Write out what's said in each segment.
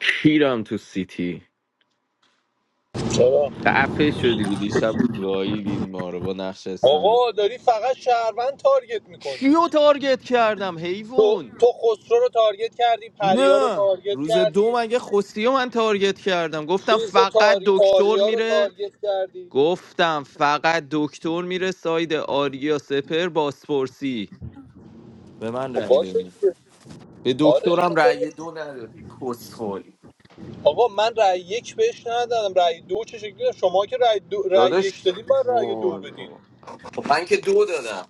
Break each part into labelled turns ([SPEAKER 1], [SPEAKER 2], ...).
[SPEAKER 1] پیرم تو سیتی
[SPEAKER 2] چرا
[SPEAKER 1] خفه شدی دیشب گاییدین ما رو با نقش اسنایپ
[SPEAKER 2] آقا داری فقط شهروند تارگت میکنی
[SPEAKER 1] کیو تارگت کردم
[SPEAKER 2] تو
[SPEAKER 1] حیوان
[SPEAKER 2] تو خسرو رو تارگت کردی پریا رو
[SPEAKER 1] نه
[SPEAKER 2] تارگت
[SPEAKER 1] روز
[SPEAKER 2] کردی
[SPEAKER 1] دو مگه خستی رو من تارگت کردم گفتم
[SPEAKER 2] چیز رو
[SPEAKER 1] فقط
[SPEAKER 2] تاری
[SPEAKER 1] دکتر
[SPEAKER 2] آریا رو
[SPEAKER 1] میره
[SPEAKER 2] تارگت کردی
[SPEAKER 1] گفتم فقط دکتر میره ساید آریا سپر باسپورسی به من
[SPEAKER 2] خب
[SPEAKER 1] رأی
[SPEAKER 2] باشه
[SPEAKER 1] دادی
[SPEAKER 2] دیگه
[SPEAKER 1] به
[SPEAKER 2] آره
[SPEAKER 1] دکترم
[SPEAKER 2] دیگه داری.
[SPEAKER 1] رأی دو ندادی کسخولی
[SPEAKER 2] آقا من رأی یک بهش ندادم رأی دو چه شکلی داد؟ شما که رأی, دو... رأی یک
[SPEAKER 1] داداش
[SPEAKER 2] دادین من رأی دو
[SPEAKER 1] وای
[SPEAKER 2] بدین
[SPEAKER 1] وای. خب من که دو دادم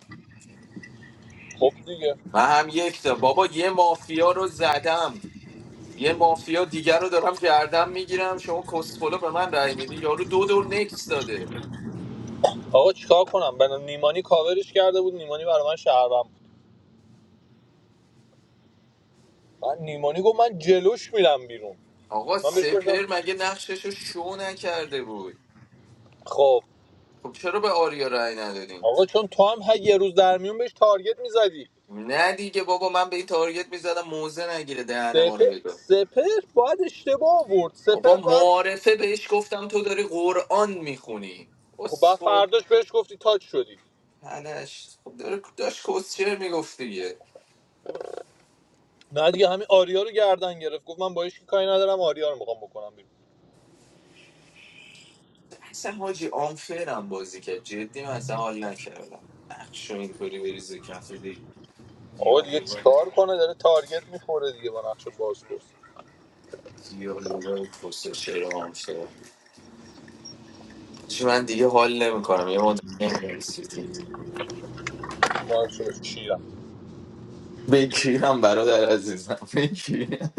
[SPEAKER 2] خب دیگه
[SPEAKER 1] من هم یک دادم بابا یه مافیا رو زدم یه مافیا دیگر رو دارم گردم میگیرم شما کسخلو به من رای میده یارو دو دور نکس داده
[SPEAKER 2] آقا چیکار کنم من نیمانی کاورش کرده بود نیمانی برای من شهروند بود. من نیمانی گفت من جلوش میرم بیرون
[SPEAKER 1] آقا
[SPEAKER 2] من بهش گفتم
[SPEAKER 1] سپر مگه نقشش رو شو نکرده بود
[SPEAKER 2] خب
[SPEAKER 1] خب چرا به آریا رای ندادین
[SPEAKER 2] آقا چون تو هم هر یه روز در میون بهش تارگت میزدی
[SPEAKER 1] نه دیگه بابا من به این تارگت میزدم موزه نگیره دهن ما
[SPEAKER 2] سپر
[SPEAKER 1] رو بگه
[SPEAKER 2] سپر باید اشتباه آورد
[SPEAKER 1] بابا
[SPEAKER 2] سپر باید
[SPEAKER 1] معارفه بهش گفتم تو داری قرآن میخونی
[SPEAKER 2] خب بعد
[SPEAKER 1] اسفل
[SPEAKER 2] فرداش بهش گفتی تاچ شدی
[SPEAKER 1] هنش خب داره داشت کسچر میگفت دیگه
[SPEAKER 2] نه دیگه همین آریا رو گردن گرفت گفت من با هیچ کی کاری ندارم آریا رو میخوام بکنم بیرون
[SPEAKER 1] اصلا حاجی آنفرم بازی کرد جدی من اصلا حال نکردم نقش رو اینطوری بریزه کف دیگه
[SPEAKER 2] آقا دیگه
[SPEAKER 1] دیالوگای
[SPEAKER 2] چیکار کنه داره تارگت میخوره دیگه با نقش بازپرس
[SPEAKER 1] دیالوگای پست چرا هم شد چی من دیگه حال نمیکنم یه مدت نمی‌رم سیتی
[SPEAKER 2] ما هم شده کیرم
[SPEAKER 1] بکیرم برادر عزیزم بکیرم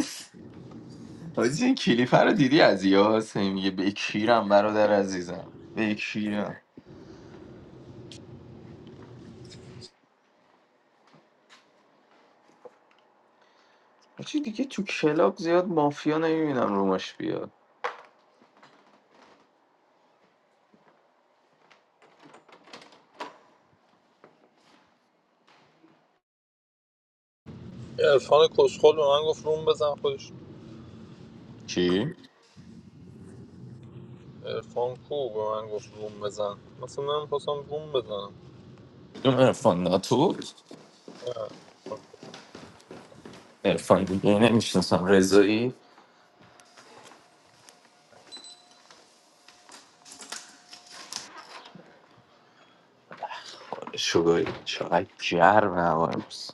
[SPEAKER 1] حاجی این کلیپ رو دیدی از یاس هی میگه بکیرم برادر عزیزم بکیرم حاجی دیگه تو کلاب زیاد مافیا نمیبینم روماش بیاد
[SPEAKER 2] عرفان کسخل به من گفت روم بزن خودش
[SPEAKER 1] چی؟
[SPEAKER 2] عرفان کو به من گفت روم بزن مثلا من خواستم روم بزنم
[SPEAKER 1] اون ارفان ناتو
[SPEAKER 2] نه،
[SPEAKER 1] ارفان دیگه نمیشناسم رضایی شگایی چقدر گرم هوا امروز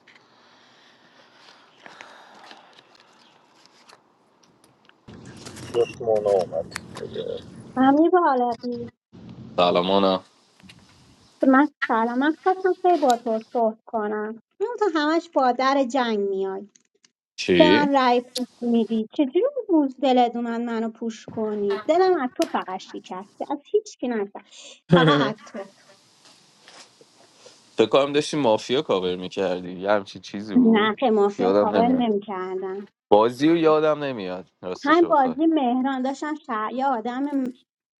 [SPEAKER 2] شش مونه اومد
[SPEAKER 3] امیر بالغی
[SPEAKER 1] سلام آنا
[SPEAKER 3] که من سلام من خواستم خیلی با تو صحبت کنم اون تو همش با در جنگ میای به
[SPEAKER 1] چی؟
[SPEAKER 3] من رأی پوش میدی چجوری اون روز دلت اومد منو پوش کنی دلم از تو فقط شکسته از هیچ کی نشد فقط از تو
[SPEAKER 1] فکر کنم داشتی مافیا کاور میکردی یه همچین چیزی
[SPEAKER 3] نه
[SPEAKER 1] بود
[SPEAKER 3] که مافیا
[SPEAKER 1] یادم
[SPEAKER 3] کاور
[SPEAKER 1] نمیاد
[SPEAKER 3] نمیکردم
[SPEAKER 1] بازی رو یادم نمیاد
[SPEAKER 3] همین
[SPEAKER 1] راستشو بخوای
[SPEAKER 3] بازی مهران داشتم شهر یه آدم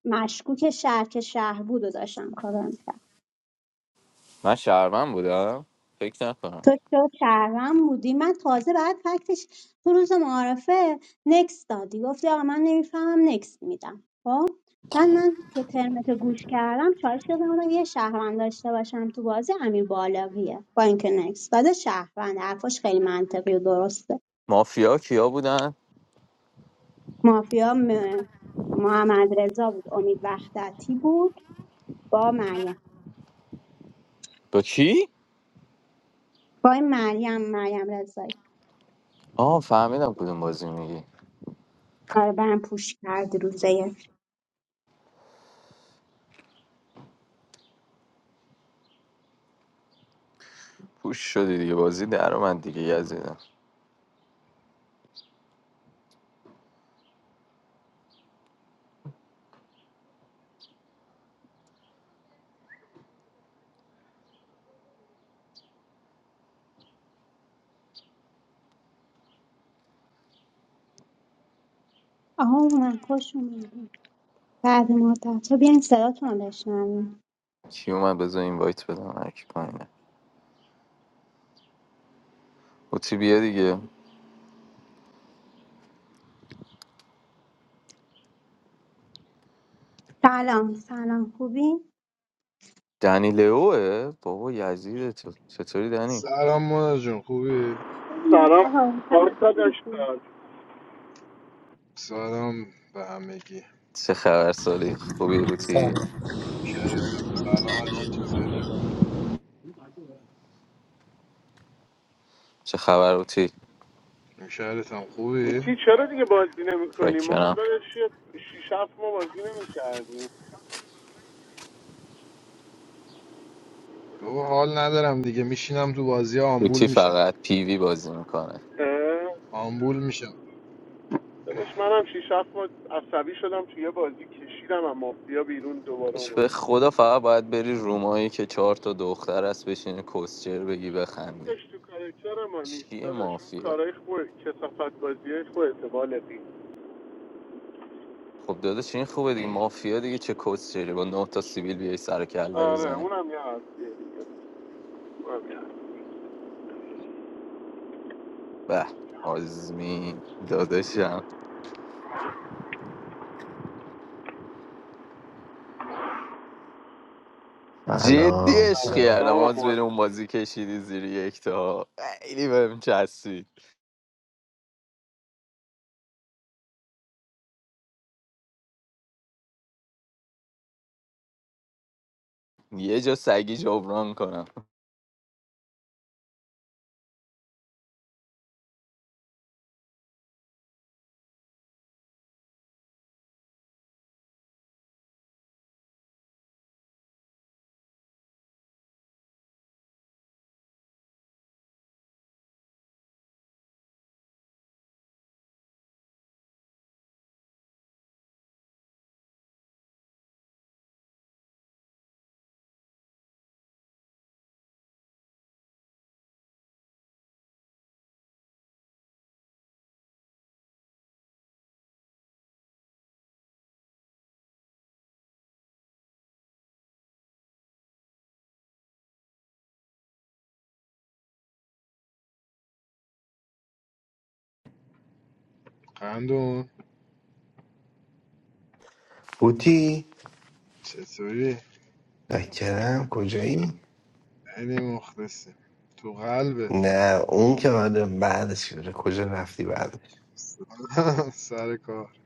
[SPEAKER 3] مشکوک شهر که شهر بود و داشتم کاور می‌کردم.
[SPEAKER 1] من شهرمن بودم فکر نکنم
[SPEAKER 3] تو دکتر شهروند بودی من تازه بعد فکتش تو روز معارفه نکس دادی گفتی آقا من نمیفهمم نکس میدم خب بعد من که ترمت رو گوش کردم چالش شدم آدم یه شهروند داشته باشم تو بازی امیر بالغیه با اینکه نکس داده شهروند حرفاش خیلی منطقی و درسته
[SPEAKER 1] مافیا کیا بودن
[SPEAKER 3] مافیا م- محمد رضا بود امید وحدتی بود با مریم
[SPEAKER 1] با کی
[SPEAKER 3] با این مریم مریم رضایی
[SPEAKER 1] آه فهمیدم کدوم بازی میگی
[SPEAKER 3] برای برم پوش کردی روزه
[SPEAKER 1] پوش شدی دیگه بازی در من دیگه یزیدم
[SPEAKER 3] آها اومد خوش اومد بعد مدت ها بیاین صداتون رو بشنویم
[SPEAKER 1] کی اومد بذار این وایت بدم هرکی پایینه اوتی بیا دیگه
[SPEAKER 3] سلام سلام خوبی؟
[SPEAKER 1] دنی لئوه بابا یزید تو چطوری دنی
[SPEAKER 4] سلام مونا جون خوبی؟
[SPEAKER 3] خوبی
[SPEAKER 5] سلام
[SPEAKER 3] آها
[SPEAKER 5] آرکا
[SPEAKER 3] سلام.
[SPEAKER 5] داشتم
[SPEAKER 4] سلام به همگی
[SPEAKER 1] چه خبر سالی خوبی هوتی
[SPEAKER 4] شهرتم سلامت چطوری؟
[SPEAKER 1] چه خبر هوتی
[SPEAKER 4] شهرتم خوبی؟
[SPEAKER 5] اوتی چرا دیگه بازی نمیکنی ما
[SPEAKER 1] چاکرم.
[SPEAKER 5] هم دادش یه شیش هفت ما بازی نمیکردیم
[SPEAKER 4] بابا حال ندارم دیگه میشینم تو بازی آمبول
[SPEAKER 1] قوطی
[SPEAKER 4] میشم
[SPEAKER 1] فقط پیوی بازی میکنه
[SPEAKER 4] آمبول میشم
[SPEAKER 5] دادش منم شیش هفت ما عصبی شدم توی یه بازی کشیدم و مافیا بیرون دوباره
[SPEAKER 1] به
[SPEAKER 5] اومد
[SPEAKER 1] خدا فقط باید بری رومایی که چهار تا دختر هست بشینی کسچر بگی بخندی
[SPEAKER 5] دادش تو کارکتر ما نیست
[SPEAKER 1] چیه
[SPEAKER 5] دادش اون
[SPEAKER 1] مافیا
[SPEAKER 5] کارهای خوب کسافت بازی خودت بالغی
[SPEAKER 1] خب داداش این خوبه دیگه مافیا دیگه چه کسچری با نه تا سیویل بیای سر کله
[SPEAKER 5] آره
[SPEAKER 1] بزنی
[SPEAKER 5] اونم یه حرفیه دیگه اونم یه حرف.
[SPEAKER 1] به آزمین داداشم جدی
[SPEAKER 6] سلام
[SPEAKER 1] عشق
[SPEAKER 5] سلام
[SPEAKER 6] سلام
[SPEAKER 1] کردم آز
[SPEAKER 5] اما
[SPEAKER 1] بری اون بازی کشیدی زیر یک تا خیلی بهم چسبید یه جا سگی جبران کنم
[SPEAKER 4] قندون
[SPEAKER 6] بوتی
[SPEAKER 4] چطوری؟
[SPEAKER 6] نکرم کجایی
[SPEAKER 4] خیلی مخلصی تو قلبت
[SPEAKER 6] نه اون که آره بعدش شده کجا رفتی بعدش
[SPEAKER 4] سر کار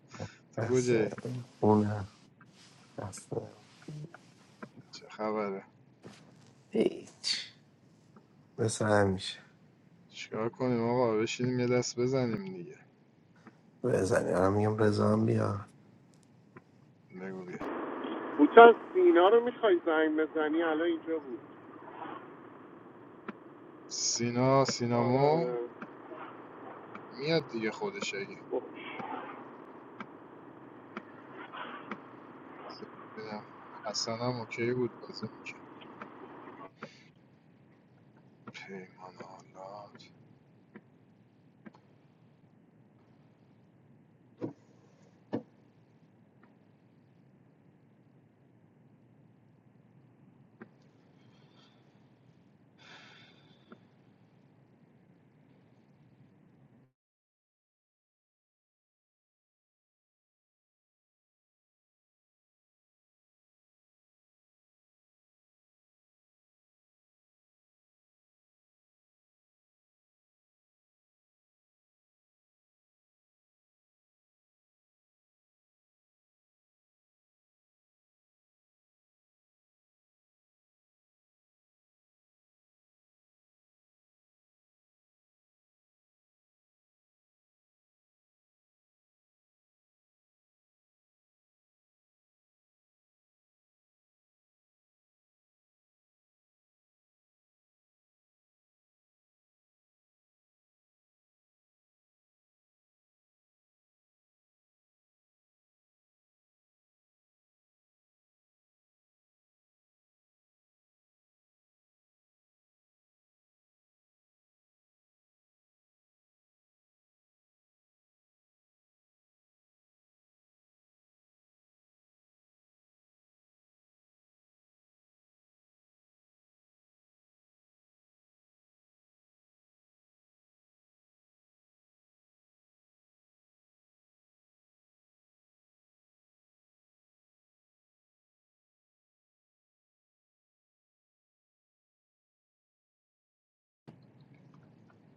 [SPEAKER 4] تو
[SPEAKER 6] بس
[SPEAKER 4] کجایی؟
[SPEAKER 6] اون هم بس
[SPEAKER 4] چه خبره؟
[SPEAKER 6] هیچ مثل همیشه
[SPEAKER 4] چیکار کنیم آقا بشینیم یه دست بزنیم دیگه
[SPEAKER 6] بزنی آره میگم رضا هم بیا
[SPEAKER 4] بگو بیا
[SPEAKER 5] بوتا سینا رو میخوای زنگ بزنی الان اینجا بود
[SPEAKER 4] سینا
[SPEAKER 5] آره
[SPEAKER 4] سینامو
[SPEAKER 5] آره
[SPEAKER 4] میاد دیگه خودش اگه
[SPEAKER 5] بخش.
[SPEAKER 4] ببینم. حسن هم اوکی بود بازه میکرد. پیمان آلات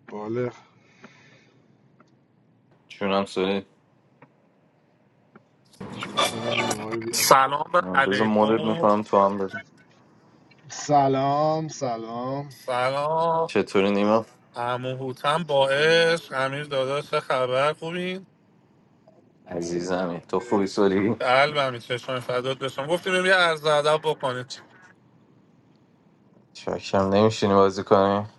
[SPEAKER 4] بالغ
[SPEAKER 1] چونم سوری
[SPEAKER 4] واسه هم نیما رو بیار آورد.
[SPEAKER 7] سلام
[SPEAKER 1] بذار مدت
[SPEAKER 7] علیکم
[SPEAKER 1] میکنم تو هم بزن
[SPEAKER 4] سلام سلام
[SPEAKER 7] سلام
[SPEAKER 1] چطوری نیما
[SPEAKER 7] عمو هوتم با
[SPEAKER 4] چطوری
[SPEAKER 7] عشق امیر داداش چه خبر خوبین
[SPEAKER 1] عزیزمی تو
[SPEAKER 4] برمیده
[SPEAKER 1] خوبی سولی
[SPEAKER 7] قلبمی چشم فدات بشم گفتیم بریم یه عرض ادب بکنیم
[SPEAKER 1] شکم نمیشینی بازی کنی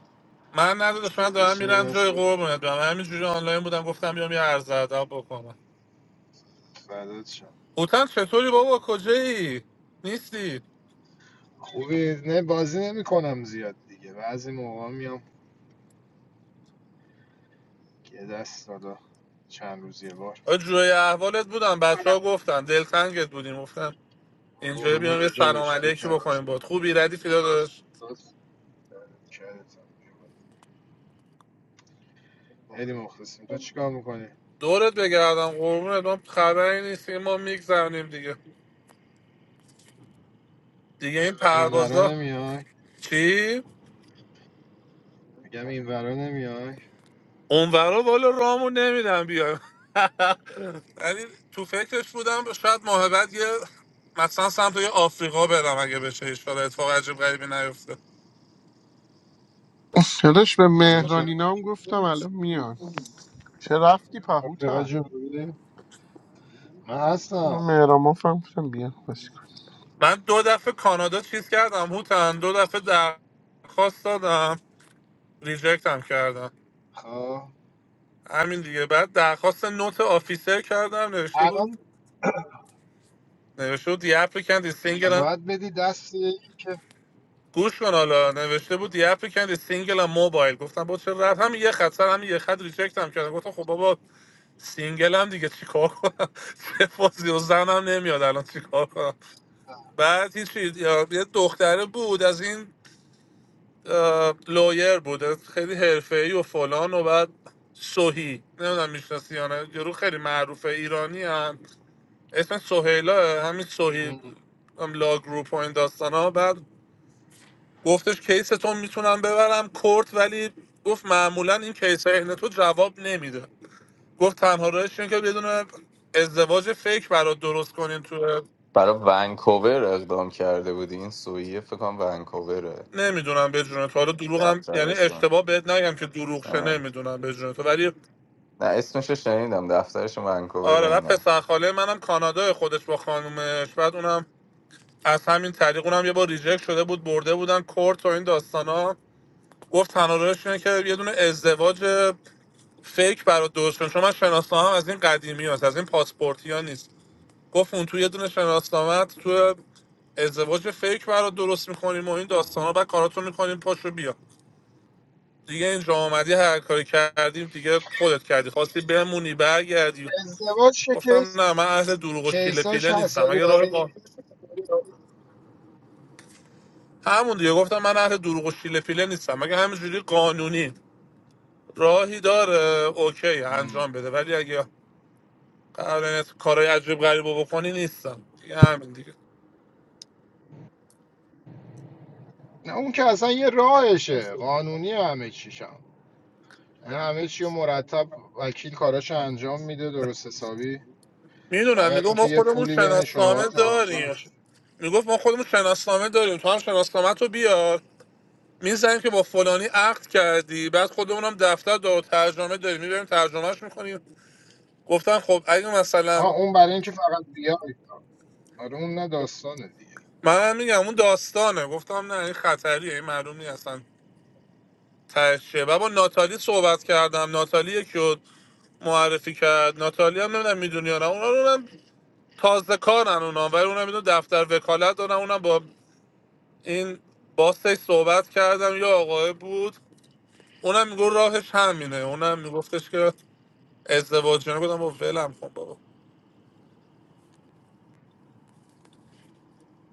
[SPEAKER 7] من نداداش من دارم
[SPEAKER 4] بشین یه
[SPEAKER 7] میرم
[SPEAKER 4] دست
[SPEAKER 7] جای
[SPEAKER 4] بود
[SPEAKER 7] قربونت برم من همینجوری آنلاین بودم گفتم بیام یه عرض ادب بکنم
[SPEAKER 4] فردات شم
[SPEAKER 7] هوتم چطوری بابا کجایی نیستی
[SPEAKER 4] خوبی نه بازی نمی کنم زیاد دیگه بعضی موقع میام یه دست دادا چند روز یه بار
[SPEAKER 7] آ، جوی احوالت بودم بچه ها گفتن دلتنگت بودیم گفتم اینجا بیام یه
[SPEAKER 4] قرمونت
[SPEAKER 7] سلام
[SPEAKER 4] داداش تو
[SPEAKER 7] علیکی
[SPEAKER 4] کم
[SPEAKER 7] بکنیم
[SPEAKER 4] شد
[SPEAKER 7] بود خوبی ردیفی داداش
[SPEAKER 4] کردتم خیلی مخلصیم تو چیکار میکنی؟
[SPEAKER 7] دورت بگردم قربونت ما خبری نیست که ما میگذرونیم دیگه دیگه این
[SPEAKER 4] این ورا
[SPEAKER 7] پروازا
[SPEAKER 4] نمیای؟
[SPEAKER 7] چی
[SPEAKER 4] میگم این ورا نمیای؟
[SPEAKER 7] اونورا بالا رامون نمیدم بیایم یعنی تو فکرش بودم شاید ماه بعد یه مثلا سمت یه آفریقا برم اگه بشه ایشالا اتفاق عجیب غریبی نیفته
[SPEAKER 5] چرش به
[SPEAKER 4] کدوم سر
[SPEAKER 5] مهرانی نام گفتم الان میان چه رفتی
[SPEAKER 4] آفریقای
[SPEAKER 5] پهوتن
[SPEAKER 4] جنوبی من هستم
[SPEAKER 5] بیا خوش کن.
[SPEAKER 7] من دو دفعه کانادا چیز کردم هوتن دو دفعه درخواست دادم ریجکت هم کردم
[SPEAKER 4] خب
[SPEAKER 7] همین دیگه بعد درخواست نوت آفیسر کردم نوشته بود
[SPEAKER 4] الان
[SPEAKER 7] نوشته بود the applicant is single
[SPEAKER 4] باید بدی دست یکی که
[SPEAKER 7] گوش کن حالا نوشته بود یه اپلیکند سینگل هم موبایل گفتم با چه رب همین یه خط سر همین یه خط ریجکت هم کردم گفتم خب بابا سینگل هم دیگه چیکار کنم چه فازی و زنم نمیاد الان چیکار کنم بعد هیچی یا- یه دختره بود از این اه، لایر بود خیلی حرفه ای و فلان و بعد سوهی نمیدونم میشناسی یا نه یارو خیلی معروفه ایرانی هم اسم سوهیلا همین سوهی
[SPEAKER 4] ام.
[SPEAKER 7] هم لا گروپ و این داستان ها گفتش کیستون میتونم ببرم کورت ولی گفت معمولا این کیس عین تو جواب نمیده گفت تنها راهش اینه که بدون ازدواج فکر برات درست کنین تو
[SPEAKER 1] برای ونکوور اقدام کرده بودی این سویه فکر کنم ونکووره
[SPEAKER 7] نمیدونم به جون تو حالا دروغم یعنی
[SPEAKER 1] دفترشون
[SPEAKER 7] اشتباه بهت نگم که دروغ شه
[SPEAKER 1] آره.
[SPEAKER 7] نمیدونم به جون تو ولی
[SPEAKER 1] نه اسمش رو شنیدم دفترش ونکوور
[SPEAKER 7] آره و
[SPEAKER 1] اینا
[SPEAKER 7] پسر خاله منم کانادا خودش با خانومش بعد اونم از همین طریق اونم یه بار ریجکت شده بود برده بودن کورت و این داستانا گفت تنها راهش اینه که یه دونه ازدواج فیک برات درست کن چون من شناسنامه از این قدیمی هست از این پاسپورتی ها نیست گفت اون تو یه دونه شناسنامه تو ازدواج فیک برات درست میکنیم و این داستان بعد کاراتو میکنیم پاشو بیا دیگه اینجا آمدی هر کاری کردیم دیگه خودت کردی خواستی بمونی برگردی
[SPEAKER 4] ازدواج چه کیس
[SPEAKER 7] گفتم نه من اهل دروغ و شیله
[SPEAKER 4] کیساش
[SPEAKER 7] پیله
[SPEAKER 4] هست
[SPEAKER 7] نیستم
[SPEAKER 4] ولی
[SPEAKER 7] اگه
[SPEAKER 4] باید
[SPEAKER 7] راه قا-
[SPEAKER 4] یکی-
[SPEAKER 7] همون دیگه گفتم من اهل دروغ و شیله پیله نیستم اگه همینجوری قانونی راهی داره اوکی
[SPEAKER 4] ام.
[SPEAKER 7] انجام بده ولی اگه قراره کارهای عجیب غریب رو بکنی نیستم دیگه همین دیگه
[SPEAKER 4] نه اون که اصلا یه راهشه قانونی همه چیشم یعنی همه چی رو مرتب وکیل کاراش انجام میده درست حسابی
[SPEAKER 7] میدونم
[SPEAKER 4] فقط
[SPEAKER 7] میگو ما
[SPEAKER 4] اینکه یه
[SPEAKER 7] خودمون
[SPEAKER 4] پولی بین شما
[SPEAKER 7] شناسنامه
[SPEAKER 4] جابجا
[SPEAKER 7] داریم
[SPEAKER 4] میشه
[SPEAKER 7] میگفت ما خودمون شناسنامه داریم تو هم شناسنامه تو بیار میزنیم که با فلانی عقد کردی بعد خودمون هم دفتر دار ترجمه داریم میبریم ترجمهش میکنیم گفتن خب اگه مثلا
[SPEAKER 4] ها اون برای اینکه فقط بیای آره اون نه داستانه دیگه
[SPEAKER 7] من هم میگم اون داستانه گفتم نه این خطریه این معلوم نیست اصلا تهش چیه. و با ناتالی صحبت کردم ناتالی یکی رو معرفی کرد ناتالی هم نمیدونم میدونی یا نه اونا رو تازه کارن اونا ولی اونم اینو دفتر وکالت دارن اونم با این باستش صحبت کردم یا آقای بود اونم میگو راهش همینه اونم میگفتش که ازدواج نه گفتم با ولم کن بابا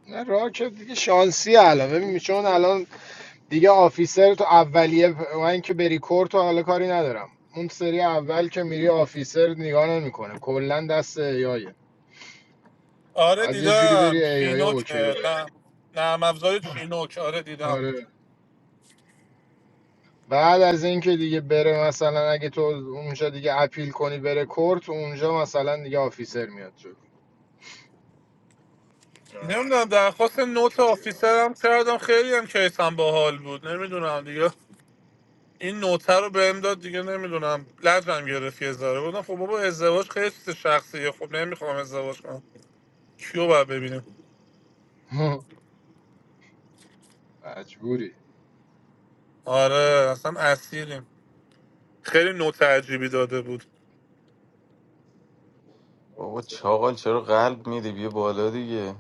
[SPEAKER 4] نه راه که دیگه شانسی علاوه می چون الان دیگه آفیسر تو اولیه من که بری کور تو حالا کاری ندارم اون سری اول که میری آفیسر نگاه نمیکنه کلا دست ایایه
[SPEAKER 7] آره
[SPEAKER 4] بعد یه جوری
[SPEAKER 7] دیدم
[SPEAKER 4] بری ایای
[SPEAKER 7] چینوک
[SPEAKER 4] اوکی رو بری
[SPEAKER 7] نه نرم افزار چینوک آره دیدم
[SPEAKER 4] آره بعد از این که دیگه بره مثلا اگه تو اونجا دیگه اپیل کنی بره کورت اونجا مثلا دیگه آفیسر میاد جلو آره،
[SPEAKER 7] نمیدونم درخواست نوت
[SPEAKER 4] چیه دست؟
[SPEAKER 7] آفیسرم کردم خیلی هم کیسم باحال بود نمیدونم دیگه این نوته رو بهم داد دیگه نمیدونم لجم گرفت یه ذره گفتم خب بابا ازدواج خیلی چیز شخصیه خب نمیخوام ازدواج کنم کیو باید ببینیم
[SPEAKER 4] مجبوری
[SPEAKER 7] آره اصلا اسیریم خیلی نوت عجیبی داده بود
[SPEAKER 1] بابا چاقال چرا قلب میدی بیا بالا دیگه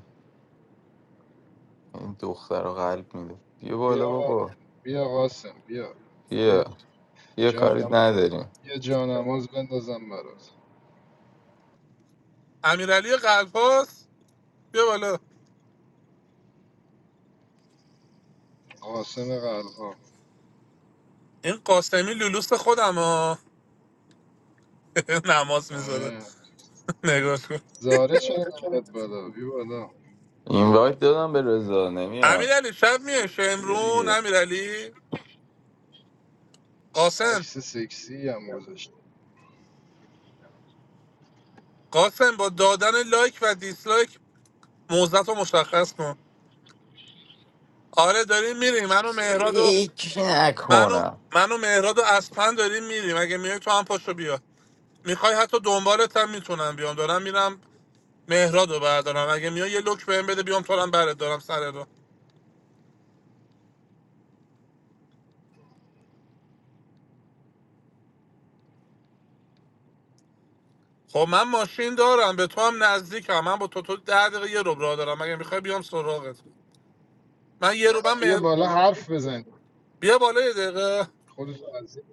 [SPEAKER 1] این دختر رو قلب میده بیا بالا
[SPEAKER 4] بیا
[SPEAKER 1] بابا
[SPEAKER 4] بیا قاسم بیا بیا
[SPEAKER 1] بیا بیا کاری
[SPEAKER 4] جانماز
[SPEAKER 1] نداریم
[SPEAKER 4] یه جانماز بندازم برات
[SPEAKER 7] امیرعلی قلپاس بیا بالا
[SPEAKER 4] قاسم قلبها
[SPEAKER 7] این قاسمی لولوس خودم ها نماز میذاره
[SPEAKER 4] آره
[SPEAKER 7] نگاه کن
[SPEAKER 4] زاره چرا نمیاد بالا بی بالا
[SPEAKER 1] این وایت دادم به رضا نمیاد
[SPEAKER 7] امیرعلی شب میه
[SPEAKER 1] بیا
[SPEAKER 7] شمرون
[SPEAKER 1] دیگه
[SPEAKER 7] امیرعلی
[SPEAKER 4] چ-
[SPEAKER 7] قاسم
[SPEAKER 4] عکس سکسی هم گذاشت
[SPEAKER 7] قاسم با دادن لایک و دیسلایک موزت رو مشخص کن آره داریم میریم منو مهراد و
[SPEAKER 1] فکر
[SPEAKER 7] منو
[SPEAKER 1] نکنم
[SPEAKER 7] منو مهراد و اسپن داریم میریم اگه میای تو هم پاشو بیا میخوای حتی دنبالت هم میتونم بیام دارم میرم مهراد رو بردارم اگه میای یه لوک بهم بده بیام تو رو هم برات دارم سر رو خب من ماشین دارم به تو هم نزدیکم من با تو تو ده دقیقه یه رو راه دارم اگه میخوای بیام سراغت من یه رو
[SPEAKER 4] خب
[SPEAKER 7] من
[SPEAKER 4] بیا
[SPEAKER 7] مهر...
[SPEAKER 4] بالا حرف بزن
[SPEAKER 7] بیا بالا یه دقیقه
[SPEAKER 4] خودتون از این-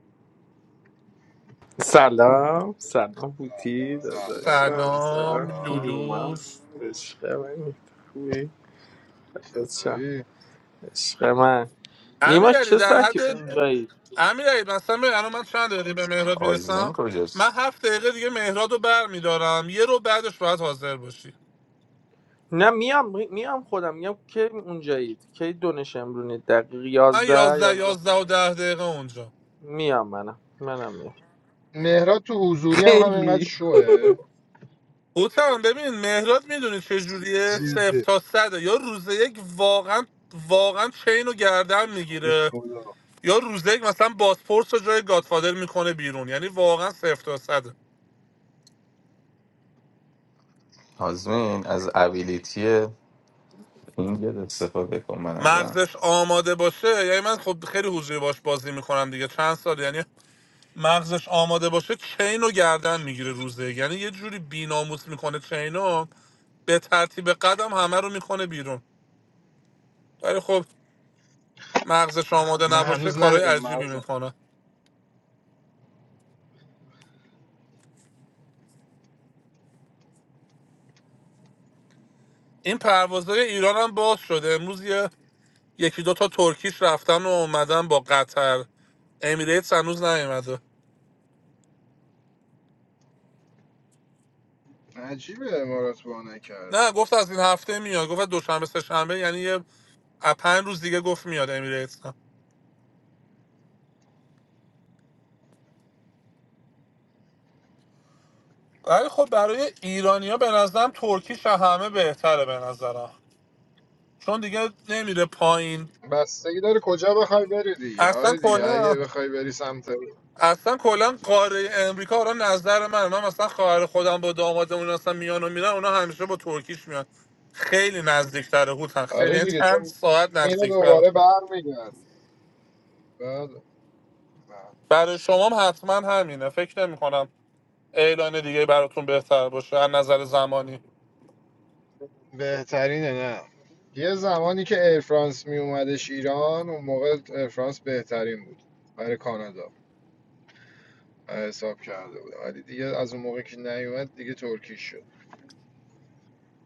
[SPEAKER 8] Salam, salam, buti, dasa,
[SPEAKER 4] سلام
[SPEAKER 8] salam,
[SPEAKER 7] سلام
[SPEAKER 4] سلام
[SPEAKER 8] Nima,
[SPEAKER 7] لولوس
[SPEAKER 8] eshema, mita, kui, dasa,
[SPEAKER 4] چطوری
[SPEAKER 8] eshema,
[SPEAKER 7] امیر
[SPEAKER 8] Nima,
[SPEAKER 7] علی در
[SPEAKER 8] chesat
[SPEAKER 7] حد
[SPEAKER 8] ye
[SPEAKER 4] چس
[SPEAKER 8] unjae?
[SPEAKER 7] امیر مثلا ببین الان من چند دقیقه به مهراد
[SPEAKER 1] آزمین
[SPEAKER 7] میرسم
[SPEAKER 1] کجاست
[SPEAKER 7] من هفت دقیقه دیگه مهراد رو بر میدارم یه رو بعدش باید حاضر باشی
[SPEAKER 8] Ne, miyam, miyam, khoda, miyam, ke unjae? Ke donesham bruni?
[SPEAKER 7] من
[SPEAKER 8] Daqiyazda,
[SPEAKER 7] یازده
[SPEAKER 8] yaza?
[SPEAKER 7] یازده و ده دقیقه اونجا
[SPEAKER 8] Miyam, mana, mana,
[SPEAKER 4] مهراد تو حضوری هم همینقدر
[SPEAKER 8] miyam.
[SPEAKER 4] شوه
[SPEAKER 7] هوتن ببین مهراد میدونی چه جوریه صفر
[SPEAKER 4] جدی
[SPEAKER 7] تا صده یا روز یک واقعا واقعا چین رو گردن
[SPEAKER 4] به
[SPEAKER 7] میگیره
[SPEAKER 4] خدا
[SPEAKER 7] یا روز یک مثلا باسپورس رو جای گادفادر میکنه بیرون یعنی واقعا صفر تا صده
[SPEAKER 1] آزمین از ابیلیتی اینگل استفاده کن به نظرم
[SPEAKER 7] مغزش آماده باشه یعنی من خب خیلی حضوری باش بازی میکنم دیگه چند سال یعنی مغزش آماده باشه چین رو گردن میگیره روزه یک. یعنی یه جوری بیناموس میکنه چین رو به ترتیب قدم همه رو میکنه بیرون ولی خب مغزش آماده
[SPEAKER 4] من
[SPEAKER 7] نباشه
[SPEAKER 4] هنوز
[SPEAKER 7] کارهای
[SPEAKER 4] ندیدم
[SPEAKER 7] عجیبی
[SPEAKER 4] مغزم
[SPEAKER 7] میکنه این پروازهای ایران هم باز شده امروز یه یکی دو تا ترکیش رفتن و اومدن با قطر امیریتس هنوز نیومده
[SPEAKER 4] عجیبه امارات با
[SPEAKER 7] نه
[SPEAKER 4] نکرده
[SPEAKER 7] گفت از این هفته میاد گفت دوشنبه سه شنبه یعنی یه از پنج روز دیگه گفت میاد امیریتس هم. ولی خب برای ایرانیا به نظرم ترکیش از همه بهتره به نظرم چون دیگه نمیره پایین
[SPEAKER 4] بستگی داره کجا بخوای بری دیگه
[SPEAKER 7] اصلا
[SPEAKER 4] آره دیگه اگه
[SPEAKER 7] کلا
[SPEAKER 4] بخوای بری سمت
[SPEAKER 7] اصلا کلا قاره امریکا الان نظر من من مثلا خواهر خودم با دامادمون اصلا میان و میرن اونا همیشه با ترکیش میان خیلی نزدیکتره هوتن خیلی
[SPEAKER 4] آره
[SPEAKER 7] یعنی
[SPEAKER 4] دیگه
[SPEAKER 7] چند
[SPEAKER 4] چون
[SPEAKER 7] ساعت
[SPEAKER 4] میره
[SPEAKER 7] نزدیکتره
[SPEAKER 4] دوباره برمیگرده بله بله
[SPEAKER 7] برای شما هم حتما همینه فکر نمی کنم اعلان دیگه براتون بهتر باشه از نظر زمانی
[SPEAKER 4] بهترینه نه یه زمانی که ایرفرانس می اومدش ایران اون موقع ایرفرانس بهترین بود برای کانادا حساب کرده بودم ولی دیگه از اون موقع که نیومد دیگه ترکیش شد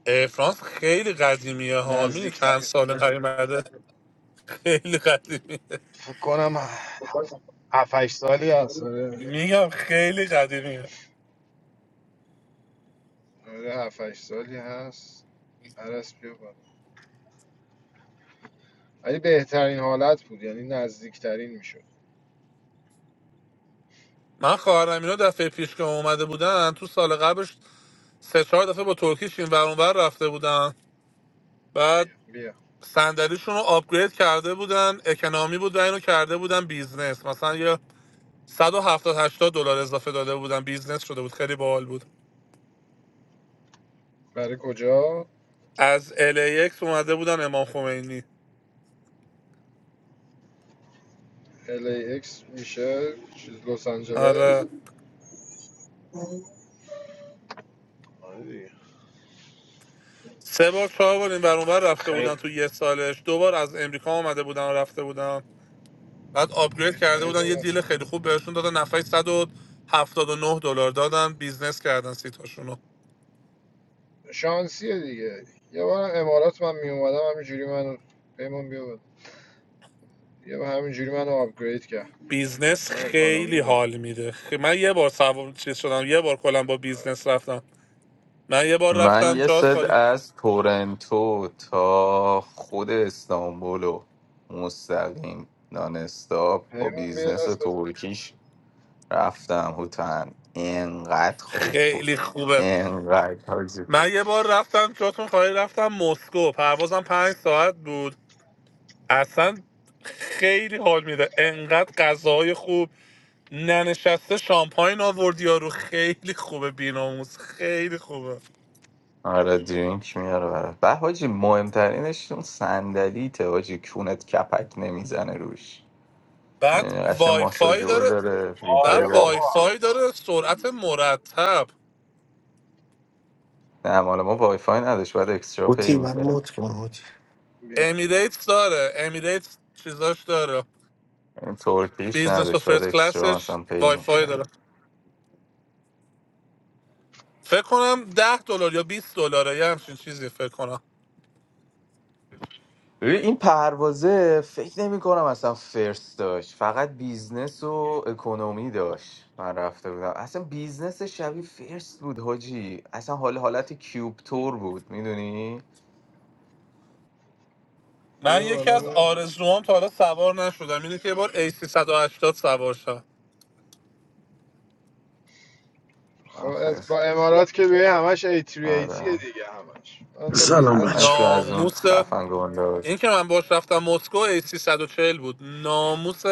[SPEAKER 7] ایر فرانس خیلی قدیمیه هامی چند
[SPEAKER 4] نزدیکترین
[SPEAKER 7] سال نیومده خیلی قدیمیه
[SPEAKER 4] فکر کنم 7 8 سالی هست آره
[SPEAKER 7] میگم خیلی قدیمیه
[SPEAKER 4] آره، 7 8 سالی هست عرس بیا بالا. ولی بهترین حالت بود یعنی نزدیکترین میشد
[SPEAKER 7] من خواهرم اینا دفعه پیش که اومده بودن تو سال قبلش سه چهار دفعه با ترکیش این ور اون ور رفته بودن بعد
[SPEAKER 4] بیا
[SPEAKER 7] صندلیشون رو آپگرید کرده بودن اکنامی بود و اینو کرده بودن بیزنس مثلا یه صد و هفتاد هشتاد دلار اضافه داده بودن بیزنس شده بود خیلی باحال بود
[SPEAKER 4] برای کجا
[SPEAKER 7] از LAX اومده بودن امام خمینی
[SPEAKER 4] LAX میشه چیز لس آنجلس
[SPEAKER 7] آره
[SPEAKER 4] آره دیگه.
[SPEAKER 7] سه بار چهار بار این ور اون ور رفته بودن
[SPEAKER 4] خیلی
[SPEAKER 7] تو یه سالش دو بار از امریکا اومده بودن و رفته بودن بعد آپگرید کرده
[SPEAKER 4] خیلی
[SPEAKER 7] بودن یه
[SPEAKER 4] مفت.
[SPEAKER 7] دیل خیلی خوب بهشون دادن نفعی صد و هفتاد و نه دلار دادن بیزنس کردن سیتاشونو
[SPEAKER 4] شانسیه دیگه یه بار امارات من می اومدم همینجوری منو پیمان بیا یه بار همینجوری منو آپگرید کرد
[SPEAKER 7] بیزنس
[SPEAKER 4] من اکانومی
[SPEAKER 7] خیلی
[SPEAKER 4] بودم
[SPEAKER 7] حال میده خ- من یه بار سوار چیز شدم یه بار کلا با بیزنس رفتم من یه بار
[SPEAKER 1] من
[SPEAKER 7] رفتم
[SPEAKER 1] یه
[SPEAKER 7] جات
[SPEAKER 1] ست
[SPEAKER 7] خالی
[SPEAKER 1] از تورنتو تا خود استانبول و مستقیم نانستاپ با
[SPEAKER 4] پیمان بیا
[SPEAKER 1] بیزنس
[SPEAKER 4] دست بزن
[SPEAKER 1] ترکیش رفتم هوتن انقدر خوب بود
[SPEAKER 7] خیلی خوبه
[SPEAKER 1] انقدر حاجی خوب.
[SPEAKER 7] من یه بار رفتم جاتون خالی رفتم مسکو پروازم پنج ساعت بود اصلا خیلی حال میده انقدر غذاهای خوب ننشسته شامپاین آوردی یارو خیلی خوبه بیناموز خیلی خوبه
[SPEAKER 1] آره درینک میاره برات به حاجی مهمترینش اون صندلیته حاجی کونت کپک نمیزنه روش
[SPEAKER 7] بعد
[SPEAKER 1] یعنی
[SPEAKER 7] وای
[SPEAKER 1] قشنگ
[SPEAKER 7] وایفای
[SPEAKER 1] ماساژور
[SPEAKER 7] داره
[SPEAKER 1] داره
[SPEAKER 7] بعد
[SPEAKER 1] ویبره
[SPEAKER 4] آره
[SPEAKER 1] داره
[SPEAKER 7] وای
[SPEAKER 4] بابا
[SPEAKER 7] فای داره سرعت مرتب
[SPEAKER 1] نه مال ما وایفای نداشت باید اکسترا پی
[SPEAKER 6] بوتی برای
[SPEAKER 1] میکرد
[SPEAKER 6] موت کن بوتی
[SPEAKER 4] بیا
[SPEAKER 7] امیریتس داره امیریتس چیزاش داره
[SPEAKER 1] این ترکیش
[SPEAKER 7] بیزنس و
[SPEAKER 1] نداشت باید
[SPEAKER 7] فرست
[SPEAKER 1] اکسترا
[SPEAKER 7] کلاسش
[SPEAKER 1] مثلا پی
[SPEAKER 7] وای فای داره
[SPEAKER 1] میکرد
[SPEAKER 7] فکر کنم ده دلار یا بیست دلاره یه همچین چیزی فکر کنم
[SPEAKER 1] ببین این پروازه فکر نمی کنم اصلا فرست داشت فقط بیزنس و اکنومی داشت من رفته بودم اصلا بیزنس شبیه فرست بود حاجی اصلا حال حالت کیوب تور بود میدونی
[SPEAKER 7] من
[SPEAKER 4] بیا
[SPEAKER 7] یکی
[SPEAKER 4] بالا
[SPEAKER 7] از
[SPEAKER 4] بزن
[SPEAKER 7] آرزوام تا حالا سوار نشدم اینه که یه بار A380 سوار شم
[SPEAKER 4] خب از
[SPEAKER 1] آخه
[SPEAKER 4] با امارات که بیای همش A380
[SPEAKER 1] آره
[SPEAKER 4] دیگه همش من با
[SPEAKER 9] سلام بچه
[SPEAKER 1] همش
[SPEAKER 4] بیزنسشون
[SPEAKER 1] از
[SPEAKER 4] اومدم
[SPEAKER 1] اون
[SPEAKER 7] ناموس
[SPEAKER 1] خفن گنداز
[SPEAKER 7] این که من باش رفتم مسکو A340 بود ناموس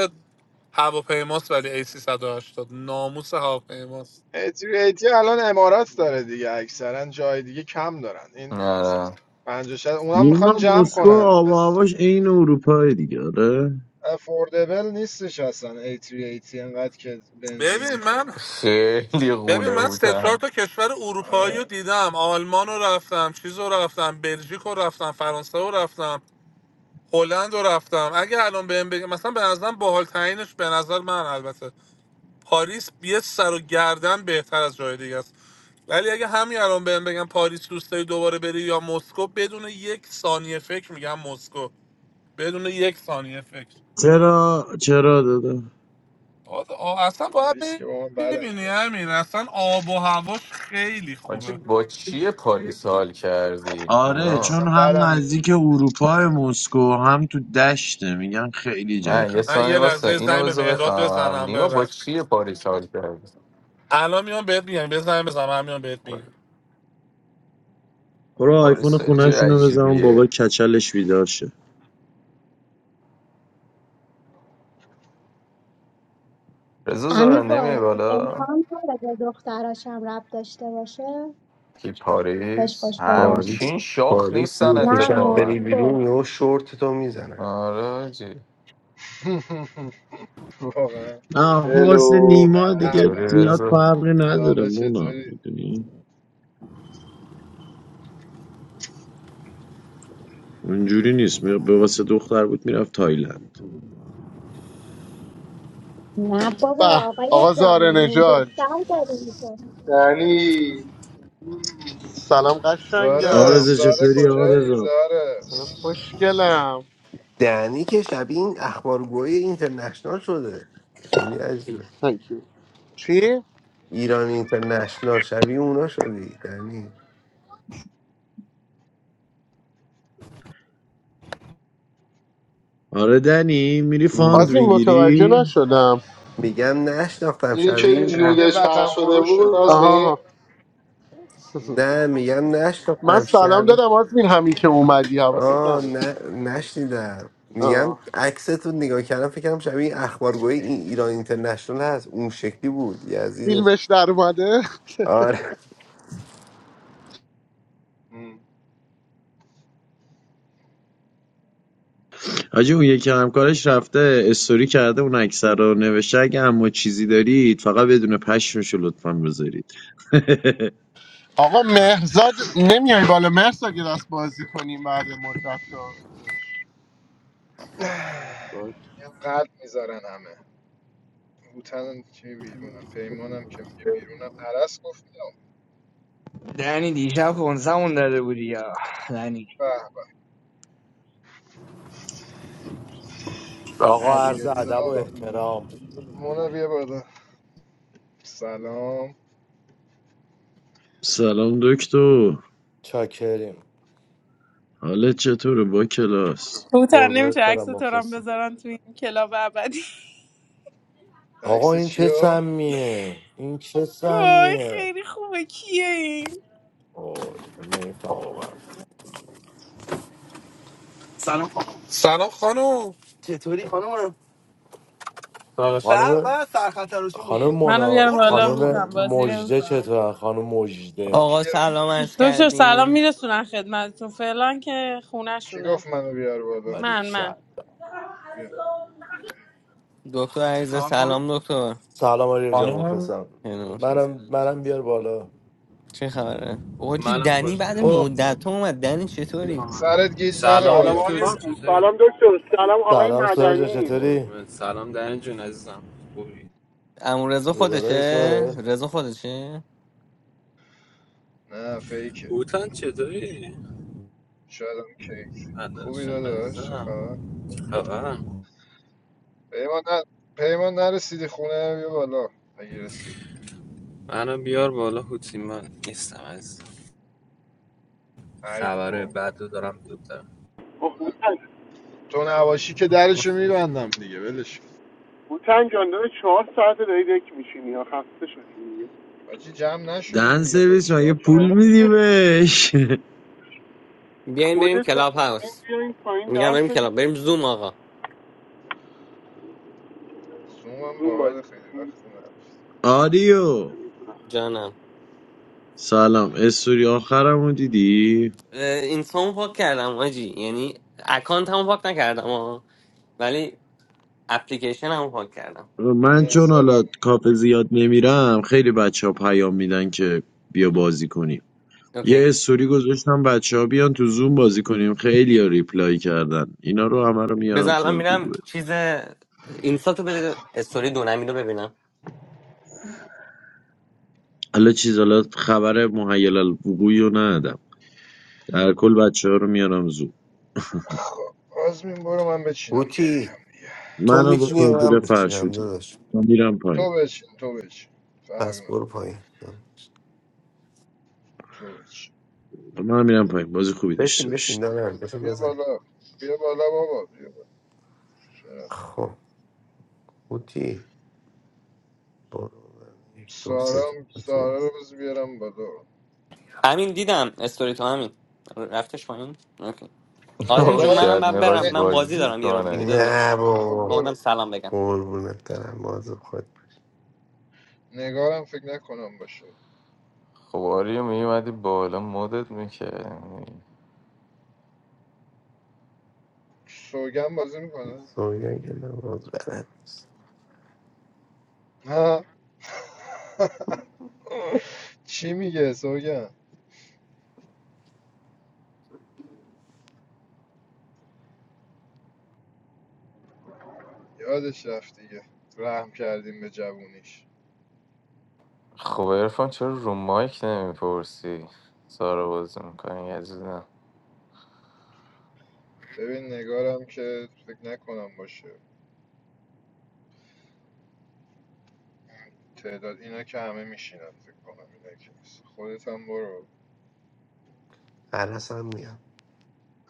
[SPEAKER 7] هواپیماست ولی A380 ناموس هواپیماست
[SPEAKER 4] A380 الان امارات داره دیگه اکثرا جای دیگه کم دارن این مثلا
[SPEAKER 1] آره
[SPEAKER 4] 56 اونم
[SPEAKER 9] نیما
[SPEAKER 4] میخوان جمع
[SPEAKER 9] مسکو
[SPEAKER 4] کنن
[SPEAKER 9] آب و
[SPEAKER 4] بس.
[SPEAKER 9] هواش عین اروپای دیگه آره
[SPEAKER 4] افوردبل نیستش اصلا A380 انقدر که بنزین
[SPEAKER 7] ببین
[SPEAKER 4] میخوره
[SPEAKER 7] من
[SPEAKER 1] خیلی
[SPEAKER 7] ببین
[SPEAKER 1] غوله
[SPEAKER 7] من سه چهار
[SPEAKER 1] هوتن
[SPEAKER 7] تا کشور اروپایی
[SPEAKER 4] آره،
[SPEAKER 7] رو دیدم آلمان رو رفتم چیز رو رفتم بلژیک رو رفتم فرانسه رو رفتم هلند رو رفتم اگه الان بهم بگم مثلا به نظرم باحال ترینش به نظر من البته پاریس یه سر و گردن بهتر از جای دیگه است ولی اگه همین الان بهم بگم پاریس دوست داری دوباره بری یا مسکو بدون یک ثانیه فکر میگم مسکو بدون یک ثانیه فکر
[SPEAKER 9] چرا چرا داده
[SPEAKER 7] آه، آه، اصلا باید
[SPEAKER 4] پاریس که با من بعدم
[SPEAKER 7] ببینی
[SPEAKER 4] میاد
[SPEAKER 7] همین اصلا آب و هواش خیلی
[SPEAKER 1] حاجی
[SPEAKER 7] خوبه
[SPEAKER 1] با چیه پاریس حال کردی
[SPEAKER 4] من
[SPEAKER 9] آره
[SPEAKER 1] نیما
[SPEAKER 4] اصلا
[SPEAKER 9] چون هم
[SPEAKER 4] بعدم میاد
[SPEAKER 9] نزدیک اروپا مسکو هم تو دشته میگن خیلی جای
[SPEAKER 1] نه یه
[SPEAKER 7] من
[SPEAKER 9] خفن
[SPEAKER 7] یه
[SPEAKER 1] ثانیه واسه
[SPEAKER 7] لحظه
[SPEAKER 1] اینو
[SPEAKER 7] زنگ به
[SPEAKER 1] بذار
[SPEAKER 7] مهراد
[SPEAKER 1] بفهمم
[SPEAKER 7] بزنم
[SPEAKER 1] نیما با
[SPEAKER 7] ببخش
[SPEAKER 1] چیه پاریس حال کرد
[SPEAKER 7] الان میام بهت میگم بزنم بزنم من میام بهت میگم
[SPEAKER 9] برو
[SPEAKER 1] پاریس
[SPEAKER 9] آیفون
[SPEAKER 1] خیلی جای
[SPEAKER 9] خونهشون رو بزن بابا
[SPEAKER 1] عجیبیه
[SPEAKER 9] کچلش بیدار شه
[SPEAKER 1] رضا
[SPEAKER 3] امی
[SPEAKER 1] زارا نمیای
[SPEAKER 3] بالا
[SPEAKER 1] بالا
[SPEAKER 3] امکان داره به دختراشم رب داشته باشه
[SPEAKER 1] کی
[SPEAKER 3] بهش
[SPEAKER 1] پاریس
[SPEAKER 3] خوش گذشت
[SPEAKER 6] پاریس
[SPEAKER 1] همچین شاخ
[SPEAKER 6] پاریس
[SPEAKER 1] نیستن
[SPEAKER 6] که
[SPEAKER 3] نه
[SPEAKER 6] شب
[SPEAKER 1] اتفاقا
[SPEAKER 6] بری
[SPEAKER 3] مطلق
[SPEAKER 6] بیرون یه شورت تو میزنه
[SPEAKER 1] آره جی
[SPEAKER 4] واقعا
[SPEAKER 9] نه آخه واسه
[SPEAKER 10] هلو،
[SPEAKER 9] نیما
[SPEAKER 4] به
[SPEAKER 9] دیگه
[SPEAKER 1] چطوری
[SPEAKER 4] به.
[SPEAKER 9] زیاد
[SPEAKER 1] رضا
[SPEAKER 9] فرقی نداره
[SPEAKER 4] زاره
[SPEAKER 9] مونا
[SPEAKER 4] چطوری
[SPEAKER 9] میدونی اونجوری نیست می- به واسه دختر بود میرفت تایلند
[SPEAKER 3] نه بابا
[SPEAKER 5] به
[SPEAKER 3] آقای
[SPEAKER 5] آقا زاره
[SPEAKER 3] دامین
[SPEAKER 5] نجات
[SPEAKER 3] دختر داری میشه
[SPEAKER 10] یعنی
[SPEAKER 5] سلام
[SPEAKER 4] زاره
[SPEAKER 5] قشنگم
[SPEAKER 9] آرزه
[SPEAKER 4] زاره
[SPEAKER 9] چطوری
[SPEAKER 4] کجایی
[SPEAKER 9] آرزا
[SPEAKER 4] زاره
[SPEAKER 5] سلام خوشگلم
[SPEAKER 6] دنی که شبیه این اخبارگوی اینترنشنال شده خیلی عجیبه
[SPEAKER 5] Thank you. چی؟
[SPEAKER 6] ایران اینترنشنال شبیه اونا شدی دنی
[SPEAKER 9] آره دنی میری فاند
[SPEAKER 5] آزمین متوجه
[SPEAKER 9] میگیری
[SPEAKER 5] نشدم
[SPEAKER 6] میگم نشناختم
[SPEAKER 10] اینی که
[SPEAKER 6] شبیه
[SPEAKER 4] به
[SPEAKER 6] این
[SPEAKER 4] چی
[SPEAKER 6] اه.
[SPEAKER 4] میگه
[SPEAKER 10] نودش
[SPEAKER 4] وطن
[SPEAKER 10] پخش شده
[SPEAKER 4] فروش
[SPEAKER 10] بود
[SPEAKER 4] شدی
[SPEAKER 10] از
[SPEAKER 5] آها
[SPEAKER 10] این
[SPEAKER 5] آها.
[SPEAKER 6] نه میگم
[SPEAKER 5] من
[SPEAKER 6] نشناختم
[SPEAKER 5] سلام
[SPEAKER 6] شبیه
[SPEAKER 5] دادم آزمین همین که اومدی حواست
[SPEAKER 6] آه
[SPEAKER 5] نبود
[SPEAKER 6] نه نشنیدم میگم
[SPEAKER 5] آه.
[SPEAKER 6] عکستون نگاه کردم فکرم شبیه این اخبارگوی این ایران اینترنشنال هست اون شکلی بود یزیدت
[SPEAKER 5] فیلمش در اومده
[SPEAKER 6] آره
[SPEAKER 4] ام.
[SPEAKER 9] حاجی اون یکی همکارش رفته استوری کرده اون اکثر رو نوشته اگه اما چیزی دارید فقط بدون پشمشو لطفا بذارید
[SPEAKER 5] آقا مهرزاد نمیای بالا مهرزاد یه دست بازی کنیم بعد مدت ها.
[SPEAKER 4] یه قلب میذارن همه هوتن چی بیرونم پیمانم که میگه بیرونم عرس گفت میام
[SPEAKER 11] دنی دیشب کنسمون داده بودی یا دنی
[SPEAKER 4] به به
[SPEAKER 12] آقا عرض ادب و
[SPEAKER 4] علیرضا
[SPEAKER 12] احترام
[SPEAKER 4] مونا بیا بالا سلام
[SPEAKER 9] سلام دکتر
[SPEAKER 12] چاکریم
[SPEAKER 9] حالت چطوره با کلاس
[SPEAKER 13] کوتاه نمیشه
[SPEAKER 12] قربونت
[SPEAKER 13] عکس
[SPEAKER 12] برم
[SPEAKER 13] تو رو هم
[SPEAKER 12] مخلصیم
[SPEAKER 13] بذارن تو این کلاب ابدی
[SPEAKER 12] آقا
[SPEAKER 4] عکس
[SPEAKER 12] این چه
[SPEAKER 4] چیو
[SPEAKER 12] سمیه این چه
[SPEAKER 13] وای
[SPEAKER 12] سمیه
[SPEAKER 13] خیلی خوبه کیه این
[SPEAKER 12] اوه نمیفهم واقعا
[SPEAKER 7] سلام خانم چطوری خانم سلامش. به
[SPEAKER 12] خانم
[SPEAKER 7] به سرخط تراشون
[SPEAKER 12] خانم
[SPEAKER 7] بود
[SPEAKER 13] منو بیار
[SPEAKER 12] مونا
[SPEAKER 7] دور کن
[SPEAKER 13] بالا
[SPEAKER 7] دور
[SPEAKER 12] خانم
[SPEAKER 7] کن دور
[SPEAKER 13] هوتم
[SPEAKER 7] کن
[SPEAKER 13] بازی
[SPEAKER 12] مجده
[SPEAKER 13] نمیکنم
[SPEAKER 12] چطور خانم مجده
[SPEAKER 14] آقا
[SPEAKER 4] کی,
[SPEAKER 14] سلام عرض
[SPEAKER 13] دکتر سلام
[SPEAKER 14] کردیم
[SPEAKER 13] میرسونن خدمتتون فعلا که
[SPEAKER 4] کی
[SPEAKER 13] خونهشونه
[SPEAKER 4] گفت منو بیار بالا
[SPEAKER 13] من
[SPEAKER 12] باریکلا
[SPEAKER 13] من
[SPEAKER 4] بیا
[SPEAKER 14] دکتر
[SPEAKER 7] چه
[SPEAKER 14] عریضه
[SPEAKER 7] خبر خانم
[SPEAKER 14] سلام دکتر
[SPEAKER 12] سلام آریا جان
[SPEAKER 7] خانم
[SPEAKER 12] مخلصم منم منم بیار بالا
[SPEAKER 14] چه خبره؟ آجی
[SPEAKER 15] Malam
[SPEAKER 14] دنی بعد
[SPEAKER 15] bazaar.
[SPEAKER 14] مدت اومد دنی چطوری؟
[SPEAKER 4] سرت گیج نره
[SPEAKER 15] Salaam
[SPEAKER 5] سلام
[SPEAKER 4] بالا
[SPEAKER 15] doctor
[SPEAKER 5] آقای
[SPEAKER 15] Junshah,
[SPEAKER 5] جون.
[SPEAKER 15] sir.
[SPEAKER 5] سلام دکتر سلام آقای
[SPEAKER 12] سلام سوهر جان
[SPEAKER 5] مدنی
[SPEAKER 12] چطوری
[SPEAKER 15] And Salaam daraz Junazam. Koi?
[SPEAKER 14] امون رضا
[SPEAKER 12] روبرای
[SPEAKER 4] سولی
[SPEAKER 14] خودشه؟
[SPEAKER 12] سوهر
[SPEAKER 14] رضا خودشه؟
[SPEAKER 4] نه فیکه
[SPEAKER 15] Uthan chhe tohi.
[SPEAKER 4] شاید هم کیک
[SPEAKER 15] Adas
[SPEAKER 4] خوبی داداش چه
[SPEAKER 15] Junazam.
[SPEAKER 4] خبر
[SPEAKER 15] Haba.
[SPEAKER 4] پیمان ن... پیمان نرسیدی خونه بیا بالا اگه رسیدی
[SPEAKER 15] Ana bihar bola kutima isteaz.
[SPEAKER 4] ای
[SPEAKER 15] Khavar-e
[SPEAKER 4] بابا
[SPEAKER 15] baadu zaram kuta.
[SPEAKER 5] اوه، هوتن
[SPEAKER 4] تو نواشی که درشو میبندم دیگه ولش کن
[SPEAKER 5] هوتن جان داره چهار ساعت داری دک میشینی یا خسته شدی
[SPEAKER 4] حاجی جمع نشدیم
[SPEAKER 9] دن
[SPEAKER 4] دیگه خب
[SPEAKER 9] سرویس مگه
[SPEAKER 4] چیکار
[SPEAKER 9] پول
[SPEAKER 5] چرا
[SPEAKER 4] کنم
[SPEAKER 9] میدی
[SPEAKER 5] دیگه
[SPEAKER 9] بهش
[SPEAKER 14] بیاین بریم
[SPEAKER 5] خودتون
[SPEAKER 14] کلاب
[SPEAKER 5] این
[SPEAKER 14] هاوس
[SPEAKER 5] بیا این پایین
[SPEAKER 14] میگم
[SPEAKER 5] در
[SPEAKER 14] بریم
[SPEAKER 5] شدی
[SPEAKER 14] کلاب بریم زوم آقا
[SPEAKER 4] زومم
[SPEAKER 5] روم باید
[SPEAKER 4] باحال خیلی وقت نه
[SPEAKER 9] آریو
[SPEAKER 14] جانم
[SPEAKER 9] سلام استوری آخرمو دیدی
[SPEAKER 14] اه، اینستامو پاک کردم آجی یعنی اکانت هم پاک نکردم آقا ولی اپلیکیشن هم پاک کردم
[SPEAKER 9] من چون حالا
[SPEAKER 4] مرزادم
[SPEAKER 9] کافه زیاد نمیرم خیلی بچه ها پیام میدن که بیا بازی کنیم یه
[SPEAKER 14] اوکی
[SPEAKER 9] استوری گذاشتم بچه ها بیان تو زوم بازی کنیم خیلی ها ریپلای کردن اینا رو همه رو میارم
[SPEAKER 14] بذار
[SPEAKER 9] تو
[SPEAKER 14] الان
[SPEAKER 9] اون
[SPEAKER 14] میرم
[SPEAKER 9] گروه
[SPEAKER 14] چیز اینستا تو بده استوری دونمی رو ببینم
[SPEAKER 9] حالا چیز حالا خبر مهیل الوقوعی رو ندادم در کل بچه ها رو میارم زوم
[SPEAKER 4] خب آزمین برو من بچینم کم
[SPEAKER 6] هوتی
[SPEAKER 4] کم دیگه
[SPEAKER 6] تو
[SPEAKER 9] منو با
[SPEAKER 6] میتونی و
[SPEAKER 9] پنزور
[SPEAKER 6] من میتونم
[SPEAKER 9] فرشوتم
[SPEAKER 6] داداش
[SPEAKER 9] من میرم
[SPEAKER 4] تو
[SPEAKER 9] پایین
[SPEAKER 4] بچین تو بچین فرق
[SPEAKER 6] پس
[SPEAKER 4] نم
[SPEAKER 6] برو پایین
[SPEAKER 4] تو بچین
[SPEAKER 9] من میرم پایین بازی خوبی
[SPEAKER 6] بچین
[SPEAKER 9] داشته باشید
[SPEAKER 6] بشین نه نه بشین
[SPEAKER 4] بیا
[SPEAKER 6] بزن
[SPEAKER 4] بالا بیا بالا بابا بیا بالا شرفت
[SPEAKER 6] خب هوتی برو من یک دو
[SPEAKER 4] سارا
[SPEAKER 6] سه
[SPEAKER 4] هم-
[SPEAKER 6] چهار،
[SPEAKER 4] سارا رو
[SPEAKER 6] پنج.
[SPEAKER 4] بز بیارم بالا
[SPEAKER 14] امین دیدم استوری تو همین رفتش پایین اوکی آزمین
[SPEAKER 1] بابا
[SPEAKER 14] جون
[SPEAKER 4] نگار
[SPEAKER 14] منم
[SPEAKER 1] شاید
[SPEAKER 14] باید برم
[SPEAKER 1] میخواست
[SPEAKER 4] نه
[SPEAKER 14] من بازی
[SPEAKER 1] بازی
[SPEAKER 14] دارم یه رو دیگه
[SPEAKER 1] کنه
[SPEAKER 6] نه
[SPEAKER 14] داداش
[SPEAKER 4] خب
[SPEAKER 6] بابا
[SPEAKER 14] اومدم
[SPEAKER 4] برو
[SPEAKER 14] سلام بگم
[SPEAKER 6] قربونت برم بازم
[SPEAKER 4] نگارم فکر نکنم باشه
[SPEAKER 1] خب آریو میومدی بالا مدت میکردی
[SPEAKER 4] سوگن بازی میکنه
[SPEAKER 6] سویا که نماز بلد نیست
[SPEAKER 4] ها چی میگه سوگن یادش رفت دیگه رحم کردیم به جوونیش
[SPEAKER 1] خب ارفان چرا رو مایک نمیپرسی سارا بازی میکنی عزیزم
[SPEAKER 4] ببین نگارم که فکر نکنم باشه تعداد اینا که همه میشینن فکر کنم اینا که نیست خودت هم برو
[SPEAKER 6] عرس هم میام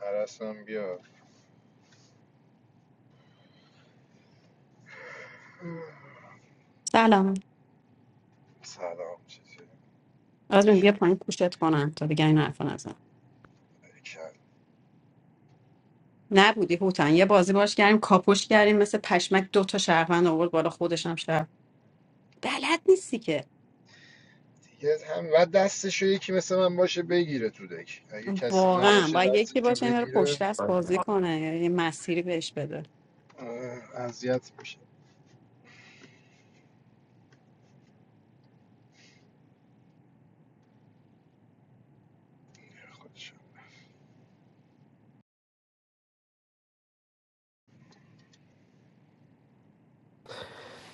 [SPEAKER 4] عرص هم بیا
[SPEAKER 16] سلام
[SPEAKER 4] سلام چطوری
[SPEAKER 16] آزمین
[SPEAKER 4] چه
[SPEAKER 16] بیا پایین پوشت کنم تا دیگه این حرف نزن
[SPEAKER 4] کم
[SPEAKER 16] نبودی هوتن یه بازی باش کردیم کاپوش کردیم مثل پشمک دو تا شهروند آورد بالا خودش هم شهر بلد نیستی که
[SPEAKER 4] دیگه هم و دستشو یکی مثل من باشه بگیره تو دک اگه کسی
[SPEAKER 16] واقعا
[SPEAKER 4] نباشه
[SPEAKER 16] باید یکی
[SPEAKER 4] دستشو
[SPEAKER 16] باشه این رو
[SPEAKER 4] بگیره
[SPEAKER 16] پشت دست بازی کنه یعنی یه مسیری بهش بده
[SPEAKER 4] اه، اذیت میشه خودشو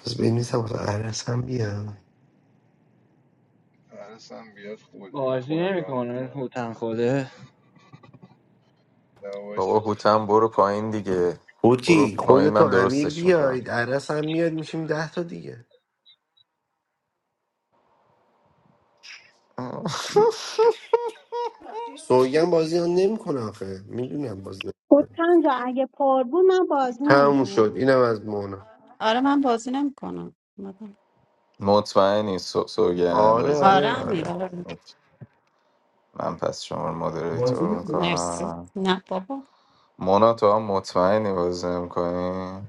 [SPEAKER 6] پس بنویسم واسه عرس هم بیام
[SPEAKER 4] حرسم بیاد خودی من
[SPEAKER 11] بازی
[SPEAKER 4] خودم ران
[SPEAKER 11] نمیکنه
[SPEAKER 4] میکنم
[SPEAKER 11] هوتن خوده
[SPEAKER 1] بابا
[SPEAKER 4] دوایست
[SPEAKER 1] هوتم برو پایین دیگه برو
[SPEAKER 6] خوتی
[SPEAKER 1] پایین
[SPEAKER 6] خودتو
[SPEAKER 1] من
[SPEAKER 6] امیر
[SPEAKER 1] درستش میکنم
[SPEAKER 6] بیاید عرس هم میاد میشیم ده تا دیگه سوگن بازی ها نمیکنه آخه میدونم بازی
[SPEAKER 3] خود
[SPEAKER 6] نمیکنه
[SPEAKER 3] کن جا اگه پر بود من بازی
[SPEAKER 6] تموم شد
[SPEAKER 3] نمیکنم
[SPEAKER 6] اینم از مونا
[SPEAKER 16] آره من بازی نمیکنم
[SPEAKER 1] مطمئنی سو- سوگن
[SPEAKER 6] آره
[SPEAKER 1] بازی
[SPEAKER 16] آره
[SPEAKER 6] آره
[SPEAKER 16] امیر
[SPEAKER 6] آره
[SPEAKER 1] کنم
[SPEAKER 16] آره.
[SPEAKER 1] من پس شما رو مدریتور
[SPEAKER 16] مرسی
[SPEAKER 1] میکنم
[SPEAKER 16] نه بابا
[SPEAKER 1] مونا تو هم مطمئنی بازی میکنی من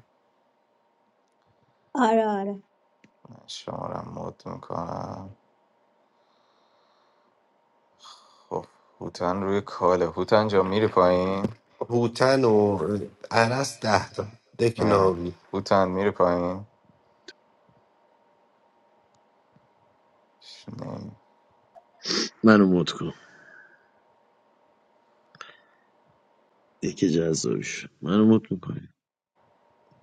[SPEAKER 3] آره آره
[SPEAKER 1] شما رو هم مد میکنم خب هوتن روی کاله هوتن جا میری پایین
[SPEAKER 6] هوتن و عرس ده تا دک
[SPEAKER 1] آره
[SPEAKER 6] ناوی
[SPEAKER 1] هوتن میری پایین نیم
[SPEAKER 9] منو مد کن یکی جذابی شد منو مد میکنی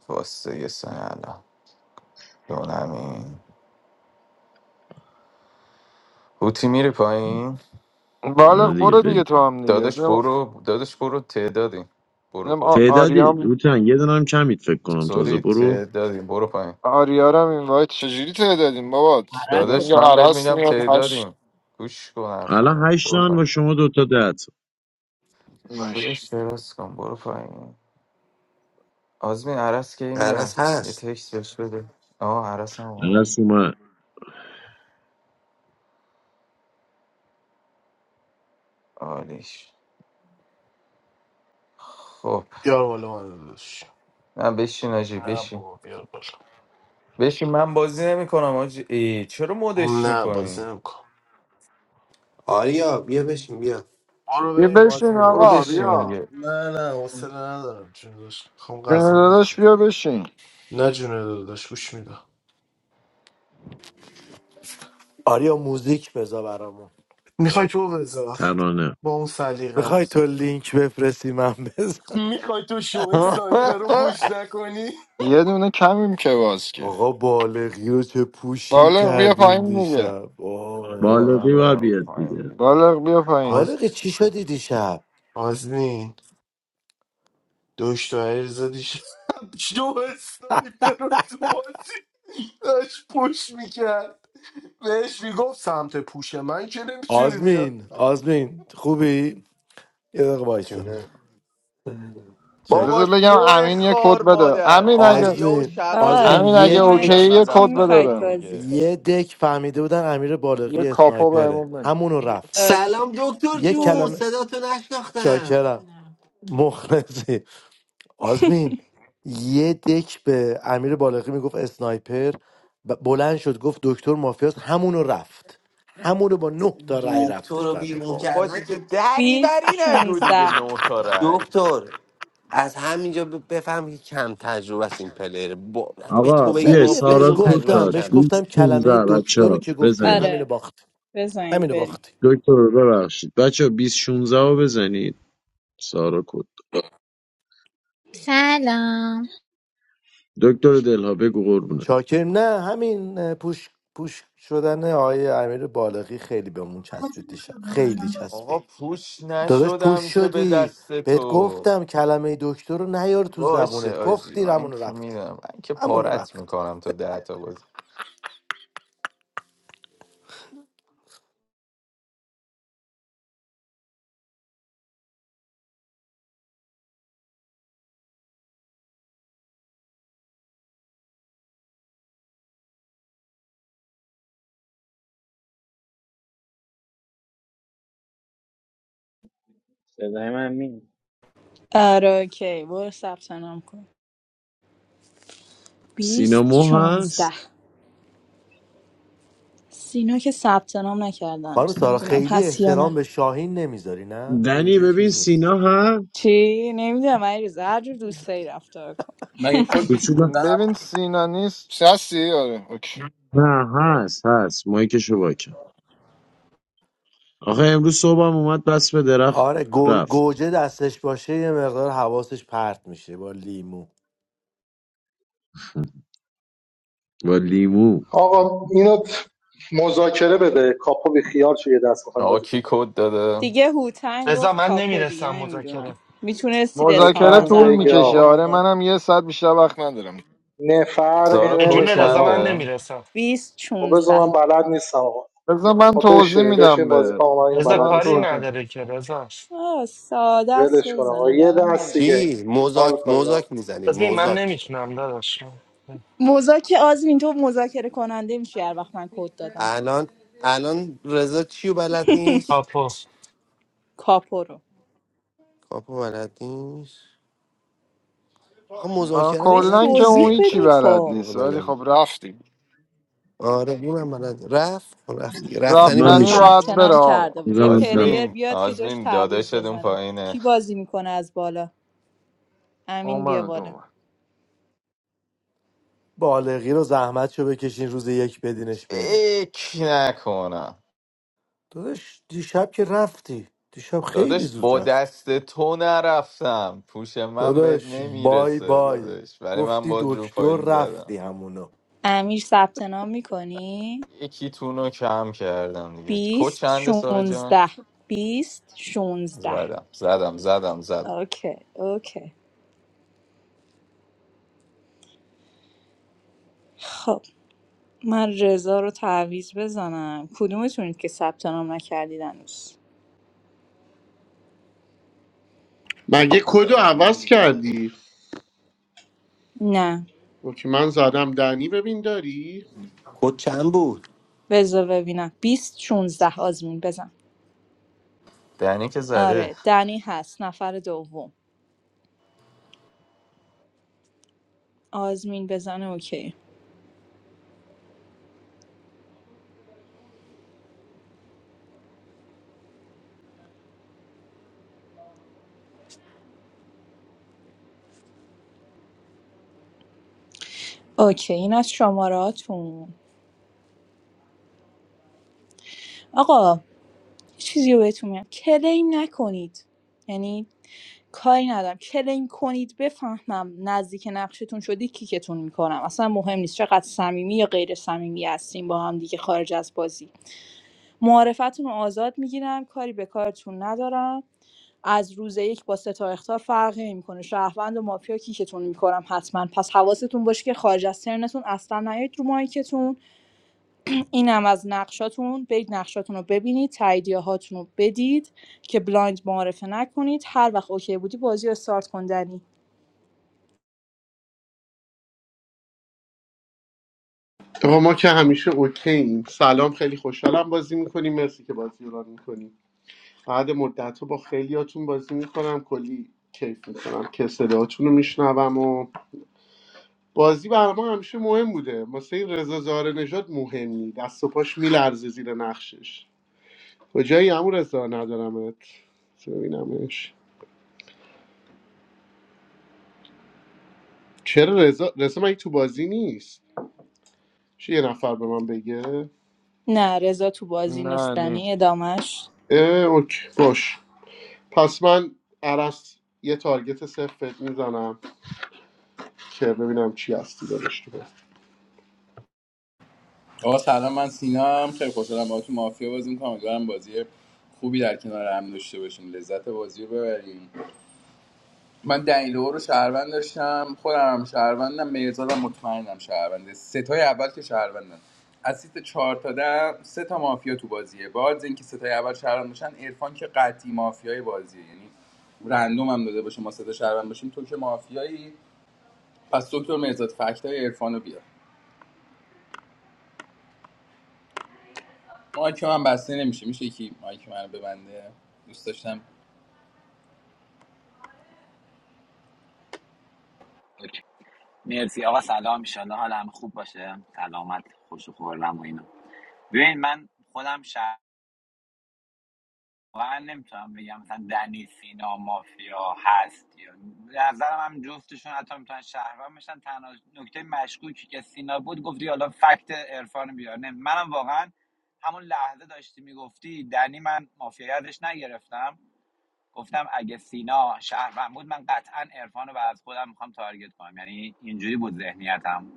[SPEAKER 1] واسه یه سن الان دونمی هوتی میری پایین
[SPEAKER 9] آره
[SPEAKER 4] بالغ
[SPEAKER 9] دیگه
[SPEAKER 4] برو دیگه
[SPEAKER 9] بریم
[SPEAKER 4] تو هم دیگه
[SPEAKER 1] دادش برو دادش برو تعدادیم برو
[SPEAKER 4] نم
[SPEAKER 1] برو
[SPEAKER 9] تعدادی
[SPEAKER 4] آریام
[SPEAKER 9] روتن یه دونه هم کمید فکر کنم تازه
[SPEAKER 1] سولی
[SPEAKER 9] برو
[SPEAKER 1] تعدادیم برو پایین
[SPEAKER 4] آریارم این وایت چجوری تعدادیم بابات
[SPEAKER 11] عرد
[SPEAKER 4] الان
[SPEAKER 11] شد
[SPEAKER 1] دادش
[SPEAKER 4] یا
[SPEAKER 1] من بهت
[SPEAKER 4] عرس
[SPEAKER 1] میگم
[SPEAKER 4] میاد هشت
[SPEAKER 1] تعدادیم گوش کن حرفمو
[SPEAKER 9] الان هشت
[SPEAKER 1] برو
[SPEAKER 9] تا با
[SPEAKER 1] پایین
[SPEAKER 9] شما دوتا ده تا
[SPEAKER 4] باش
[SPEAKER 1] دادش دراز کن برو پایین آزمین عرس کی میاد
[SPEAKER 6] عرس
[SPEAKER 1] یه
[SPEAKER 6] هست
[SPEAKER 1] تکست بهش بده آه عرس هم اومد
[SPEAKER 9] رسومه
[SPEAKER 1] عالیش خب
[SPEAKER 17] بیار بالا من داداش
[SPEAKER 1] نه بشین آجی
[SPEAKER 17] نه
[SPEAKER 1] بشین
[SPEAKER 17] بابا بیار بالا
[SPEAKER 1] بشین من بازی نمی کنم آجی ای چرا مدش
[SPEAKER 17] نه بازی
[SPEAKER 1] میکنی
[SPEAKER 17] نمیکن
[SPEAKER 6] آریا بیا بشین بیا
[SPEAKER 17] برو
[SPEAKER 4] بیا
[SPEAKER 17] بریم
[SPEAKER 4] بشین
[SPEAKER 17] آزمین
[SPEAKER 1] برو
[SPEAKER 4] آقا
[SPEAKER 17] گوش
[SPEAKER 1] بشین
[SPEAKER 17] میدم
[SPEAKER 4] بیا
[SPEAKER 1] میگه
[SPEAKER 17] نه نه حوصله ندارم چون داشت میخوام
[SPEAKER 4] جون
[SPEAKER 17] غذا
[SPEAKER 4] داداش
[SPEAKER 17] بخورم
[SPEAKER 4] بیا بشین
[SPEAKER 17] نه جونه داداش گوش میدم
[SPEAKER 12] آریا موزیک بذار برامون
[SPEAKER 17] میخوای تو بذار
[SPEAKER 9] ترانه
[SPEAKER 17] با اون
[SPEAKER 12] میخوای
[SPEAKER 17] سلیقت
[SPEAKER 12] تو لینک بفرستی من بذارم
[SPEAKER 17] میخوای تو شو سایپر رو پوش نکنی
[SPEAKER 4] یه دونه کمیم که باز که
[SPEAKER 12] آقا بالغی رو چه پوشی
[SPEAKER 4] بالغ بیا
[SPEAKER 12] کردیم
[SPEAKER 4] پایین دیگه
[SPEAKER 12] دیشب
[SPEAKER 1] بیا
[SPEAKER 12] آه.
[SPEAKER 1] من
[SPEAKER 9] بالغی باید
[SPEAKER 1] میرم
[SPEAKER 9] بیاد
[SPEAKER 1] پایین
[SPEAKER 9] دیگه
[SPEAKER 1] دیگه
[SPEAKER 4] بالغ بیا پایین
[SPEAKER 17] آز...
[SPEAKER 12] بالغ چی شدی دیشب
[SPEAKER 17] آزمین دوش تو عریضا دیشب شو سایپر رو تو بازی داشت پوش میکرد بهش میگفت سمت پوش من که نمیتونی بیا.
[SPEAKER 12] آزمین آزمین خوبی؟ یه دقیقه بایستا
[SPEAKER 6] جونه
[SPEAKER 1] بابا
[SPEAKER 12] چک
[SPEAKER 4] بذار بگم
[SPEAKER 1] شو
[SPEAKER 4] امین یه
[SPEAKER 1] خار
[SPEAKER 4] کد بده
[SPEAKER 1] مادر
[SPEAKER 4] امین اگه
[SPEAKER 1] پریا و
[SPEAKER 12] آزمین
[SPEAKER 1] شقایق
[SPEAKER 18] آقا
[SPEAKER 12] آزمین
[SPEAKER 4] امین
[SPEAKER 1] تو
[SPEAKER 18] بذار
[SPEAKER 4] اگه
[SPEAKER 12] یه
[SPEAKER 1] دک
[SPEAKER 18] من
[SPEAKER 1] بودن
[SPEAKER 4] اوکی
[SPEAKER 12] دک
[SPEAKER 4] یه
[SPEAKER 1] من
[SPEAKER 18] چی
[SPEAKER 4] کد
[SPEAKER 1] رفتم
[SPEAKER 4] بده
[SPEAKER 18] میخواید
[SPEAKER 1] بیرون
[SPEAKER 4] بهم
[SPEAKER 18] بازی
[SPEAKER 1] دیگه
[SPEAKER 12] یه
[SPEAKER 18] کنید
[SPEAKER 12] دک فهمیده بودن امیر
[SPEAKER 4] یه
[SPEAKER 12] بالغی
[SPEAKER 4] کاپو
[SPEAKER 12] اسنایپره
[SPEAKER 4] بهمون بده
[SPEAKER 12] همونو رفت
[SPEAKER 6] سلام
[SPEAKER 18] اوکی
[SPEAKER 6] دکتر
[SPEAKER 12] یه
[SPEAKER 18] برو
[SPEAKER 6] جون
[SPEAKER 18] بریم.
[SPEAKER 12] کلمه
[SPEAKER 6] صدا تو نشناختم
[SPEAKER 12] چاکرم مخلصی آزمین یه دک به امیر بالغی میگفت اسنایپر ب- بلند شد گفت دکتر مافیاست همونو رفت همونو با نه تا رای
[SPEAKER 6] دکتر
[SPEAKER 12] رفتش
[SPEAKER 6] رو
[SPEAKER 12] بنده
[SPEAKER 6] بیرون
[SPEAKER 12] خدا
[SPEAKER 1] بابا
[SPEAKER 6] کردن
[SPEAKER 1] د-
[SPEAKER 6] که
[SPEAKER 1] د-
[SPEAKER 18] بیست
[SPEAKER 1] دریوری نگو دیگه
[SPEAKER 18] شونزده
[SPEAKER 1] نه تا رای
[SPEAKER 6] دکتر از همینجا ب- بفهم که کم تجربه است این پلیر با... به
[SPEAKER 9] آقا
[SPEAKER 6] تو بگه
[SPEAKER 12] اصلا
[SPEAKER 9] بیای
[SPEAKER 12] یه
[SPEAKER 6] مافیا
[SPEAKER 12] بهش
[SPEAKER 9] سارا
[SPEAKER 6] بدون
[SPEAKER 9] کد
[SPEAKER 6] تجربهش
[SPEAKER 12] گفتم
[SPEAKER 9] داد
[SPEAKER 12] بهش
[SPEAKER 6] کمه
[SPEAKER 12] گفتم کلمه
[SPEAKER 9] 2016 بچه
[SPEAKER 12] دکتر رو
[SPEAKER 9] ها
[SPEAKER 12] که گفتی
[SPEAKER 9] بزنید
[SPEAKER 12] همینو
[SPEAKER 18] آره
[SPEAKER 12] باختی
[SPEAKER 18] بزنید
[SPEAKER 12] همینو
[SPEAKER 18] بریم
[SPEAKER 12] باختی
[SPEAKER 9] دکتر رو ببخشید بچه ها 2016 رو بزنید سارا کد
[SPEAKER 13] سلام
[SPEAKER 9] دکتر دلها بگو قربونه
[SPEAKER 12] چاکر نه همین اه، پوش پوش شدن آقای امیر بالغی خیلی بهمون چسبید دیشب خیلی
[SPEAKER 1] آقا
[SPEAKER 12] چسبید
[SPEAKER 1] پوش
[SPEAKER 12] داداش پوش
[SPEAKER 1] نشدم که به
[SPEAKER 12] شدی
[SPEAKER 1] دست
[SPEAKER 12] بهت
[SPEAKER 1] تو
[SPEAKER 12] گفتم کلمه دکتر رو نیار تو
[SPEAKER 1] باشه
[SPEAKER 12] زبونت
[SPEAKER 1] آجی
[SPEAKER 12] گفتی
[SPEAKER 1] من
[SPEAKER 12] همونو
[SPEAKER 1] که
[SPEAKER 12] رفت
[SPEAKER 1] میدم من که
[SPEAKER 12] همون
[SPEAKER 1] پارت
[SPEAKER 12] رفت
[SPEAKER 1] میکنم تا ده تا بازی
[SPEAKER 11] صدای من می
[SPEAKER 18] آره اوکی برو ثبت نام کن
[SPEAKER 9] سینا
[SPEAKER 18] بیست
[SPEAKER 9] مو
[SPEAKER 18] شونزده
[SPEAKER 9] هست
[SPEAKER 18] سینا که ثبت نام نکرده
[SPEAKER 12] خانم
[SPEAKER 18] هنوز
[SPEAKER 12] سارا
[SPEAKER 18] نمیدونم
[SPEAKER 12] خیلی
[SPEAKER 18] هست یا
[SPEAKER 12] احترام
[SPEAKER 18] نه
[SPEAKER 12] به شاهین نمیذاری نه
[SPEAKER 9] دنی
[SPEAKER 12] خیلی
[SPEAKER 9] ببین
[SPEAKER 12] چیز نیست
[SPEAKER 9] سینا هست
[SPEAKER 18] چی نمیدونم علیرضا هر جور دوست داری رفتار کن
[SPEAKER 19] مگه کد
[SPEAKER 9] کوچولو
[SPEAKER 19] 2019
[SPEAKER 4] ببین
[SPEAKER 19] نبود
[SPEAKER 4] سینا نیست هستی آره اوکی
[SPEAKER 9] نه هست هست مایکشو با کرد آخه امروز صبحم اومد بس به درخت
[SPEAKER 12] آره گو-
[SPEAKER 9] رفت
[SPEAKER 12] گوجه دستش باشه یه مقدار حواسش پرت میشه با لیمو
[SPEAKER 9] و لیمو
[SPEAKER 10] آقا اینو مذاکره بده کاپو بی خیال شو یه دست میخوایم
[SPEAKER 1] آقا
[SPEAKER 10] بازی
[SPEAKER 1] کی
[SPEAKER 10] کنیم
[SPEAKER 1] کد داده
[SPEAKER 18] دیگه هوتن
[SPEAKER 20] رضا
[SPEAKER 18] گفت
[SPEAKER 20] من
[SPEAKER 18] کاپو دیگه
[SPEAKER 20] نمیرسم
[SPEAKER 18] نمیدونم
[SPEAKER 20] مذاکره
[SPEAKER 18] میتونستید اظهار
[SPEAKER 4] مذاکره
[SPEAKER 10] اوتن
[SPEAKER 18] نظر
[SPEAKER 4] طول
[SPEAKER 10] بگه
[SPEAKER 18] کنید اون
[SPEAKER 4] میکشه
[SPEAKER 10] آقا
[SPEAKER 4] آره
[SPEAKER 18] موقع
[SPEAKER 4] منم یه ساعت بیشتر وقت ندارم
[SPEAKER 10] نه فرقی
[SPEAKER 1] سارا
[SPEAKER 20] به
[SPEAKER 1] کد
[SPEAKER 20] جون
[SPEAKER 10] نمیکنه
[SPEAKER 20] رضا من
[SPEAKER 10] آقا
[SPEAKER 1] چنده
[SPEAKER 20] نمیرسم
[SPEAKER 18] بیست
[SPEAKER 10] خب بذار
[SPEAKER 18] شونزده
[SPEAKER 10] من بلد نیستم آقا
[SPEAKER 4] بذار من
[SPEAKER 10] خب
[SPEAKER 4] توضیح
[SPEAKER 10] بشین بشین
[SPEAKER 4] میدم
[SPEAKER 10] بازی کن
[SPEAKER 4] به
[SPEAKER 10] آقا من اینو
[SPEAKER 20] رضا
[SPEAKER 10] بلد
[SPEAKER 4] من
[SPEAKER 20] کاری
[SPEAKER 10] نیستم
[SPEAKER 4] توضیح
[SPEAKER 20] نداره که رضا
[SPEAKER 18] آه ساده است
[SPEAKER 10] ولش کن
[SPEAKER 18] رضا
[SPEAKER 10] آقا یه
[SPEAKER 18] نگران
[SPEAKER 10] دست
[SPEAKER 18] نباش
[SPEAKER 10] دیگه
[SPEAKER 6] چی
[SPEAKER 10] حال
[SPEAKER 6] مزاک
[SPEAKER 10] کنید آقا
[SPEAKER 6] مزاک میزنیم
[SPEAKER 20] بازمی من
[SPEAKER 6] مزاک
[SPEAKER 20] نمیتونم داداش
[SPEAKER 18] مذاکره آزمین تو مذاکره کننده میشی هر وقت من کد دادم
[SPEAKER 6] الان الان رضا چیو بلد نیست
[SPEAKER 20] کاپو
[SPEAKER 18] کاپو رو
[SPEAKER 6] کاپو بلد نیست آخه
[SPEAKER 4] من
[SPEAKER 6] مذاکره هم
[SPEAKER 18] بهش
[SPEAKER 6] بلد
[SPEAKER 4] کلا که
[SPEAKER 6] نیست
[SPEAKER 4] اون
[SPEAKER 18] توضیح
[SPEAKER 4] هیچی
[SPEAKER 6] حقیقتا
[SPEAKER 18] بدین
[SPEAKER 4] بلد
[SPEAKER 18] خب
[SPEAKER 6] دروغ
[SPEAKER 4] نیست ولی
[SPEAKER 6] نگم
[SPEAKER 4] خب رفتیم
[SPEAKER 6] آره اونم بلد رفت خب رفتی
[SPEAKER 9] خب
[SPEAKER 6] رفتنی
[SPEAKER 9] من
[SPEAKER 6] باید
[SPEAKER 4] رفتنی
[SPEAKER 6] بری
[SPEAKER 9] میشین
[SPEAKER 18] ثبت
[SPEAKER 4] باید بره
[SPEAKER 18] نام
[SPEAKER 4] آقا.
[SPEAKER 18] کرده بود یه پلیر
[SPEAKER 1] آزمین
[SPEAKER 18] بیاد که جاش
[SPEAKER 1] آزمین
[SPEAKER 18] تعویض
[SPEAKER 1] داداشت اون
[SPEAKER 18] بزنه
[SPEAKER 1] پایینه
[SPEAKER 18] کی بازی میکنه از بالا امین بیا
[SPEAKER 4] اومد
[SPEAKER 18] بالا
[SPEAKER 4] اومد
[SPEAKER 12] بالغی رو زحمت شو بکشین روز یک بدینش بره
[SPEAKER 1] فکر نکنم
[SPEAKER 12] داداش دیشب که رفتی دیشب خیلی
[SPEAKER 1] داداش
[SPEAKER 12] زود
[SPEAKER 1] با
[SPEAKER 12] رفتی
[SPEAKER 1] دست تو نرفتم پوش من بهت
[SPEAKER 12] داداش بای
[SPEAKER 1] نمیرسه
[SPEAKER 12] بای
[SPEAKER 1] داداش ولی من
[SPEAKER 12] گفتی
[SPEAKER 1] با رو
[SPEAKER 12] دکتر
[SPEAKER 1] پایل زدم
[SPEAKER 12] رفتی همونو
[SPEAKER 18] امیر ثبت نام میکنی
[SPEAKER 1] یکی تونو کم کردم دیگه کو
[SPEAKER 18] بیست
[SPEAKER 1] چنده سارا جان
[SPEAKER 18] 16 بیست 16
[SPEAKER 1] زدم زدم زدم زدم
[SPEAKER 18] اوکی اوکی خب من رضا رو تعویض بزنم کدومتونید که ثبت نام نکردید هنوز
[SPEAKER 5] مگه کدو
[SPEAKER 21] دانم اینه
[SPEAKER 5] عوض
[SPEAKER 21] دیگه طبیعی
[SPEAKER 5] کردی
[SPEAKER 18] نه
[SPEAKER 5] اوکی من زدم دنی ببین داری
[SPEAKER 6] کد چند بود
[SPEAKER 18] بذار ببینم 20 16 آزمین بزن
[SPEAKER 1] دنی که زده
[SPEAKER 18] آره دنی هست نفر دوم آزمین بزنه اوکی اوکی این از شماراتون آقا چیزی رو بهتون میگم کلیم نکنید یعنی کاری ندارم کلیم کنید بفهمم نزدیک نقشتون شدی کیکتون میکنم اصلا مهم نیست چقدر صمیمی یا غیر صمیمی هستیم با هم دیگه خارج از بازی معارفتون رو آزاد میگیرم کاری به کارتون ندارم از روز یک با سه تا اخطار فرقی نمیکنه شهروند و مافیا کیکتون میکنم حتما پس حواستون باشه که خارج از ترنتون اصلا نیاید رو مایکتون اینم از نقشاتون برید نقشاتون رو ببینید تاییدیه هاتون رو بدید که بلایند معرفه نکنید هر وقت اوکی بودی بازی رو استارت کن دنی
[SPEAKER 5] آقا ما که همیشه اوکییم سلام خیلی خوشحالم بازی میکنیم مرسی که بازی رو میکنیم بعد مدت با خیلیاتون بازی میکنم کلی کیف میکنم که صداتون رو میشنوم و بازی برای ما همیشه مهم بوده واسه این رضا زاره نجات مهم نی دست و پاش میلرزه زیر نقشش کجایی عمو رضا ندارمت بذار ببینمش چرا رضا رضا مگه تو بازی نیست چه یه نفر به من بگه
[SPEAKER 18] نه رضا تو بازی
[SPEAKER 4] نه
[SPEAKER 18] نیستنی
[SPEAKER 4] نیست
[SPEAKER 18] ادامش
[SPEAKER 5] اه اوکی باش پس من عرص یه تارگت صفت میزنم که ببینم چی هستی دارش تو بازی.
[SPEAKER 19] آقا سلام من سینا خیلی خوشحالم باهاتون مافیا بازی می‌کنم امیدوارم بازی خوبی در کنار هم داشته باشیم لذت بازی رو ببریم من دنیلو رو شهروند داشتم خودم هم شهروندم مرزادم مطمئنم شهرونده سه تای اول که شهروندن از سیت چهار تا ده سه تا مافیا تو بازیه باز اینکه سه تای اول شهروند باشن عرفان که قطعی مافیای بازیه یعنی رندوم هم داده باشه ما سه تا شهروند باشیم تو که مافیایی پس دکتر مرزاد فکتای عرفان رو بیار مایک من بسته نمیشه میشه یکی مایک من رو ببنده دوست داشتم
[SPEAKER 22] اوکی. مرسی آقا سلام ایشالله حال همه خوب باشه سلامت خوش و خورم و اینا ببین من خودم شهروند نمیتونم بگم مثلا دنی سینا مافیا هست یا به نظرم هم جفتشون حتی میتونن شهروند بشن تنها نکته مشکوکی که سینا بود گفتی حالا فکت عرفان بیار نه منم واقعا همون لحظه داشتی میگفتی دنی من مافیا یادش نگرفتم گفتم اگه سینا شهروند بود من قطعا عرفان رو از خودم میخوام تارگت کنم یعنی اینجوری بود ذهنیتم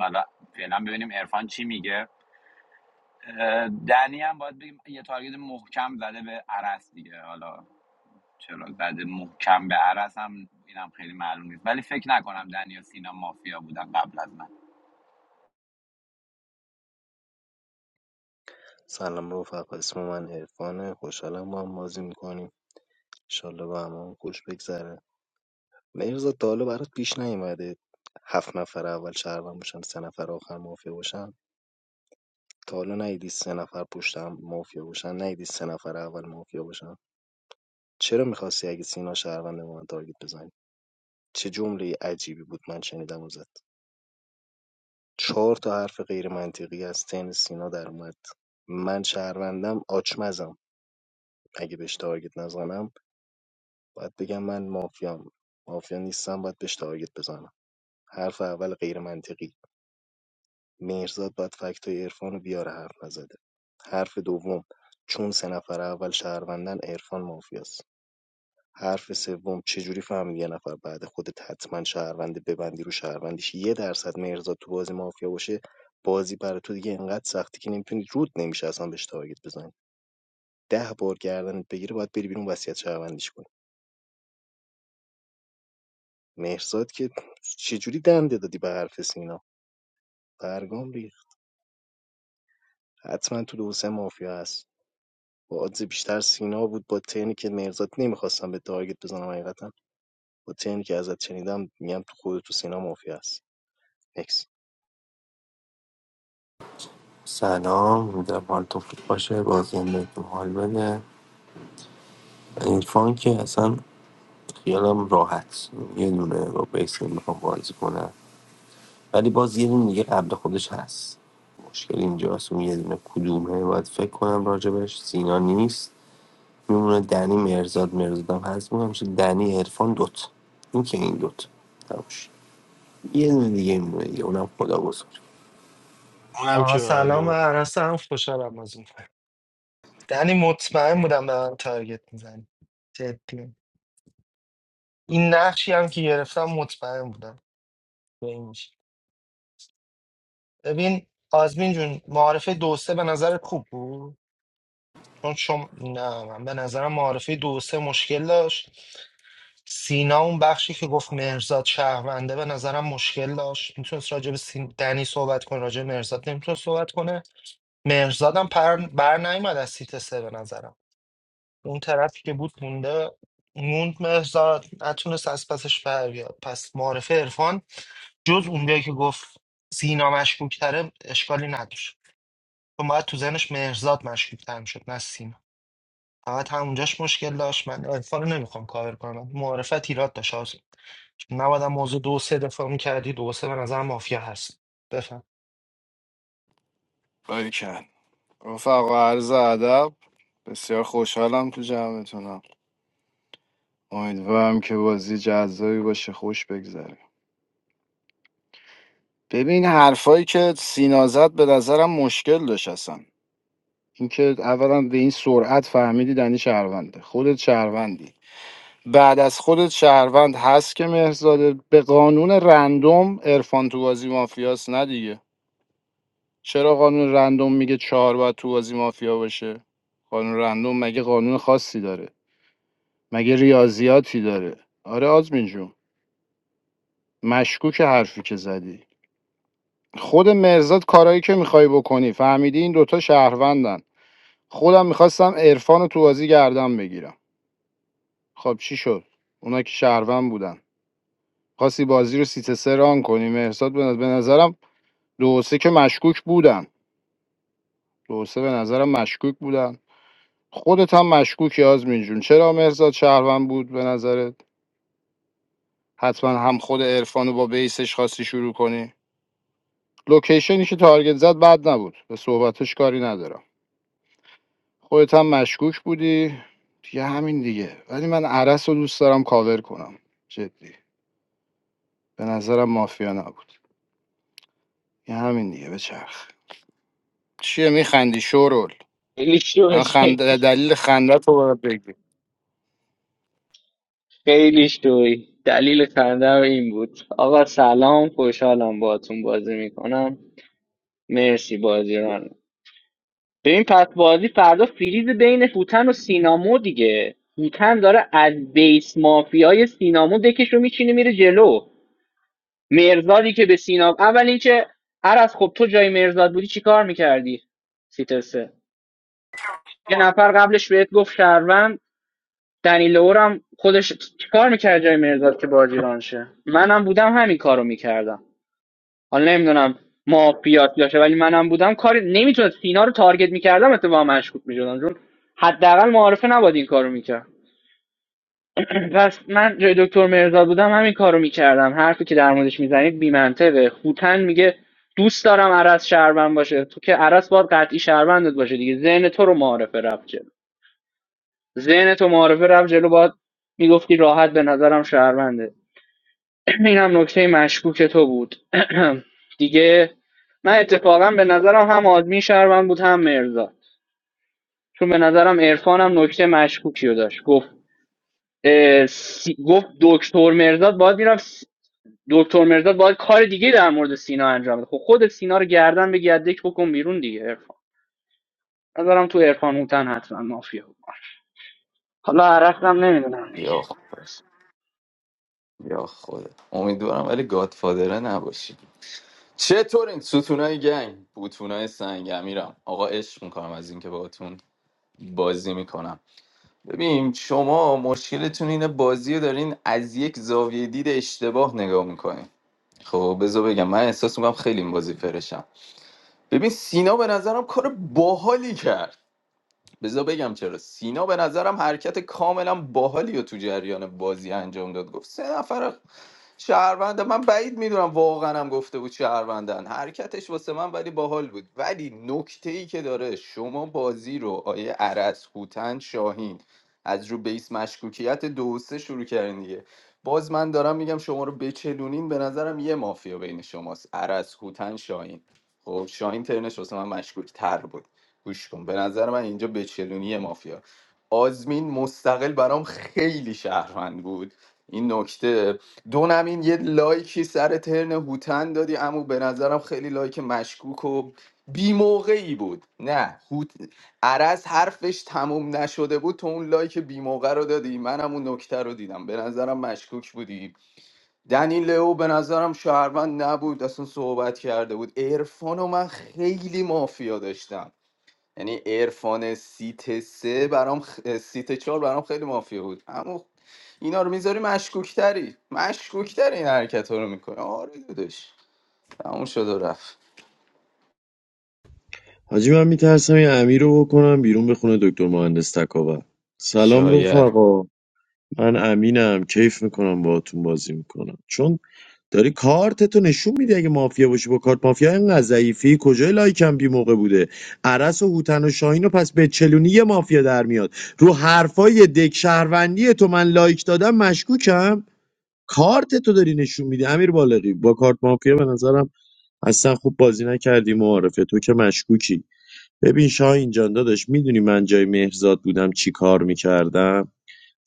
[SPEAKER 22] حالا فعلا ببینیم عرفان چی میگه اه، دنی هم باید بگیم یه تارگت محکم زده به عرس دیگه حالا چرا زده محکم به عرس هم اینم خیلی معلوم نیست ولی فکر نکنم دنی و سینا مافیا بودن قبل از من
[SPEAKER 21] سلام رفقا اسم من عرفانه خوشحالم با هم بازی میکنیم انشالله با هم هم خوش بگذره مهرزاد تا حالا برات پیش نیومده هفت نفر اول شهروند باشن سه نفر آخر مافیا باشن تا حالا نیدی سه نفر پشت هم مافیا باشن نیدی سه نفر اول مافیا باشن چرا میخواستی اگه سینا شهروند به من تارگت بزنی چه جمله عجیبی بود من شنیدم ازت چهار تا حرف غیر منطقی از تن سینا در اومد من شهروندم آچمزم اگه بهش تارگت نزنم باید بگم من مافیام مافیا نیستم باید بهش تارگت بزنم حرف اول غیر منطقی مهرزاد باید فکت های عرفان رو بیاره حرف نزده حرف دوم چون سه نفر اول شهروندن عرفان مافیاست حرف سوم چجوری فهمیدی یه نفر بعد خودت حتما شهرونده ببندی رو شهروندیش یه درصد مهرزاد تو بازی مافیا باشه بازی برای تو دیگه انقدر سختی که نمیتونی رود نمیشه اصلا بهش تارگت بزنی ده بار گردنت بگیره باید بری بیرون وصیت شهروندیش کنی مهرزاد که چجوری دنده دادی به حرف سینا برگام ریخت حتما تو دو سه مافیا هست با آدز بیشتر سینا بود با ترنی که مهرزاد نمیخواستم به تارگت بزنم حقیقتا با ترنی که ازت شنیدم میگم تو خود تو سینا مافیا هست نکس
[SPEAKER 6] سلام میدونم حالتون خوب باشه بازی هم بهتون حال بده عرفان که اصلا خیالم راحت یه دونه با بیس میخوام بازی کنم ولی باز یه دونه دیگه قبل خودش هست مشکل اینجاست اون یه دونه کدومه باید فکر کنم راجبش سینا نیست میمونه دنی مرزاد مرزادم هست میگم چه دنی عرفان دوت این که این دوت تموش یه دونه دیگه میمونه دیگه اونم خدا بزرگ
[SPEAKER 17] اونم
[SPEAKER 20] آقا
[SPEAKER 17] که
[SPEAKER 20] سلام و
[SPEAKER 17] معلومه
[SPEAKER 20] عرص هم خوشحالم از اون دنی مطمئن بودم به من تارگت میزنی جدی این نقشی هم که گرفتم مطمئن بودم به این میشه. ببین آزمین جون معارفه دو سه به نظر خوب بود چون شم نه من به نظرم معارفه دو سه مشکل داشت سینا اون بخشی که گفت مرزاد شهرونده به نظرم مشکل داشت میتونست راجع به سین... دنی صحبت کنه راجع به مرزاد نمیتونست صحبت کنه مرزادم پر... بر نیومد از سیت سه به نظرم اون طرفی که بود مونده موند مرزاد نتونست از پسش بر بیاد پس معارف عرفان جز اونجایی که گفت سینا مشکوکتره اشکالی نداشت چون باید تو ذهنش مرزاد مشکوکتر میشد نه سینا فقط همونجاش مشکل داشت من عرفان رو نمیخوام کاور کنم معارفت ایراد داشت نباید هم موضوع دو و سه دفاع میکردی دو و سه به نظر مافیا هست بفهم
[SPEAKER 4] باری رفقا عرض ادب بسیار خوشحالم تو جمعتونم امیدوارم که بازی جذابی باشه خوش بگذره ببین حرفایی که سینا زد به نظرم مشکل داشت اصلا اینکه اولا به این سرعت فهمیدی دنی شهرونده خودت شهروندی بعد از خودت شهروند هست که مهرزاده به قانون رندوم عرفان تو بازی مافیاس نه دیگه چرا قانون رندوم میگه چهار باید تو بازی مافیا باشه قانون رندوم مگه قانون خاصی داره مگه ریاضیاتی داره آره آزمین جون مشکوک حرفی که زدی خود مرزاد کارایی که میخوای بکنی فهمیدی این دوتا شهروندن خودم میخواستم عرفان رو تو بازی گردم بگیرم خب چی شد اونا که شهروند بودن خواستی بازی رو سیت سه ران کنی مرزاد به نظر- به نظرم دو و سه که مشکوک بودن دو و سه به نظرم مشکوک بودن خودت هم مشکوکی آزمین جون چرا مرزاد شهروند بود به نظرت حتما هم خود عرفان رو با بیسش خواستی شروع کنی لوکیشنی که تارگت زد بد نبود به صحبتش کاری ندارم خودت هم مشکوک بودی دیگه همین دیگه ولی من عرس رو دوست دارم کاور کنم جدی به نظرم مافیا نبود یه همین دیگه به چرخ چیه میخندی شورول
[SPEAKER 11] خیلی شوی
[SPEAKER 4] الان خند...
[SPEAKER 11] شدی.
[SPEAKER 4] دلیل خنده تو باید بگی
[SPEAKER 11] خیلی شوی دلیل خندم این بود آقا سلام خوشحالم باتون بازی میکنم مرسی بازی ران ببین پس بازی فردا فریز بین فوتن و سینامو دیگه فوتن داره از بیس مافیای سینامو دکش رو میچینه میره جلو مرزادی که به سینا اول اینکه عرض خب تو جای مرزاد بودی چی کار میکردی سیتر سه یه نفر قبلش بهت گفت شهروند دنیل اورم خودش چی کار میکرد جای مرزاد که بازی ران شه منم بودم همین کارو میکردم حالا نمیدونم مافیات باشه ولی منم بودم کاری نمیتونست سینا رو تارگت میکردم اتفاقا مشکوک میشدم چون حداقل معارفه نباد این کارو میکرد پس من جای دکتر مهرداد بودم همین کارو میکردم حرفی که در موردش میزنید بیمنطقه هوتن میگه دوست دارم عرض شهروند باشه تو که عرض باید قطعی شهروندت باشه دیگه ذهن تو رو معارفه رفت جلو ذهن تو معارفه رفت جلو باید میگفتی راحت به نظرم شهرونده اینم نکته مشکوک تو بود دیگه من اتفاقا به نظرم هم آدمی شهروند بود هم مرزاد چون به نظرم عرفان هم نکته مشکوکی رو داشت گفت اه، سی- گفت دکتر مرزاد باید میرفت دکتر مرداد باید کار دیگه در مورد سینا انجام بده خب خودت سینا رو گردن به گردک بکن بیرون دیگه عرفان نظرم تو عرفان هوتن حتما مافیا بود حالا عرقم نمیدونم
[SPEAKER 1] یا
[SPEAKER 11] دیگه
[SPEAKER 1] خ- یا خدا امیدوارم ولی گادفادره نباشی چطورین ستونای گنگ بوتونای سنگ امیرم آقا عشق میکنم از اینکه باهاتون بازی میکنم ببین شما مشکلتون اینه بازی رو دارین از یک زاویه دید اشتباه نگاه میکنین خب بذار بگم من احساس میکنم خیلی این بازی فرشم ببین سینا به نظرم کار باحالی کرد بذار بگم چرا سینا به نظرم حرکت کاملا باحالی رو تو جریان بازی انجام داد گفت سه نفر شهرونده من بعید میدونم واقعا هم گفته بود شهروندن حرکتش واسه من ولی باحال بود ولی نکته ای که داره شما بازی رو آیه عرس هوتن شاهین از رو بیس مشکوکیت دو و سه شروع کردین دیگه باز من دارم میگم شما رو بچلونین به نظرم یه مافیا بین شماست عرس هوتن شاهین خب شاهین ترنش واسه من مشکوک تر بود گوش کن به نظر من اینجا بچلونی یه مافیا آزمین مستقل برام خیلی شهروند بود این نکته دونم این یه لایکی سر ترن هوتن دادی اما به نظرم خیلی لایک مشکوک و بی موقعی بود نه هوت عرز حرفش تموم نشده بود تو اون لایک بی موقع رو دادی منم اون نکته رو دیدم به نظرم مشکوک بودی دنی لئو به نظرم شهروند نبود اصلا صحبت کرده بود عرفان و من خیلی مافیا داشتم یعنی عرفان سیت سه برام خ- سیت چهار برام خیلی مافیا بود اما اینا رو میذاری مشکوکتری مشکوکتری این حرکت ها رو میکنه آره داداش تموم شد و رفت
[SPEAKER 9] حاجی من میترسم این امیر رو بکنم بیرون به خونه دکتر مهندس تکاور سلام
[SPEAKER 1] شاید
[SPEAKER 9] رفقا من امینم کیف میکنم باهاتون بازی میکنم چون داری کارتتو نشون میدی اگه مافیا باشی با کارت مافیا اینقدر ضعیفی کجای لایکم بی موقع بوده عرس و هوتن و شاهین و پس به چلونی یه مافیا در میاد رو حرفای دک شهروندی تو من لایک دادم مشکوکم کارتتو داری نشون میدی امیر بالغی با کارت مافیا به نظرم اصلا خوب بازی نکردی معارفه تو که مشکوکی ببین شاهین جان داداش میدونی من جای مهرزاد بودم چی کار میکردم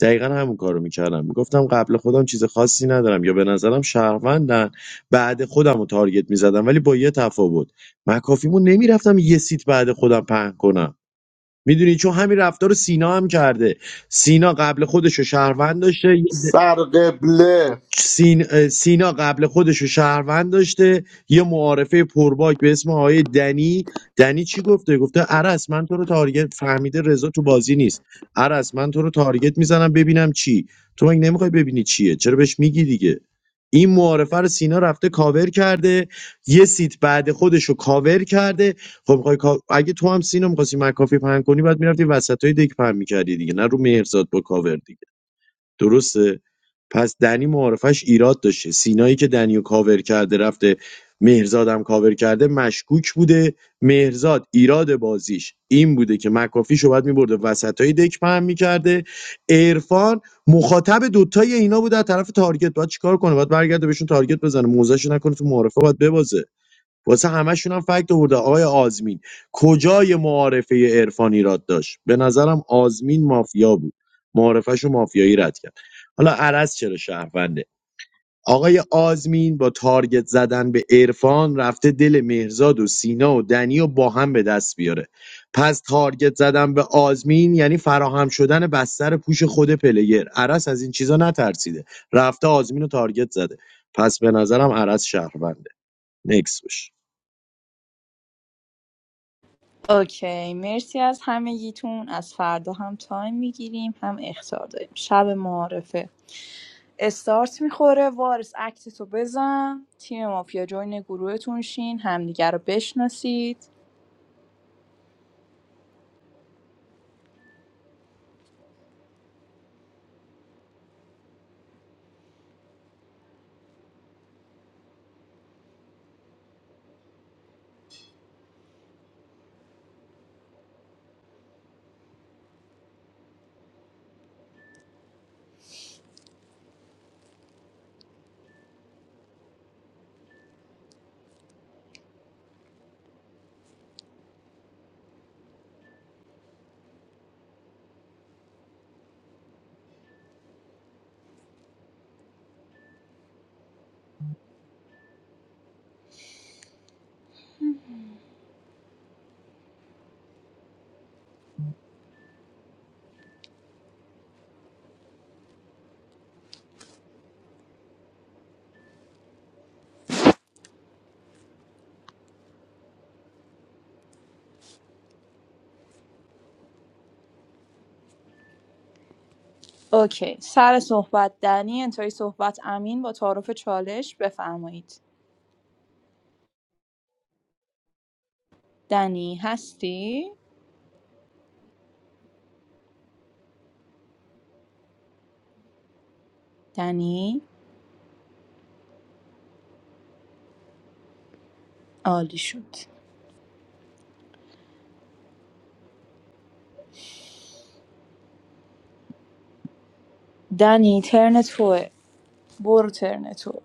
[SPEAKER 9] دقیقا همون کارو میکردم میگفتم قبل خودم چیز خاصی ندارم یا به نظرم شهروندن بعد خودم رو تارگت میزدم ولی با یه تفاوت من کافیمون نمیرفتم یه سیت بعد خودم پهن کنم میدونی چون همین رفتار رو سینا هم کرده سینا قبل خودش رو شهروند داشته یه
[SPEAKER 5] سر قبله
[SPEAKER 9] سین- سینا قبل خودشو رو شهروند داشته یه معارفه پرباک به اسم آقای دنی دنی چی گفته گفته عرس من تو رو تارگت فهمیده رضا تو بازی نیست عرس من تو رو تارگت میزنم ببینم چی تو مگه نمیخوای ببینی چیه چرا بهش میگی دیگه این معارفه رو سینا رفته کاور کرده یه سیت بعد خودش رو کاور کرده خب میخوای کا- اگه تو هم سینا میخواستی مکافی پهن کنی بعد میرفتی وسط های دک پهن میکردی دیگه نه رو مهرزاد با کاور دیگه درسته؟ پس دنی معارفش ایراد داشته سینایی که دنیو کاور کرده رفته مهرزادم کاور کرده مشکوک بوده مهرزاد ایراد بازیش این بوده که مکافیشو باید میبرده وسط های دک پهن میکرده عرفان مخاطب دوتای اینا بوده از طرف تارگت باید چیکار کنه باید برگرده بهشون تارگت بزنه موزهشو نکنه تو معارفه باید ببازه واسه همشون هم فکت آورده آقای آزمین کجای معارفه عرفان ایراد داشت به نظرم آزمین مافیا بود معارفهشو مافیایی رد کرد حالا عرض چرا شهرونده آقای آزمین با تارگت زدن به عرفان رفته دل مهرزاد و سینا و دنی و با هم به دست بیاره پس تارگت زدن به آزمین یعنی فراهم شدن بستر پوش خود پلیر عرس از این چیزا نترسیده رفته آزمین رو تارگت زده پس به نظرم عرس شهرونده نکس بشه.
[SPEAKER 18] اوکی مرسی از همگیتون از فردا هم تایم میگیریم هم اختار داریم شب معارفه استارت میخوره وارس اکتتو بزن تیم مافیا جوین گروهتون شین همدیگه رو بشناسید اوکی سر صحبت دنی انتهای صحبت امین با تعارف چالش بفرمایید دنی هستی؟ دنی عالی شد دنی ترن توه برو ترن تو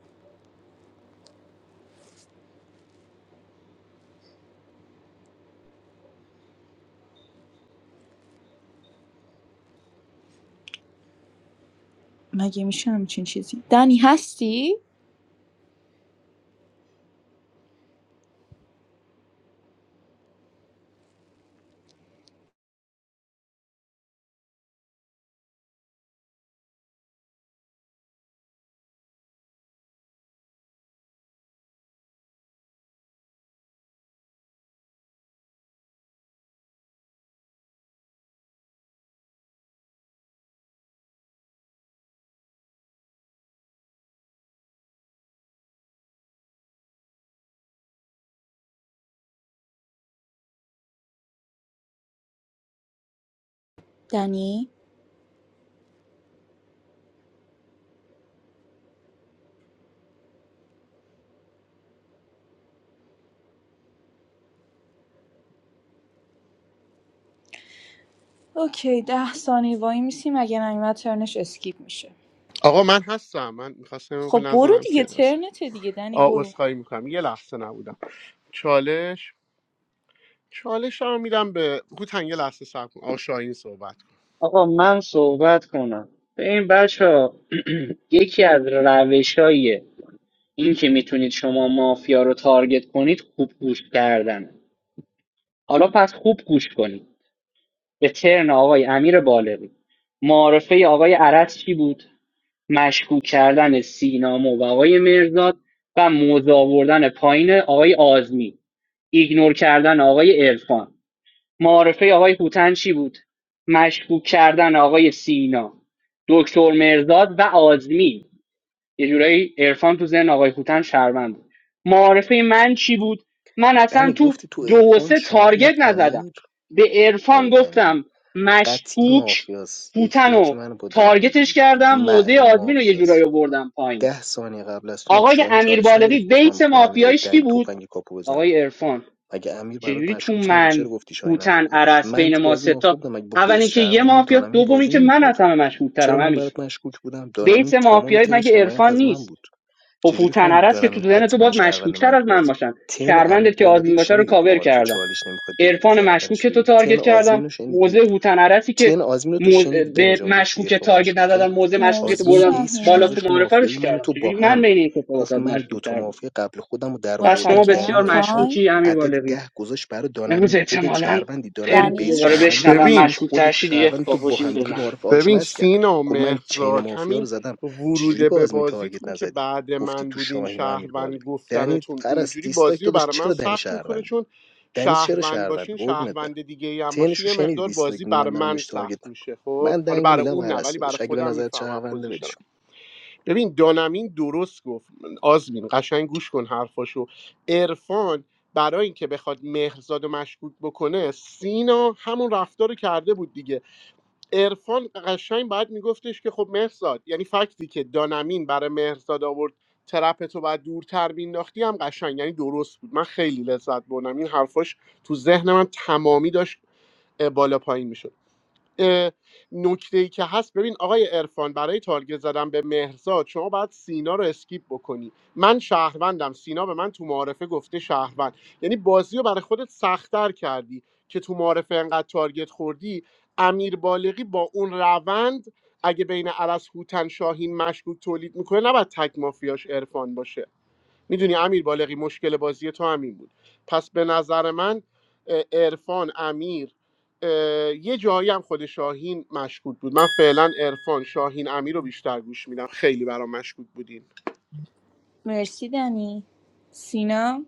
[SPEAKER 18] مگه میشه همچین چیزی دنی هستی؟ دنی؟ اوکی ده ثانیه وای میسی مگه نیومد ترنش اسکیپ میشه
[SPEAKER 5] آقا من هستم من میخواستم موقع
[SPEAKER 18] خب برو
[SPEAKER 5] نزنم که
[SPEAKER 18] دیگه
[SPEAKER 5] دست
[SPEAKER 18] ترنته دیگه دنی
[SPEAKER 5] آه
[SPEAKER 18] برو
[SPEAKER 5] اصخایی میکنم یه لحظه نبودم چالش چالش رو میدم به هوتن یه لحظه صبر کن آقا صحبت کن
[SPEAKER 11] آقا من صحبت کنم به این بچه یکی از روش این که میتونید شما مافیا رو تارگت کنید خوب گوش کردنه حالا پس خوب گوش کنید به ترن آقای امیر بالغی معارفه آقای عرس چی بود مشکوک کردن سینامو و آقای مرزاد و موضع آوردن پایین آقای آزمی، ایگنور کردن آقای عرفان معارفه آقای هوتن چی بود مشکوک کردن آقای سینا دکتر مرزاد و آزمی. یه جورایی عرفان تو ذهن آقای خوتن شهروند بود معارفه من چی بود من اصلا
[SPEAKER 21] دنی
[SPEAKER 11] تو
[SPEAKER 21] گفتی تو
[SPEAKER 11] دو و
[SPEAKER 21] عرفان
[SPEAKER 11] سه
[SPEAKER 21] شاهین
[SPEAKER 11] تارگت نزدم
[SPEAKER 21] امیر
[SPEAKER 11] به
[SPEAKER 21] آقای
[SPEAKER 11] عرفان
[SPEAKER 21] دنی
[SPEAKER 11] گفتم
[SPEAKER 21] قطعی
[SPEAKER 11] مشکوک
[SPEAKER 21] مافیاست یک
[SPEAKER 11] هوتن
[SPEAKER 21] به
[SPEAKER 11] و
[SPEAKER 21] که منو با دنی
[SPEAKER 11] تارگتش
[SPEAKER 21] میگیرید
[SPEAKER 11] کردم موزه
[SPEAKER 21] معلوم
[SPEAKER 11] آزمین رو یه جورایی
[SPEAKER 21] مافیاست
[SPEAKER 11] آوردم پایین
[SPEAKER 21] ده ثانیه قبل از تو مگه
[SPEAKER 11] آقای
[SPEAKER 21] شاهین
[SPEAKER 11] امیر
[SPEAKER 21] چالش
[SPEAKER 11] بالغی
[SPEAKER 21] نگرفت گفت من
[SPEAKER 11] بیت
[SPEAKER 21] میخوام امیر رو با
[SPEAKER 11] مافیایش کی
[SPEAKER 21] دنگ
[SPEAKER 11] بود
[SPEAKER 21] تفنگ کاپو بزنم
[SPEAKER 11] آقای عرفان
[SPEAKER 21] مگه امیر برات
[SPEAKER 11] چجوری تو
[SPEAKER 21] مشکوک نبود چرا
[SPEAKER 11] من
[SPEAKER 21] گفتی شاهین امیر
[SPEAKER 11] هوتن
[SPEAKER 21] داداش
[SPEAKER 11] عرس
[SPEAKER 21] من
[SPEAKER 11] بین
[SPEAKER 21] تو
[SPEAKER 11] ما
[SPEAKER 21] بازی مافیا
[SPEAKER 11] ستا
[SPEAKER 21] بودم مگه با بیس
[SPEAKER 11] اول که یه
[SPEAKER 21] شهروندی
[SPEAKER 11] مافیا
[SPEAKER 21] دانمین
[SPEAKER 11] دوم
[SPEAKER 21] بازی
[SPEAKER 11] که من
[SPEAKER 21] نمیکنی
[SPEAKER 11] از
[SPEAKER 21] تو
[SPEAKER 11] همه
[SPEAKER 21] چرا
[SPEAKER 11] مشهورترم
[SPEAKER 21] من
[SPEAKER 11] همین
[SPEAKER 21] برات مشکوک بودم دانمین
[SPEAKER 11] بیت
[SPEAKER 21] تمام
[SPEAKER 11] مافیایی
[SPEAKER 21] تن
[SPEAKER 11] مگه
[SPEAKER 21] حمایت
[SPEAKER 11] عرفان
[SPEAKER 21] از من
[SPEAKER 11] نیست
[SPEAKER 21] بود چجوری
[SPEAKER 11] کپوتن
[SPEAKER 21] فهمید
[SPEAKER 11] عرس که تو
[SPEAKER 21] دانمین
[SPEAKER 11] ذهن تو
[SPEAKER 21] حتما
[SPEAKER 11] باز
[SPEAKER 21] شهروند
[SPEAKER 11] مشکوکتر
[SPEAKER 21] من
[SPEAKER 11] از
[SPEAKER 21] تو
[SPEAKER 11] من
[SPEAKER 21] بازی
[SPEAKER 11] باشن
[SPEAKER 21] تن امیر
[SPEAKER 11] شهروندت که
[SPEAKER 21] بالغی
[SPEAKER 11] آزمین
[SPEAKER 21] رو
[SPEAKER 11] باشه رو
[SPEAKER 21] شنیدید
[SPEAKER 11] کاور
[SPEAKER 21] معارف
[SPEAKER 11] کردم
[SPEAKER 21] چالش نمیخواد بگیرید
[SPEAKER 11] عرفان
[SPEAKER 21] گردنش
[SPEAKER 11] مشکوک تو
[SPEAKER 21] بگیرید
[SPEAKER 11] تارگت
[SPEAKER 21] تن آزمین
[SPEAKER 11] کردم
[SPEAKER 21] رو
[SPEAKER 11] موزه
[SPEAKER 21] شنیدید
[SPEAKER 11] هوتن عرسی که
[SPEAKER 21] تن آزمین رو تو
[SPEAKER 11] مو-
[SPEAKER 21] شنیدی دنی
[SPEAKER 11] به
[SPEAKER 21] جان گفتی
[SPEAKER 11] مشکوک
[SPEAKER 21] عرفان
[SPEAKER 11] تارگت
[SPEAKER 21] مشکوکه
[SPEAKER 11] ندادن موزه مشکوک تو
[SPEAKER 18] مرسی
[SPEAKER 21] آزمین
[SPEAKER 11] بردم
[SPEAKER 21] بیسش
[SPEAKER 11] بالا
[SPEAKER 18] شاهین
[SPEAKER 11] تو
[SPEAKER 21] گذاشت رو
[SPEAKER 11] معرفه
[SPEAKER 21] مافیایی
[SPEAKER 11] روش
[SPEAKER 21] من و
[SPEAKER 11] کردم
[SPEAKER 21] تو با
[SPEAKER 11] چجوری من
[SPEAKER 21] هم
[SPEAKER 11] بین این کتا
[SPEAKER 21] گفت
[SPEAKER 11] واسات
[SPEAKER 21] من دوتا
[SPEAKER 11] مشکوکتر بود
[SPEAKER 21] مافیا قبل خودم رو
[SPEAKER 11] پس شما
[SPEAKER 21] درآوردم
[SPEAKER 18] متشکرم
[SPEAKER 21] دنی
[SPEAKER 11] بسیار
[SPEAKER 21] و عرفان
[SPEAKER 18] تایم
[SPEAKER 11] مشکوکی امیر
[SPEAKER 21] عدد
[SPEAKER 11] بالغی
[SPEAKER 21] ده گذاشت برای
[SPEAKER 11] امروز
[SPEAKER 21] دانمین خودت
[SPEAKER 11] احتمالاً
[SPEAKER 21] شهروندی دانمین
[SPEAKER 11] ترم رو
[SPEAKER 21] بیس
[SPEAKER 18] دنی
[SPEAKER 11] دوباره
[SPEAKER 21] شهروندی تو
[SPEAKER 11] بشنوم
[SPEAKER 5] ببین
[SPEAKER 21] آزمین
[SPEAKER 11] مشکوک
[SPEAKER 21] خودت تو
[SPEAKER 11] ترشی دیگه
[SPEAKER 21] شهروند تو با
[SPEAKER 11] کاپوشیم
[SPEAKER 21] همدیگه
[SPEAKER 11] بزنیم
[SPEAKER 21] معارف
[SPEAKER 5] ببین
[SPEAKER 21] آچمز کرد
[SPEAKER 5] سینا و
[SPEAKER 21] گفت من چین
[SPEAKER 5] مهرزاد
[SPEAKER 21] مافیا رو
[SPEAKER 5] همین
[SPEAKER 21] زدم چجوری
[SPEAKER 5] ورود
[SPEAKER 21] به
[SPEAKER 5] به
[SPEAKER 21] آزمین تارگت
[SPEAKER 5] بازیتون که
[SPEAKER 21] نزدی
[SPEAKER 5] بعد
[SPEAKER 21] گفتی
[SPEAKER 5] من
[SPEAKER 21] تو
[SPEAKER 5] بودین
[SPEAKER 21] شاهین و امیر
[SPEAKER 5] شهروند
[SPEAKER 21] بالغ دنی
[SPEAKER 5] گفتنتون
[SPEAKER 21] پرست
[SPEAKER 5] اونجوری
[SPEAKER 21] دیستاک
[SPEAKER 5] بازی رو
[SPEAKER 21] داداش
[SPEAKER 5] برای من
[SPEAKER 21] چرا دنی
[SPEAKER 5] سخت میکنه
[SPEAKER 21] شهرونده
[SPEAKER 5] چون
[SPEAKER 21] دنی چرا
[SPEAKER 5] شهروند
[SPEAKER 21] شهرونده
[SPEAKER 5] باشین
[SPEAKER 21] قربونت برم
[SPEAKER 5] شهروند دیگه ای هم
[SPEAKER 21] تنش
[SPEAKER 5] باشی
[SPEAKER 21] رو
[SPEAKER 5] یه
[SPEAKER 21] شنیدی
[SPEAKER 5] مقدار
[SPEAKER 21] دیستاک
[SPEAKER 5] بازی برای
[SPEAKER 21] من دارم
[SPEAKER 5] من
[SPEAKER 21] بهش تارگت
[SPEAKER 5] سخت میشه خب
[SPEAKER 21] من
[SPEAKER 5] حالا
[SPEAKER 21] دنگو
[SPEAKER 5] برای
[SPEAKER 21] میدم
[SPEAKER 5] اون نه
[SPEAKER 21] عرس
[SPEAKER 5] ولی برای
[SPEAKER 21] داداش اگه به
[SPEAKER 5] خودم
[SPEAKER 21] نظر
[SPEAKER 5] میفهمم
[SPEAKER 21] شهرونده
[SPEAKER 5] پوزیشنم
[SPEAKER 21] ولش کن.
[SPEAKER 5] ببین دانمین درست گفت آزمین قشنگ گوش کن حرفاشو عرفان برای اینکه بخواد مهرزاد و مشکوک بکنه سینا همون رفتار رو کرده بود دیگه عرفان قشنگ باید میگفتش که خب مهرزاد یعنی فکتی که دانمین برای مهرزاد آورد ترپتو بعد دورتر مینداختی هم قشنگ یعنی درست بود من خیلی لذت بردم این حرفاش تو ذهن من تمامی داشت اه، بالا پایین میشد نکته ای که هست ببین آقای عرفان برای تارگت زدن به مهرزاد شما باید سینا رو اسکیپ بکنی من شهروندم سینا به من تو معارفه گفته شهروند یعنی بازی رو برای خودت سختتر کردی که تو معارفه انقدر تارگت خوردی امیر بالغی با اون روند اگه بین عرس هوتن شاهین مشکوک تولید میکنه نباید تک مافیاش عرفان باشه میدونی امیر بالغی مشکل بازی تو همین بود پس به نظر من ارفان امیر یه جایی هم خود شاهین مشکوک بود من فعلا ارفان شاهین امیر رو بیشتر گوش میدم خیلی برام مشکوک بودین
[SPEAKER 18] مرسی دنی سینا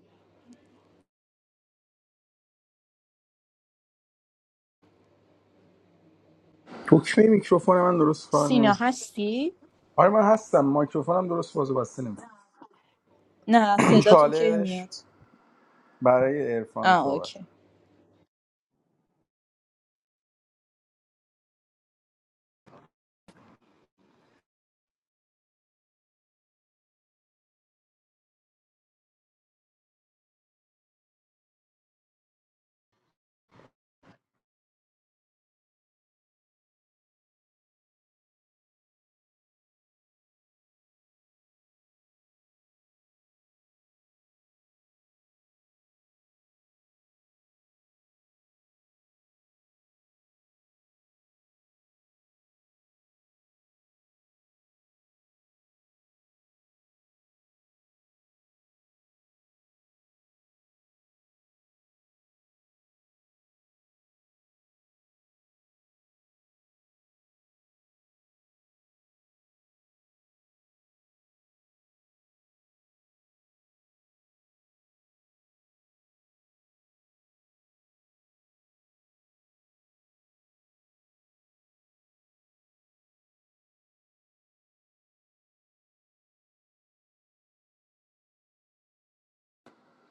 [SPEAKER 19] دکمه میکروفون من درست کار
[SPEAKER 18] سینا
[SPEAKER 19] نمیکنه
[SPEAKER 18] هستی؟
[SPEAKER 19] آره من هستم میکروفونم درست باز و بسته نمیکنه
[SPEAKER 18] نه صدا تو کی
[SPEAKER 19] چالش
[SPEAKER 18] میاد
[SPEAKER 19] برای عرفان
[SPEAKER 18] آه
[SPEAKER 19] صحبت
[SPEAKER 18] اوکی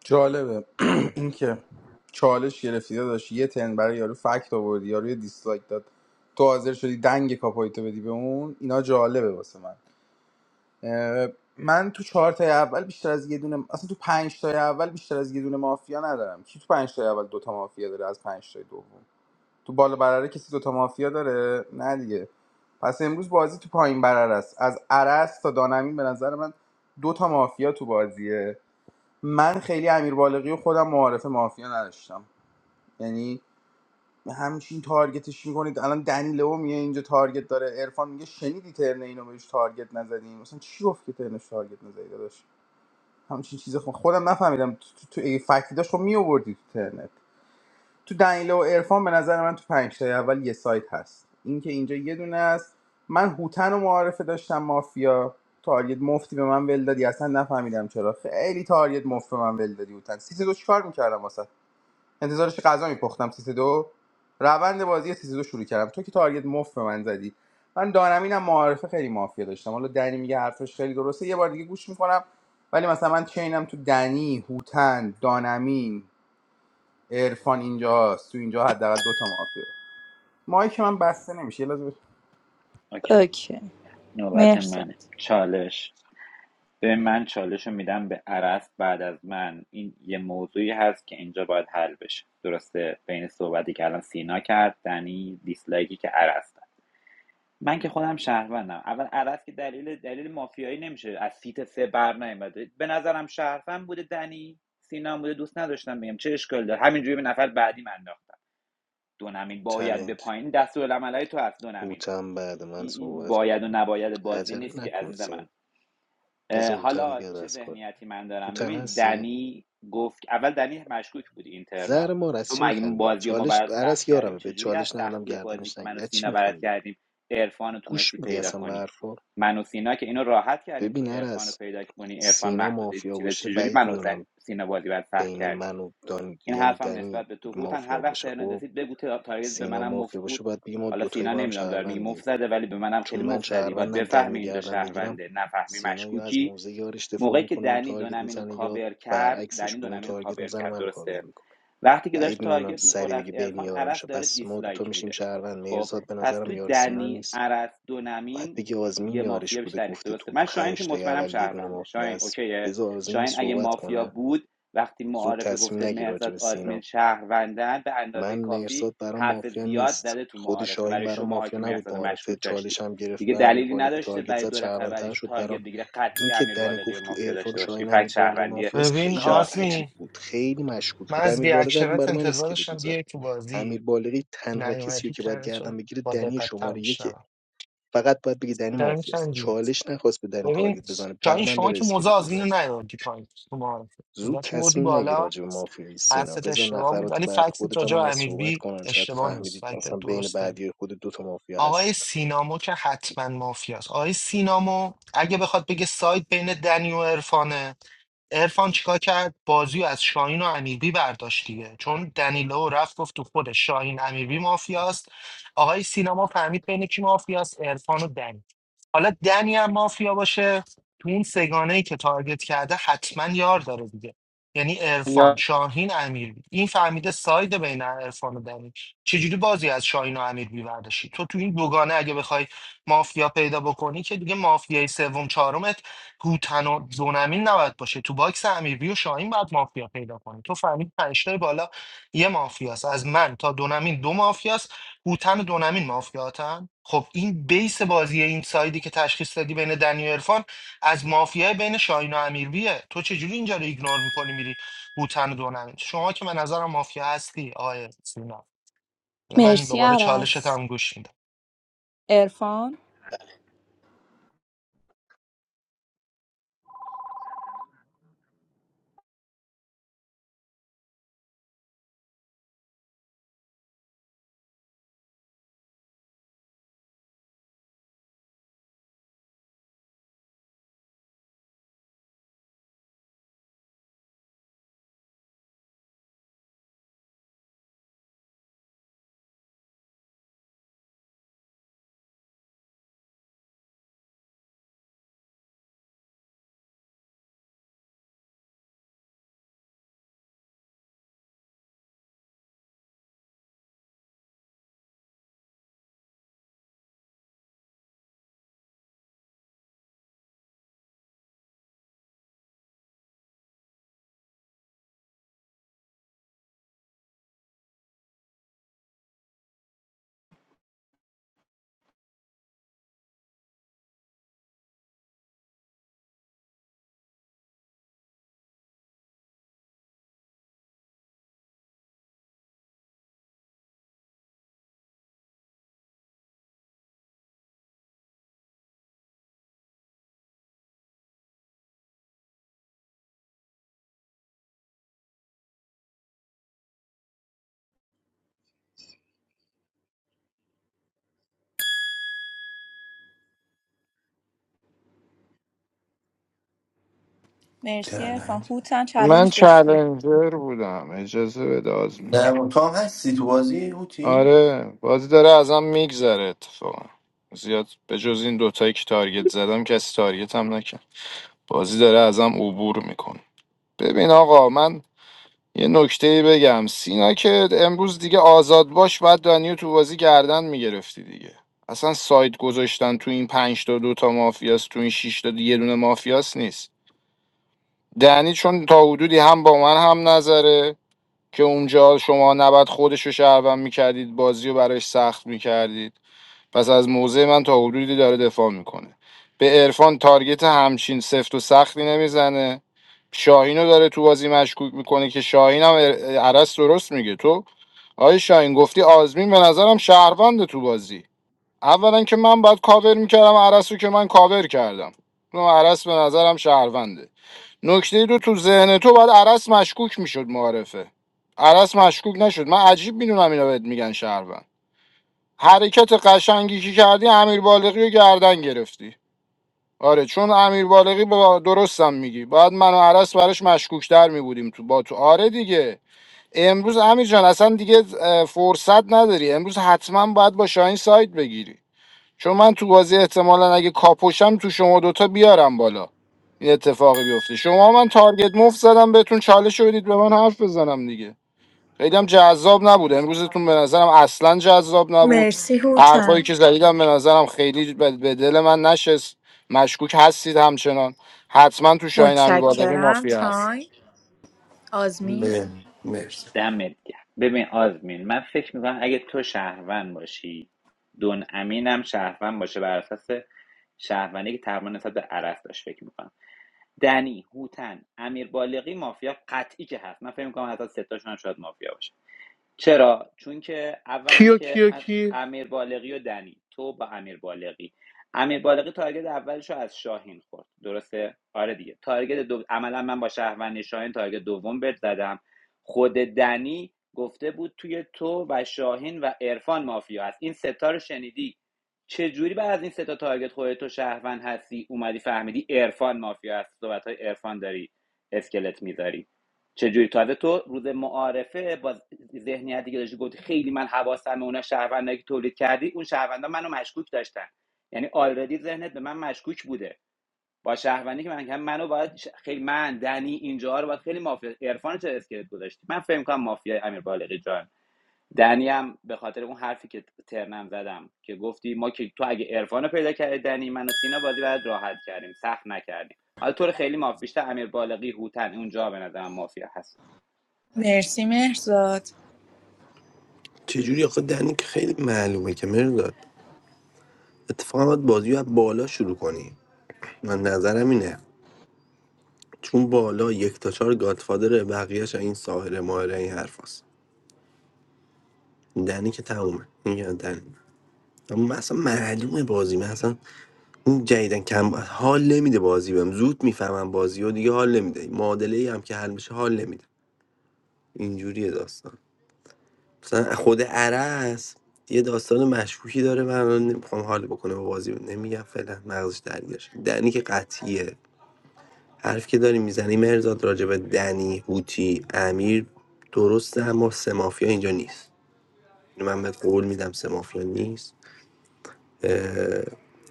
[SPEAKER 19] جالبه اینکه چالش گرفتی داشت یه تن برای یارو فکت آوردی یارو یه دیسلایک داد تو حاضر شدی دنگ کاپایتو بدی به اون اینا جالبه واسه من اه، من تو چهار تای اول بیشتر از یه دونه اصلا تو پنج تای اول بیشتر از یه دونه مافیا ندارم کی تو پنج تای اول دوتا مافیا داره از پنج تای دوم تو بالا برره کسی دوتا مافیا داره نه دیگه پس امروز بازی تو پایین برره است از عرس تا دانمین به نظر من دو مافیا تو بازیه من خیلی امیر بالغی و خودم معارف مافیا نداشتم یعنی همچین تارگتش میکنید الان دنیلو میگه اینجا تارگت داره عرفان میگه شنیدی ترن اینو بهش تارگت نزدیم مثلا چی گفت که ترنش تارگت نزدی داداش همچین چیز خود خودم نفهمیدم تو, تو, تو اگه فکتی داشت خب میآوردی تو ترنت تو دنیله و عرفان به نظر من تو پنج تای اول یه سایت هست اینکه اینجا یه دونه است من هوتن و معارفه داشتم مافیا تارگت مفتی به من ول دادی اصلا نفهمیدم چرا خیلی تارگت مفت به من ول دادی هوتن سیت دو چیکار میکردم واسه انتظارش غذا میپختم سیت دو روند بازی سیت دو شروع کردم تو که تارگت مفت به من زدی من دانمینم معارفه خیلی مافیا داشتم حالا دنی میگه حرفش خیلی درسته یه بار دیگه گوش میکنم ولی مثلا من چینم تو دنی هوتن دانمین عرفان اینجاست تو اینجا حداقل دو تا مافیا ماهی که من بسته نمیشه یه لحظه
[SPEAKER 22] اوکی.
[SPEAKER 18] اوکی
[SPEAKER 22] نوبت
[SPEAKER 18] مرسا
[SPEAKER 22] منه چالش ببین من چالش رو میدم به عرس بعد از من این یه موضوعی هست که اینجا باید حل بشه درسته بین صحبتی که الان سینا کرد دنی دیسلایکی که عرس داد من که خودم شهروندم اول عرس که دلیل دلیل مافیایی نمیشه از سیت سه بر نیومده به نظرم شهروند بوده دنی سینا هم بوده دوست نداشتم بگم چه اشکال داره همینجوری به نفر بعدی من انداختم دونمین باید به
[SPEAKER 21] چلنج
[SPEAKER 22] پایین دستورالعملای تو هست دونمین
[SPEAKER 21] هوتن بعد من
[SPEAKER 22] این این
[SPEAKER 21] صحبت کن
[SPEAKER 22] باید و نباید بازی
[SPEAKER 21] عجله
[SPEAKER 22] نیست که
[SPEAKER 21] نکن
[SPEAKER 22] عزیز من
[SPEAKER 21] سین بذار هوتن
[SPEAKER 22] حالا
[SPEAKER 21] بیاد
[SPEAKER 22] چه
[SPEAKER 21] از کار
[SPEAKER 22] ذهنیتی من دارم
[SPEAKER 21] هوتن
[SPEAKER 22] ببین
[SPEAKER 21] هستی
[SPEAKER 22] دنی گفت اول دنی مشکوک بود اینترنا
[SPEAKER 21] زهر مار
[SPEAKER 22] تو
[SPEAKER 21] از چی
[SPEAKER 22] مگه
[SPEAKER 21] میخندی
[SPEAKER 22] بازی رو ما
[SPEAKER 21] چالش
[SPEAKER 22] برات سخت
[SPEAKER 21] عرس
[SPEAKER 22] کردیم
[SPEAKER 21] یارمه به
[SPEAKER 22] چجوری از
[SPEAKER 21] چالش ندادم
[SPEAKER 22] سختی بازی
[SPEAKER 21] گردنش
[SPEAKER 22] که من و
[SPEAKER 21] نگیری از چی
[SPEAKER 22] سینا برات
[SPEAKER 21] میخندی
[SPEAKER 22] کردیم عرفان رو تونستی
[SPEAKER 21] گوش میدی
[SPEAKER 22] پیدا
[SPEAKER 21] اصلا به
[SPEAKER 22] کنی
[SPEAKER 21] حرفا
[SPEAKER 22] من و سینا که اینو راحت کردیم تو
[SPEAKER 21] ببین
[SPEAKER 22] عرفان رو
[SPEAKER 21] عرس
[SPEAKER 22] پیدا کنی عرفان
[SPEAKER 21] سینا
[SPEAKER 22] محدوده
[SPEAKER 21] مافیا
[SPEAKER 22] چیزه
[SPEAKER 21] باشه
[SPEAKER 22] چجوری
[SPEAKER 21] بعید
[SPEAKER 22] من و
[SPEAKER 21] میدونم
[SPEAKER 22] سینا بازی برات سخت
[SPEAKER 21] بین
[SPEAKER 22] کردیم
[SPEAKER 21] من و دان...
[SPEAKER 22] این
[SPEAKER 21] یعنی
[SPEAKER 22] حرفم
[SPEAKER 21] دنی
[SPEAKER 22] نسبت به تو هوتن هر
[SPEAKER 21] مافیا
[SPEAKER 22] وقت
[SPEAKER 21] باشه
[SPEAKER 22] ترنت
[SPEAKER 21] خب
[SPEAKER 22] رسید بگو تا- تارگت به
[SPEAKER 21] سینا
[SPEAKER 22] منم مفت
[SPEAKER 21] مافیا
[SPEAKER 22] بود
[SPEAKER 21] باشه باید بگی ما
[SPEAKER 22] حالا
[SPEAKER 21] دوتایی
[SPEAKER 22] سینا
[SPEAKER 21] با هم
[SPEAKER 22] نمیدونم داره میگه
[SPEAKER 21] شهروندیم
[SPEAKER 22] مفت زده ولی به منم
[SPEAKER 21] چون
[SPEAKER 22] خیلی
[SPEAKER 21] من
[SPEAKER 22] مفت زدی باید
[SPEAKER 21] شهروندم
[SPEAKER 22] بفهمی
[SPEAKER 21] دنیو
[SPEAKER 22] اینجا
[SPEAKER 21] گردن بگیرم
[SPEAKER 22] شهرونده نفهمی
[SPEAKER 21] سینا یا از
[SPEAKER 22] مشکوکی
[SPEAKER 21] موزه یارش دفاع
[SPEAKER 22] موقعی که
[SPEAKER 21] میکنه بهم
[SPEAKER 22] دنی
[SPEAKER 21] تارگت
[SPEAKER 22] دونمین رو
[SPEAKER 21] میزنه یا
[SPEAKER 22] کاور کرد
[SPEAKER 21] برعکسش
[SPEAKER 22] دنی
[SPEAKER 21] به اون
[SPEAKER 22] دونمین رو
[SPEAKER 21] تارگت
[SPEAKER 22] کاور
[SPEAKER 21] میزنه
[SPEAKER 22] کرد
[SPEAKER 21] منو کاور
[SPEAKER 22] درسته
[SPEAKER 21] میکنه
[SPEAKER 22] وقتی که داشت
[SPEAKER 21] بعید میدونم
[SPEAKER 22] تارگت میخورد
[SPEAKER 21] سری
[SPEAKER 22] از
[SPEAKER 21] بگی بین
[SPEAKER 22] عرفان
[SPEAKER 21] یارم
[SPEAKER 22] عرس
[SPEAKER 21] شه
[SPEAKER 22] داره
[SPEAKER 21] پس ما دوتا
[SPEAKER 22] دیسلایک
[SPEAKER 21] میشیم
[SPEAKER 22] میده
[SPEAKER 21] شهروند
[SPEAKER 22] خب
[SPEAKER 21] مهرزاد به
[SPEAKER 22] پس
[SPEAKER 21] نظرم
[SPEAKER 22] توی
[SPEAKER 21] یار سینا
[SPEAKER 22] دنی
[SPEAKER 21] نیست
[SPEAKER 22] عرس
[SPEAKER 21] باید
[SPEAKER 22] دونمین
[SPEAKER 21] بگی
[SPEAKER 22] یه
[SPEAKER 21] آزمین یارش
[SPEAKER 22] مافیا
[SPEAKER 21] بوده
[SPEAKER 22] بیشتر نیست
[SPEAKER 21] گفته
[SPEAKER 22] درسته
[SPEAKER 21] تو
[SPEAKER 22] من شاهین که
[SPEAKER 21] پنج تا
[SPEAKER 22] مطمئنم
[SPEAKER 21] اول یه دونه
[SPEAKER 22] شهرونده
[SPEAKER 21] مافیا
[SPEAKER 22] شاهین
[SPEAKER 21] هست
[SPEAKER 22] اوکیه
[SPEAKER 21] بذار آزمین
[SPEAKER 22] شاهین اگه
[SPEAKER 21] صحبت
[SPEAKER 22] مافیا
[SPEAKER 21] کنه
[SPEAKER 22] بود وقتی
[SPEAKER 21] زود
[SPEAKER 22] معارفه
[SPEAKER 21] تصمیم
[SPEAKER 22] گفته
[SPEAKER 21] نگیر راجع
[SPEAKER 22] مهرزاد
[SPEAKER 21] به
[SPEAKER 22] آزمین
[SPEAKER 21] سینا
[SPEAKER 22] شهروندن به اندازه
[SPEAKER 21] من
[SPEAKER 22] کافی
[SPEAKER 21] مهرزاد برام
[SPEAKER 22] حرف
[SPEAKER 21] مافیا
[SPEAKER 22] زیاد
[SPEAKER 21] نیست
[SPEAKER 22] زده تو
[SPEAKER 21] خود
[SPEAKER 22] معارفه
[SPEAKER 21] شاهین
[SPEAKER 22] برای
[SPEAKER 21] برام
[SPEAKER 22] شماها
[SPEAKER 21] مافیا
[SPEAKER 22] که
[SPEAKER 21] نبود
[SPEAKER 22] مهرزاد رو مشکوک
[SPEAKER 21] معارفه
[SPEAKER 22] داشتید
[SPEAKER 21] چالش هم گرفت
[SPEAKER 22] دیگه
[SPEAKER 21] به امیر
[SPEAKER 22] دلیلی
[SPEAKER 21] بالقی
[SPEAKER 22] نداشته
[SPEAKER 21] تارگت
[SPEAKER 22] برای
[SPEAKER 21] زد
[SPEAKER 22] دو نفر
[SPEAKER 21] شهروندتر
[SPEAKER 22] بعدش
[SPEAKER 21] شد
[SPEAKER 22] تارگت
[SPEAKER 21] برام
[SPEAKER 22] دیگه قطعی
[SPEAKER 21] اینکه
[SPEAKER 22] امیر
[SPEAKER 21] دنی
[SPEAKER 22] بالغی و
[SPEAKER 21] گفت تو
[SPEAKER 22] مافیا
[SPEAKER 21] عرفان
[SPEAKER 22] داشته باشه این
[SPEAKER 21] شاهین
[SPEAKER 22] فکت
[SPEAKER 21] امیر بالغی
[SPEAKER 22] شهروندی
[SPEAKER 21] مافیاست
[SPEAKER 20] ببین
[SPEAKER 21] خیلی
[SPEAKER 22] شاهینه
[SPEAKER 21] عجیب
[SPEAKER 20] آزمی
[SPEAKER 21] بود خیلی مشکوک
[SPEAKER 20] من
[SPEAKER 21] بود
[SPEAKER 20] از
[SPEAKER 21] امیر بالغی الان
[SPEAKER 20] ریاکشنت
[SPEAKER 21] برای من
[SPEAKER 20] انتظار
[SPEAKER 21] اسکلت
[SPEAKER 20] داشتم
[SPEAKER 21] میذاره
[SPEAKER 20] بیای تو بازی
[SPEAKER 21] امیر بالغی تنها کسی رو
[SPEAKER 20] نیومدی
[SPEAKER 21] که باید
[SPEAKER 20] ترنشو
[SPEAKER 21] گردن بگیره
[SPEAKER 20] با
[SPEAKER 21] دنی
[SPEAKER 20] دقتتر
[SPEAKER 21] شماره یکه
[SPEAKER 20] میشنوم
[SPEAKER 21] فقط باید بگه دنی
[SPEAKER 20] چرا
[SPEAKER 21] مافیاست
[SPEAKER 20] میخندی
[SPEAKER 21] چالش نخواست به دنی
[SPEAKER 20] ببین
[SPEAKER 21] تارگت بزنه بر
[SPEAKER 20] شاهین
[SPEAKER 21] من
[SPEAKER 20] شما
[SPEAKER 21] داره
[SPEAKER 20] که موزه
[SPEAKER 21] اسکلت
[SPEAKER 20] آزمین رو
[SPEAKER 21] میذاره
[SPEAKER 20] نیوردی پایین تو معارفه
[SPEAKER 21] زود
[SPEAKER 20] موضوعش بردی
[SPEAKER 21] تصمیم نگیر
[SPEAKER 20] بالا
[SPEAKER 21] راجع به مافیای سینا
[SPEAKER 20] حرفت
[SPEAKER 21] بذار
[SPEAKER 20] اشتباه بود
[SPEAKER 21] نفرات
[SPEAKER 20] ولی
[SPEAKER 21] بعد
[SPEAKER 20] فکت
[SPEAKER 21] خودت هم
[SPEAKER 20] راجع به
[SPEAKER 21] از صحبت
[SPEAKER 20] امیربی
[SPEAKER 21] کنن شاید
[SPEAKER 20] اشتباه نیست
[SPEAKER 21] فهمیدید
[SPEAKER 20] فکت
[SPEAKER 21] اصلا بین
[SPEAKER 20] درسته
[SPEAKER 21] بعدی خود دو تا مافیا
[SPEAKER 20] آقای
[SPEAKER 21] هست
[SPEAKER 20] سینامو که حتما مافیاست آقای سینامو اگه بخواد بگه سایت بین دنی و عرفانه ارفان چیکار کرد بازی رو از شاهین و امیربی برداشت دیگه چون دنیلو رفت گفت تو خود شاهین امیربی مافیاست آقای سینما فهمید بین کی مافیاست ارفان و دنی حالا دنی هم مافیا باشه تو اون سگانه ای که تارگت کرده حتما یار داره دیگه یعنی ارفان
[SPEAKER 11] یا
[SPEAKER 20] شاهین امیربی این فهمیده ساید بین ارفان و دنی چجوری بازی از شاهین و امیربی برداشتی تو تو این دوگانه اگه بخوای مافیا پیدا بکنی که دیگه مافیای سوم چهارم گوتن و دونمین نباید باشه تو باکس امیربی و شاهین باید مافیا پیدا کنی تو فهمید پنجتای بالا یه مافیاست از من تا دونمین دو مافیاست گوتن و دونمین مافیاتن خب این بیس بازی این سایدی که تشخیص دادی بین دنی و عرفان از مافیای بین شاهین و امیربیه تو چجوری اینجا رو ایگنور میکنی میری گوتن و دونمین شما که من نظرم مافیا هستی آقای سینا حالا من
[SPEAKER 18] مرسی
[SPEAKER 20] دوباره چالشت
[SPEAKER 18] عرس
[SPEAKER 20] هم گوش میدم
[SPEAKER 18] ارفان مرسی ارفان
[SPEAKER 6] چلنج
[SPEAKER 18] هوتن
[SPEAKER 4] من
[SPEAKER 18] چلنج داشتی
[SPEAKER 4] چلنجر بودم اجازه بده آزمین
[SPEAKER 6] نه تو هم هستی تو بازی هوتی؟
[SPEAKER 4] آره بازی داره ازم میگذره اتفاقا زیاد به جز این دوتایی که تارگت زدم کسی تارگت هم نکن. بازی داره ازم عبور میکنه ببین آقا من یه نکته بگم سینا که امروز دیگه آزاد باش بعد دنیو تو بازی گردن میگرفتی دیگه اصلا سایت گذاشتن تو این پنج تا دو تا مافیاست تو این شش تا یه دونه مافیاست نیست دنی چون تا حدودی هم با من هم نظره که اونجا شما نباید خودش رو شهروند میکردید بازی رو براش سخت میکردید پس از موضع من تا حدودی داره دفاع میکنه به عرفان تارگت همچین سفت و سختی نمیزنه شاهین رو داره تو بازی مشکوک میکنه که شاهین هم ار- درست میگه تو آی شاهین گفتی آزمین به نظرم شهرونده تو بازی اولا که من باید کاور میکردم عرس رو که من کاور کردم اون عرس به نظرم شهرونده نکته دو تو ذهن تو باید عرس مشکوک میشد معارفه عرس مشکوک نشد من عجیب میدونم اینا بهت میگن شهروند حرکت قشنگی که کردی امیر بالغی رو گردن گرفتی آره چون امیر بالغی با درستم میگی باید من و عرس براش مشکوکتر میبودیم تو با تو آره دیگه امروز امیر جان اصلا دیگه اه، فرصت نداری امروز حتما باید با شاهین سایت بگیری چون من تو بازی احتمالا اگه کاپوشم تو شما دوتا بیارم بالا این اتفاقی بیفته شما من تارگت مفت زدم بهتون چالش رو بدید به من حرف بزنم دیگه خیلی هم جذاب نبود امروزتون به نظرم اصلا جذاب نبود
[SPEAKER 18] مرسی
[SPEAKER 4] حرفایی
[SPEAKER 18] هوتن
[SPEAKER 4] که زدیدم به نظرم خیلی به به دل من نشست مشکوک هستید همچنان حتما تو شاهین امی باقری
[SPEAKER 18] متشکرم
[SPEAKER 4] مافیا هست
[SPEAKER 18] تایم آزمین
[SPEAKER 6] نه مرسی
[SPEAKER 22] دمت گرم ببین آزمین من فکر میکنم اگه تو شهروند باشی دون امینم شهروند باشه بر اساس شهروندی که تقریبا نسبت به عرس داشت فکر میکنم دنی هوتن امیر بالغی مافیا قطعی که هست من فکر میکنم حتی ستاشون هم شاید مافیا باشه چرا چون که اولا
[SPEAKER 5] کیو
[SPEAKER 22] که
[SPEAKER 5] کیو کی
[SPEAKER 22] امیر بالغی و دنی تو با امیر بالغی امیر بالغی تارگت اولش رو از شاهین خورد درسته آره دیگه تارگت دو... عملا من با شهروند شاهین تارگت دوم بهت زدم خود دنی گفته بود توی تو و شاهین و عرفان مافیا هست این ستا رو شنیدی چه جوری بعد از این ستا تارگت خودت تو شهروند هستی اومدی فهمیدی عرفان مافیا هست صحبت های عرفان داری اسکلت میذاری چجوری تازه تو روز معارفه با ذهنیتی که داشتی گفتی خیلی من حواسم اونا شهروندایی که تولید کردی اون شهروندا منو مشکوک داشتن یعنی آلردی ذهنت به من مشکوک بوده با شهروندی که من کردم، منو باید ش- خیلی من دنی اینجا رو باید خیلی مافیا عرفان چه اسکلت گذاشتی من فکر کنم مافیا امیر بالغی جان دنی هم به خاطر اون حرفی که ترنم زدم که گفتی ما که تو اگه عرفان رو پیدا کردی دنی من و سینا بازی بعد راحت کردیم سخت نکردیم حالا طور خیلی مافیا. بیشتر امیر بالغی هوتن اونجا به نظرم مافیا هست
[SPEAKER 18] مرسی مهرزاد
[SPEAKER 6] چجوری آخه دنی که خیلی معلومه که مرزاد اتفاقا باید بازی رو از بالا شروع کنی من نظرم اینه چون بالا یک تا چهار گادفادره بقیهش این ساحره ماهره این حرف هست دنی که تمومه این یعنی دنی اما من اصلا معلومه بازی من اصلا این جدیدن کم حال نمیده بازی بهم زود میفهمم بازی و دیگه حال نمیده معادله ای هم که حل میشه حال نمیده اینجوریه داستان مثلا خود عرس یه داستان مشکوکی داره من الان نمیخوام حال بکنه با بازی نمیگم فعلا مغزش درگیرش دنی که قطعیه حرف که داری میزنی مرزاد راجع به دنی هوتی امیر درسته اما سه مافیا اینجا نیست اینو من بهت قول میدم سه مافیا نیست اه،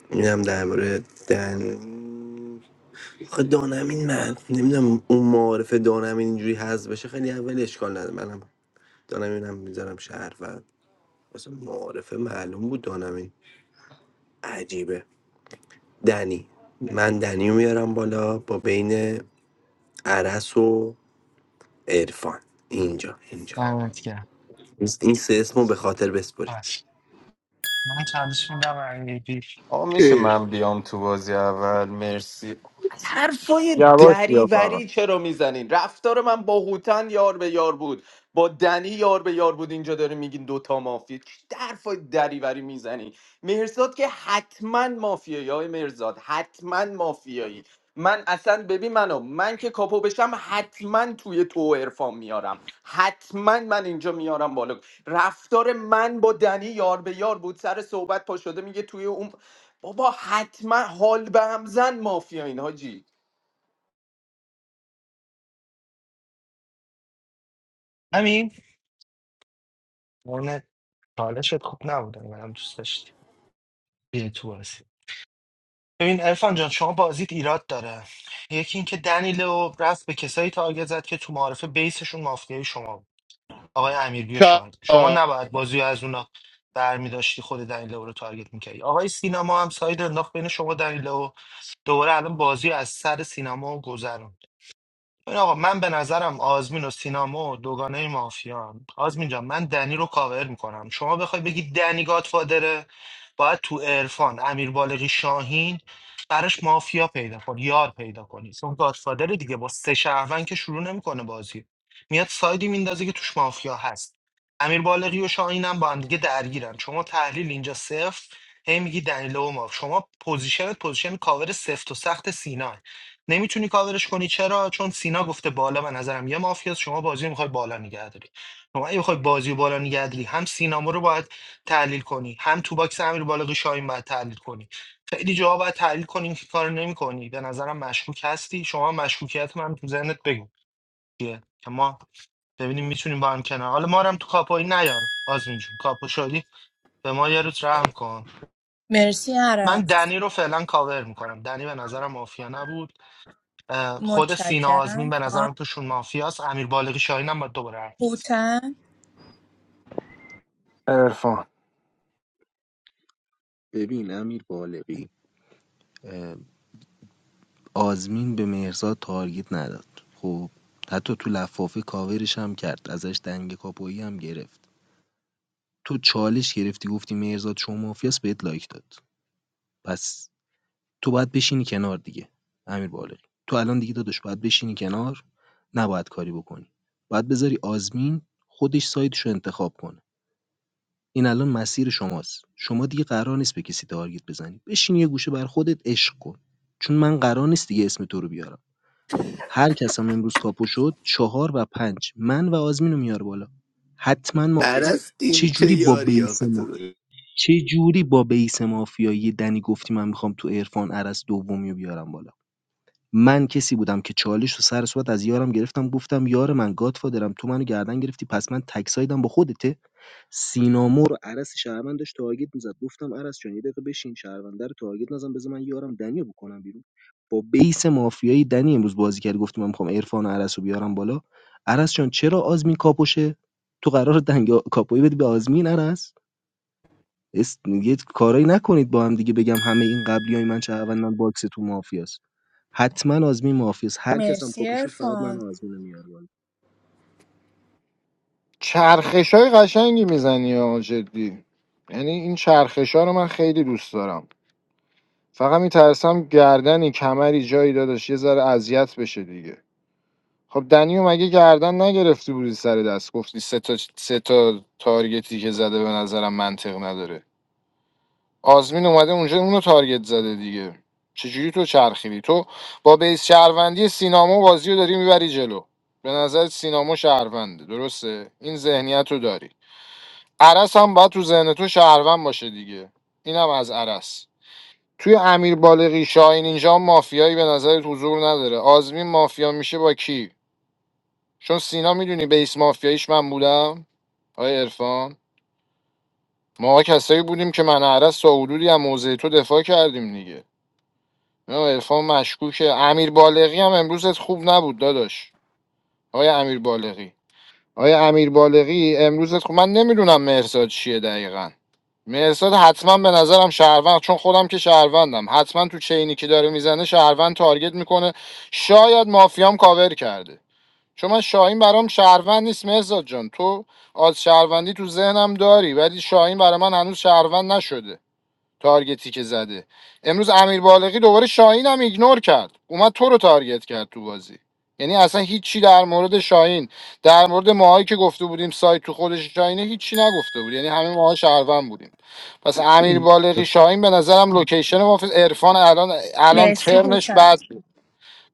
[SPEAKER 6] اینم در مورد دن آخه دانمین من نمیدونم اون معارف دانمین اینجوری هز بشه خیلی اول اشکال نداره منم دانمینم میذارم شهر و اصلا معارفه معلوم بود دانمین عجیبه دنی من دنی رو میارم بالا با بین عرس و عرفان اینجا اینجا
[SPEAKER 20] دمت گرم.
[SPEAKER 6] این سه اسمو به خاطر بسپرید
[SPEAKER 20] من چندش میدم امیر بی
[SPEAKER 1] آقا میشه
[SPEAKER 5] ای
[SPEAKER 1] من بیام تو بازی اول مرسی حرفای
[SPEAKER 4] یواش بیا فقط
[SPEAKER 1] دریوری چرا میزنین رفتار من با هوتن یار به یار بود با دنی یار به یار بود اینجا داره میگین دوتا مافیا چی حرفای دریوری میزنی مرزاد که حتما مافیایی های مرزاد حتما مافیایی من اصلا ببین منو من که کاپو بشم حتما توی تو و عرفان میارم حتما من اینجا میارم بالا رفتار من با دنی یار به یار بود سر صحبت پا شده میگه توی اون بابا حتما حال به هم زن مافیا این حاجی
[SPEAKER 20] همین اون چالشت خوب نبوده منم دوست داشتی بیا تو بازی ببین ارفان جان شما بازیت ایراد داره یکی اینکه دنیلو رفت به کسایی تارگت زد که تو معارفه بیسشون مافیای شما بود آقای امیربی و
[SPEAKER 5] چه
[SPEAKER 20] شاهد شما نباید بازی رو از اونا برمی داشتی خود دنیلو رو تارگت میکردی آقای سینما هم ساید انداخت بین شما و دنیلو دوباره الان بازی رو از سر سینما گذرون ببین آقا من به نظرم آزمین و سینامو دوگانه مافیان آزمین جان من دنی رو کاور میکنم شما بخوای بگی دنی گادفادره باید تو عرفان امیر بالغی شاهین براش مافیا پیدا کن یار پیدا کنی چون گادفادره دیگه با سه شهروند که شروع نمیکنه بازی میاد سایدی میندازه که توش مافیا هست امیر بالغی و شاهین هم با هم دیگه درگیرن شما تحلیل اینجا صفر هی میگی دنیلو و ماف شما پوزیشنت پوزیشن کاور سفت و سخت سینا نمیتونی کاورش کنی چرا چون سینا گفته بالا به نظرم یه مافیاست شما بازی میخوای بالا نگه داری شما اگه میخوای بازی رو بالا نگه داری هم سینامو رو باید تحلیل کنی هم تو باکس امیر بالغ شاهین باید تحلیل کنی خیلی جواب باید تحلیل کنیم که کار نمیکنی به نظرم مشکوک هستی شما مشکوکیت من تو ذهنت بگو چیه که ما ببینیم میتونیم با هم کنار حالا ما رو هم تو کاپوی نیار آزمین جون کاپو شدی به ما یارو روز رحم کن
[SPEAKER 18] مرسی
[SPEAKER 20] من
[SPEAKER 18] عرس
[SPEAKER 20] دنی رو فعلا کاور میکنم دنی به نظرم مافیا نبود اه، خود سینا آزمین
[SPEAKER 18] متشکرم
[SPEAKER 20] به
[SPEAKER 18] تایم
[SPEAKER 20] نظرم توشون مافیاست امیر بالغی شاهین هم باید دوباره حرف بزن.
[SPEAKER 18] هوتن
[SPEAKER 4] عرفان
[SPEAKER 21] ببین امیر بالغی آزمین به مهرزاد تارگت نداد خب حتی تو لفافه کاورش هم کرد ازش دنگ کاپویی هم گرفت تو چالش گرفتی گفتی مهرزاد شما مافیاس بهت لایک داد پس تو باید بشینی کنار دیگه امیر بالغی تو الان دیگه داداش باید بشینی کنار نباید کاری بکنی باید بذاری آزمین خودش سایدش انتخاب کنه این الان مسیر شماست شما دیگه قرار نیست به کسی تارگت بزنی بشین یه گوشه بر خودت عشق کن چون من قرار نیست دیگه اسم تو رو بیارم هر هرکسم امروز کاپو شد چهار و پنج. من و آزمینو میاره بالا حتما مافیاست
[SPEAKER 6] عرس این چه
[SPEAKER 21] چجوری با
[SPEAKER 6] یاری
[SPEAKER 21] بیس
[SPEAKER 6] آقا تو
[SPEAKER 21] ما
[SPEAKER 6] داری؟
[SPEAKER 21] چجوری با بیس مافیایی دنی گفتی من میخوام تو عرفان عرس دومی رو بیارم بالا من کسی بودم که چالش رو سر صورت از یارم گرفتم گفتم یار من گادفادرم تو منو گردن گرفتی پس من تک سایدم با خودته سینامو رو عرس شهروند داشت تارگت میزد گفتم عرس جان یه دقیقه بشین شهرونده رو تارگت نزن بذار من یارم دنیا بکنم بیرون با بیس مافیایی دنی امروز بازی کرد گفت من میخوام عرفان و عرس رو بیارم بالا عرس جان چرا آزمین کاپوشه تو قرار دنگ آ- کاپویی بدی به آزمین عرس اس... یه کارایی نکنید با هم دیگه بگم همه این قبلی های من شهروندن باکس تو مافیاست حتما آزمین مافیاست هر کس هم
[SPEAKER 18] مرسی
[SPEAKER 21] کاپو شد فقط
[SPEAKER 18] ارفان
[SPEAKER 21] من و آزمین رو میاره بالا
[SPEAKER 4] چرخش های قشنگی میزنی ها جدی یعنی این چرخش ها رو من خیلی دوست دارم فقط میترسم گردنی کمری جایی داداش یه ذره اذیت بشه دیگه خب دنیو مگه گردن نگرفتی بودی سر دست گفتی سه تا سه تا تارگتی که زده به نظرم منطق نداره آزمین اومده اونجا اونو تارگت زده دیگه چجوری تو چرخیدی تو با بیس شهروندی سینامو بازی رو داری میبری جلو به نظر سینامو شهرونده درسته این ذهنیت رو داری عرس هم باید تو ذهن تو شهروند باشه دیگه اینم از عرس توی امیر بالغی شاهین اینجا هم مافیایی به نظرت حضور نداره آزمین مافیا میشه با کی چون سینا میدونی بیس مافیاییش من بودم آقای عرفان ما کسایی بودیم که من و عرس تا حدودی از موضع تو دفاع کردیم دیگه نه، عرفان مشکوکه امیر بالغی هم امروزت خوب نبود داداش آقای امیر بالغی آقای امیر بالغی امروزت خوب من نمیدونم مرزاد چیه دقیقا مرزاد حتما به نظرم شهروند چون خودم که شهروندم حتما تو چینی که داره میزنه شهروند تارگت میکنه شاید مافیام کاور کرده چون من شاهین برام شهروند نیست مهزاد جان تو آز شهروندی تو ذهنم داری ولی شاهین برای من هنوز شهروند نشده تارگتی که زده امروز امیر بالغی دوباره شاهین هم ایگنور کرد اومد تو رو تارگت کرد تو بازی یعنی اصلا هیچی در مورد شاهین در مورد ماهایی که گفته بودیم سایت تو خودش شاهینه هیچی نگفته بود یعنی همه ماها شهروند بودیم پس امیر بالغی شاهین به نظرم لوکیشن ما عرفان الان الان
[SPEAKER 18] مرسی
[SPEAKER 4] ترنش
[SPEAKER 18] هوتم
[SPEAKER 4] بعد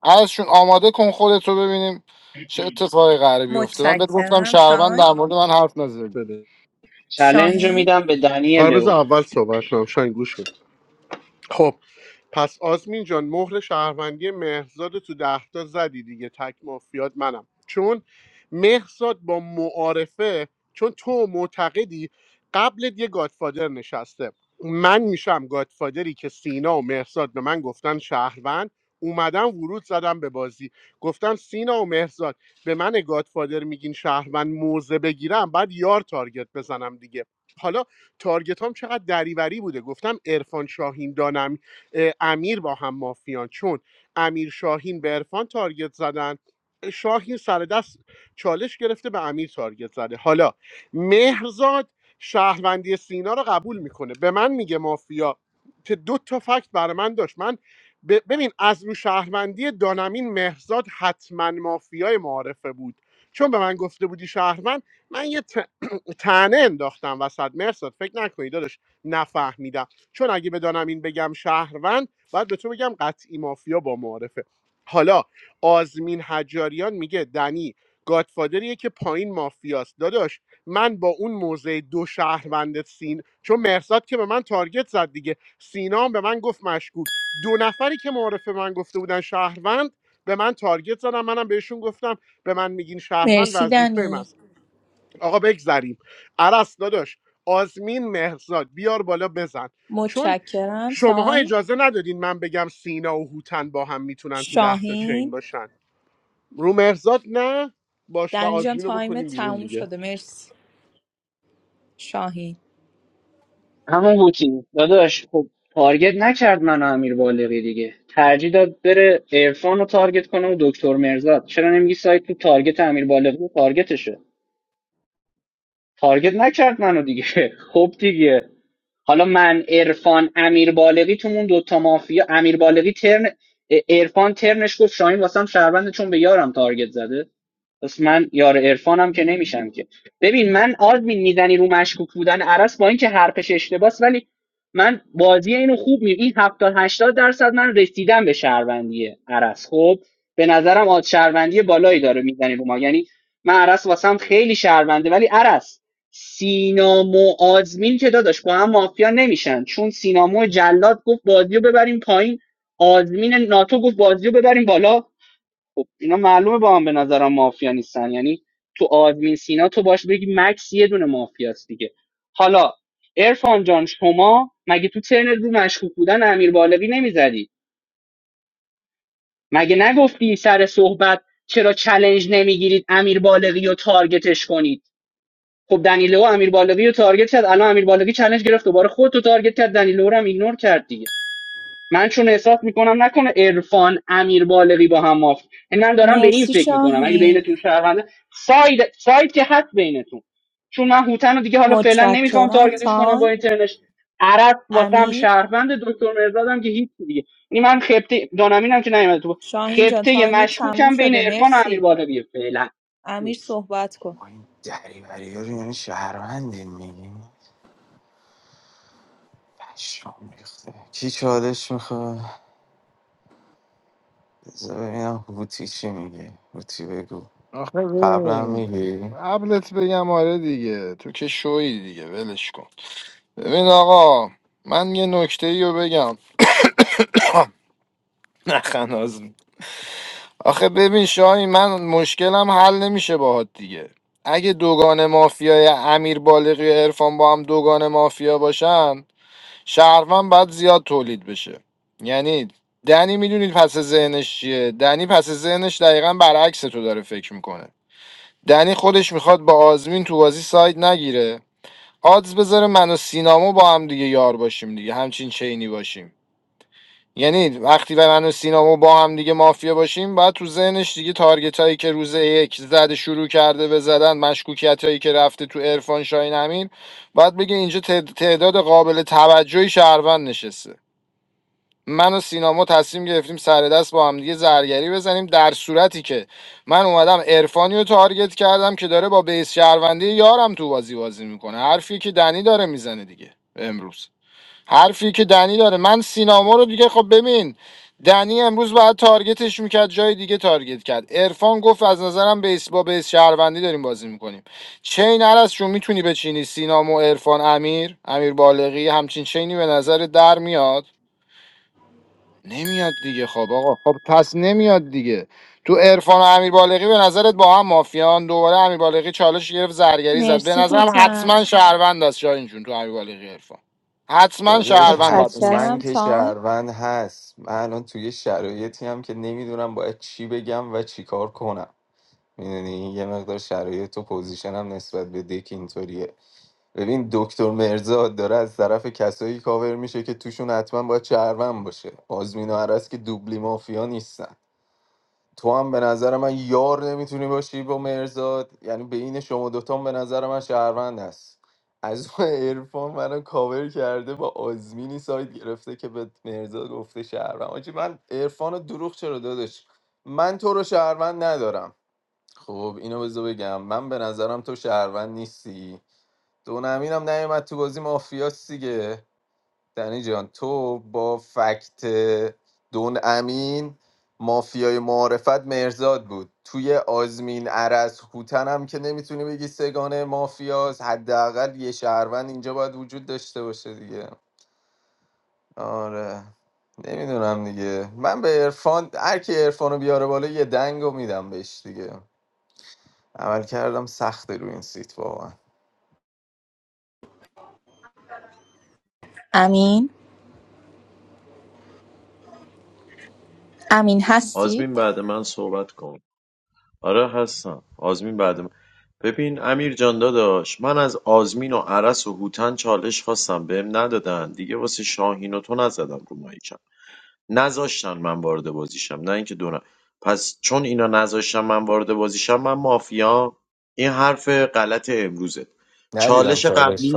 [SPEAKER 4] ازشون آماده کن خودت رو ببینیم چه اتفاقی قراره بیفته من بهت گفتم
[SPEAKER 18] متشکرم
[SPEAKER 4] شهروند در
[SPEAKER 18] تایم
[SPEAKER 4] مورد من حرف نزدی
[SPEAKER 5] بده
[SPEAKER 11] چلنج رو میدم
[SPEAKER 18] شاهین
[SPEAKER 11] به دنی
[SPEAKER 5] آره بذار
[SPEAKER 11] لو
[SPEAKER 5] اول صحبت کنم شاهین گوش کن خب پس آزمین جان مهر شهروندی مهرزاد تو دهتا زدی دیگه تک مافیات منم چون مهرزاد با معارفه چون تو معتقدی قبلت یه گادفادر نشسته من میشم گادفادری که سینا و مهرزاد به من گفتن شهروند اومدم ورود زدم به بازی گفتم سینا و مهرزاد به من گادفادر میگین شهروند موزه بگیرم بعد یار تارگت بزنم دیگه حالا تارگت هم چقدر دریوری بوده گفتم عرفان شاهین دانم امیر با هم مافیان چون امیر شاهین به عرفان تارگت زدن شاهین سر دست چالش گرفته به امیر تارگت زده حالا مهرزاد شهروندی سینا رو قبول میکنه به من میگه مافیا که دو تا فکت برای من داشت من ب- ببین از رو شهروندی دانمین مهرزاد حتما مافیای معارفه بود چون به من گفته بودی شهروند من یه ت... تنه انداختم وسط مرزاد فکر نکنید داداش نفهمیدم چون اگه بدانم این بگم شهروند باید به تو بگم قطعی مافیا با معارفه حالا آزمین حجاریان میگه دنی گادفادریه که پایین مافیاست داداش من با اون موزه دو شهروندت سین چون مرزاد که به من تارگت زد دیگه سینا هم به من گفت مشکوک دو نفری که معارفه من گفته بودن شهروند به من تارگت زدم منم بهشون گفتم به من میگین شهروند
[SPEAKER 18] مرسی
[SPEAKER 5] وظیفه من
[SPEAKER 18] دنی
[SPEAKER 5] آقا بگذریم عرس داداش آزمین مهرزاد بیار بالا بزن چون
[SPEAKER 18] متشکرم
[SPEAKER 5] شماها
[SPEAKER 18] تایم
[SPEAKER 5] اجازه ندادین من بگم سینا و هوتن با هم میتونن تو ده تا چین
[SPEAKER 18] شاهین
[SPEAKER 5] باشن رو مهرزاد نه باش و
[SPEAKER 18] دنی جان
[SPEAKER 5] آزمین رو
[SPEAKER 18] تایم
[SPEAKER 5] بکنیم بیرون
[SPEAKER 18] تموم
[SPEAKER 5] دیگه
[SPEAKER 18] شده مرسی شاهین
[SPEAKER 11] همون هوتی داداش خب تارگت نکرد منو امیر بالغی دیگه ترجیح داد بره عرفان رو تارگت کنه و دکتر مرزاد چرا نمیگی سایت تو تارگت امیر بالغی و تارگتشه تارگت نکرد منو دیگه خب دیگه حالا من عرفان امیر بالغی تومون دوتا مافیا امیر بالغی ترن عرفان ترنش گفت شاهین واسم شهرونده چون به یارم تارگت زده پس من یار عرفانم که نمیشم که ببین من آدمین میزنی رو مشکوک بودن عرس با اینکه حرفش اشتباس ولی من بازی اینو خوب می این 70 80 درصد من رسیدم به شهروندی عرس خب به نظرم آد شهروندی بالایی داره میزنی رو ما یعنی من عرس واسم خیلی شهرونده ولی عرس سینامو آزمین که داداش با هم مافیا نمیشن چون سینامو جلاد گفت بازی رو ببریم پایین آزمین ناتو گفت بازی رو ببریم بالا خب اینا معلومه با هم به نظرم مافیا نیستن یعنی تو آدمین سینا تو باش بگی مکس یه دونه مافیاست دیگه حالا ارفان جان شما مگه تو ترن رو مشکوک بودن امیر بالغی نمیزدی مگه نگفتی سر صحبت چرا چلنج نمیگیرید امیر بالغی رو تارگتش کنید خب دنیلو امیر بالغی رو تارگت کرد الان امیر بالغی چلنج گرفت دوباره خودتو تارگت کرد دنیلو رو هم ایگنور کرد دیگه. من چون احساس میکنم نکنه عرفان امیر بالغی با هم مافت یعنی من دارم به این
[SPEAKER 18] مرسی
[SPEAKER 11] فکر میکنم اگه
[SPEAKER 18] شاهین
[SPEAKER 11] بینتون شهرونده ساید ساید که هست بینتون چون من هوتن رو دیگه حالا فعلا نمیخوام
[SPEAKER 18] متشکرم
[SPEAKER 11] تارگتش کنم با
[SPEAKER 18] تایم
[SPEAKER 11] اینترنش عرب واسم
[SPEAKER 18] امیر
[SPEAKER 11] شهروند دکتر مرزادم که هیچ دیگه یعنی من خبته دانمینم که نیومده تو
[SPEAKER 18] شاهین جان
[SPEAKER 11] خبته
[SPEAKER 18] تایم تموم
[SPEAKER 11] مشکوکم بین
[SPEAKER 18] شده
[SPEAKER 11] عرفان و امیر
[SPEAKER 18] مرسی
[SPEAKER 11] بالغیه فعلا
[SPEAKER 18] امیر صحبت کن
[SPEAKER 1] با این دریوری ها رو یعنی شهروندین میگی پشمام ریخته کی چالش میخواد بذار ببینم هوتی چی میگه هوتی بگو
[SPEAKER 4] آخه
[SPEAKER 1] قبلا
[SPEAKER 4] ببین
[SPEAKER 1] میگی
[SPEAKER 4] قبلت بگم آره دیگه تو که شوی دیگه ولش کن ببین آقا من یه نکته ای رو بگم نخناز آخه ببین شاهی من مشکلم حل نمیشه باهات دیگه اگه دوگان مافیای امیر بالغی و عرفان با هم دوگان مافیا باشن شهروند باید زیاد تولید بشه یعنی دنی میدونید پس ذهنش چیه دنی پس ذهنش دقیقا برعکس تو داره فکر میکنه دنی خودش میخواد با آزمین تو بازی ساید نگیره آدز بذاره من و سینامو با هم دیگه یار باشیم دیگه همچین چینی باشیم یعنی وقتی و من و سینامو با هم دیگه مافیا باشیم باید تو ذهنش دیگه تارگت هایی که روز یک زده شروع کرده به زدن مشکوکیت هایی که رفته تو عرفان شاهین امین باید بگه اینجا تعداد قابل توجهی شهروند نشسته من و سینما تصمیم گرفتیم سر دست با هم دیگه زرگری بزنیم در صورتی که من اومدم عرفانی رو تارگت کردم که داره با بیس شهروندی یارم تو بازی بازی میکنه حرفی که دنی داره میزنه دیگه امروز حرفی که دنی داره من سینما رو دیگه خب ببین دنی امروز باید تارگتش میکرد جای دیگه تارگت کرد عرفان گفت از نظرم بیس با بیس شهروندی داریم بازی میکنیم چین عرض چون میتونی بچینی سینامو عرفان امیر امیر بالغی همچین چینی به نظر در میاد نمیاد دیگه خب آقا خب پس نمیاد دیگه تو عرفان و امیر بالغی به نظرت با هم مافیان دوباره امیر بالغی چالش گرفت زرگری زد به
[SPEAKER 18] مرسی
[SPEAKER 4] نظرم
[SPEAKER 18] هوتم
[SPEAKER 4] حتما شهروند است شاهین جون تو امیر بالغی عرفان حتما
[SPEAKER 1] داداش
[SPEAKER 4] شهروند باید نشسته
[SPEAKER 1] حتما
[SPEAKER 18] متشکرم
[SPEAKER 1] که
[SPEAKER 18] تایم
[SPEAKER 1] شهروند هست من الان توی شرایطی هم که نمیدونم باید چی بگم و چی کار کنم میدونی یه مقدار شرایط و پوزیشنم نسبت به دک اینطوریه ببین دکتر مرزاد داره از طرف کسایی کاور میشه که توشون حتما باید چرون باشه آزمین و عرس که دوبلی مافیا نیستن تو هم به نظر من یار نمیتونی باشی با مرزاد یعنی بین شما دوتا هم به نظر من شهروند هست از اون عرفان منو کاور کرده با آزمینی سایت گرفته که به مرزاد گفته شهروند آجی من عرفان رو دروغ چرا دادش من تو رو شهروند ندارم خب اینو بذار بگم من به نظرم تو شهروند نیستی دونمین هم نیومد تو بازی مافیاس دیگه دنی جان تو با فکت دون امین مافیای معارفت مرزاد بود توی آزمین عرز هوتن هم که نمیتونی بگی سگانه مافیاس حداقل یه شهروند اینجا باید وجود داشته باشه دیگه آره نمیدونم دیگه من به عرفان هر کی عرفانو بیاره بالا یه دنگو میدم بهش دیگه عمل کردم سخته رو این سیت واقعا
[SPEAKER 18] امین امین هستی
[SPEAKER 9] آزمین بعد من صحبت کن آره هستم آزمین بعد من ببین امیر جان داداش من از آزمین و عرس و هوتن چالش خواستم بهم ندادن دیگه واسه شاهین و تو نزدم رو مایکم نذاشتن من وارد بازیشم نه اینکه دونم پس چون اینا نذاشتن من وارد بازیشم من مافیا این حرف غلط امروزه چالش قبلی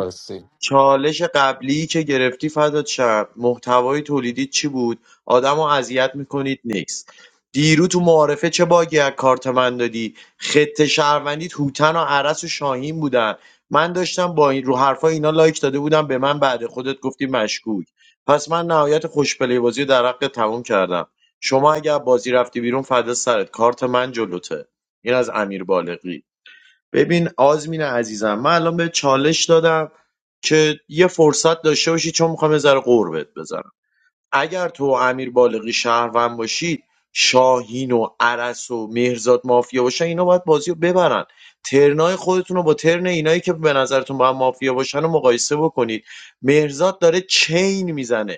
[SPEAKER 9] چالش قبلی که گرفتی فدات شم محتوای تولیدی چی بود آدمو اذیت میکنید نکس دیرو تو معارفه چه باگی از کارت من دادی خط شهروندی هوتن و عرس و شاهین بودن من داشتم با این رو حرفای اینا لایک داده بودم به من بعد خودت گفتی مشکوک پس من نهایت خوشپلی بازی رو در حق تموم کردم شما اگر بازی رفتی بیرون فدا سرت کارت من جلوته این از امیر بالغی ببین آزمین عزیزم من الان به چالش دادم که یه فرصت داشته باشی چون میخوام یه ذره قربت بزنم اگر تو و امیر بالغی شهروند باشید شاهین و عرس و مهرزاد مافیا باشن اینا باید بازی رو ببرن ترنای خودتون رو با ترن اینایی که به نظرتون با هم مافیا باشن رو مقایسه بکنید مهرزاد داره چین میزنه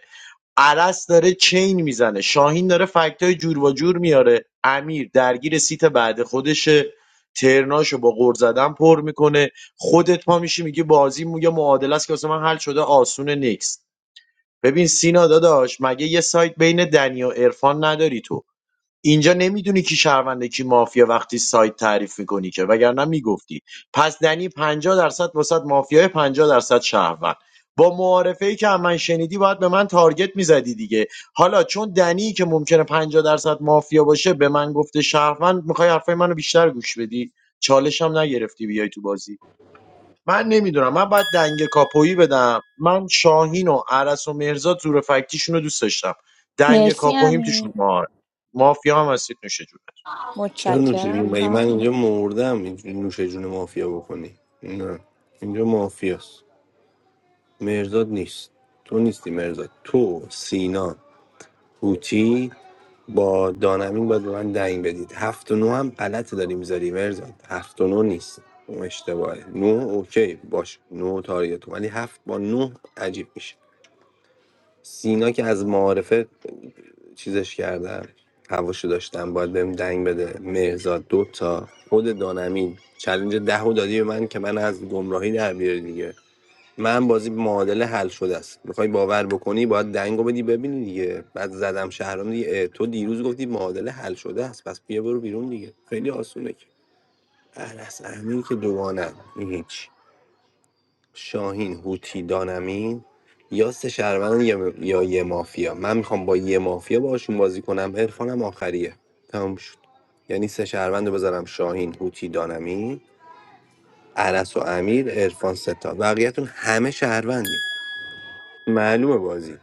[SPEAKER 9] عرض داره چین میزنه شاهین داره فکتای جور و جور میاره امیر درگیر سیت بعد خودشه ترناشو با غور زدن پر میکنه خودت پا میشی میگه بازی مو- یا معادله است که واسه من حل شده آسونه نیست ببین سینا داداش مگه یه سایت بین دنی و عرفان نداری تو اینجا نمیدونی کی شهرونده کی مافیا وقتی سایت تعریف میکنی که وگرنه میگفتی پس دنی پنجاه درصد واسط مافیای پنجاه درصد شهروند با معارفه ای که از من شنیدی باید به من تارگت میزدی دیگه حالا چون دنی که ممکنه پنجاه درصد مافیا باشه به من گفته شهروند میخوای حرفای منو بیشتر گوش بدی چالش هم نگرفتی بیای تو بازی من نمیدونم من باید دنگ کاپویی بدم من شاهین و عرس و مرزاد زور فکتیشون رو دوست داشتم دنگ
[SPEAKER 18] مرسی
[SPEAKER 9] کاپوییم تو
[SPEAKER 18] امین
[SPEAKER 9] شما مافیا هم هستید نوشه جونه
[SPEAKER 6] چرا نوشه جون
[SPEAKER 18] متشکرم
[SPEAKER 6] مگه من
[SPEAKER 18] تایم
[SPEAKER 6] اینجا مردم اینجوری نوشه جون مافیا بکنی نه اینجا مافیاست مرزاد نیست تو نیستی مرزاد تو سینا هوتی با دانمین باید به من دنگ بدید هفت و نو هم غلط داری میذاری مرزاد هفت و نو نیست اون اشتباهه نو اوکی باش نو تاریت ولی هفت با نو عجیب میشه سینا که از معارفه چیزش کردم هواشو داشتم باید بهم دنگ بده مهرزاد دو تا خود دانمین چلنج ده و دادی به من که من از گمراهی در بیاری دیگه من بازی معادله حل شده است میخوای باور بکنی باید دنگو بدی ببینی دیگه بعد زدم شهرام دیگه اه، تو دیروز گفتی معادله حل شده است پس بیا برو بیرون دیگه خیلی آسونه که اهل از امین که دوانم هیچ شاهین هوتی دانمین یا سه شهروند یا, یا یه مافیا من میخوام با یه مافیا باشون بازی کنم عرفانم آخریه تمام شد یعنی سه شهروند رو بذارم شاهین هوتی دانمین عرس و امیر عرفان ستا بقیهتون همه شهروندی معلومه بازی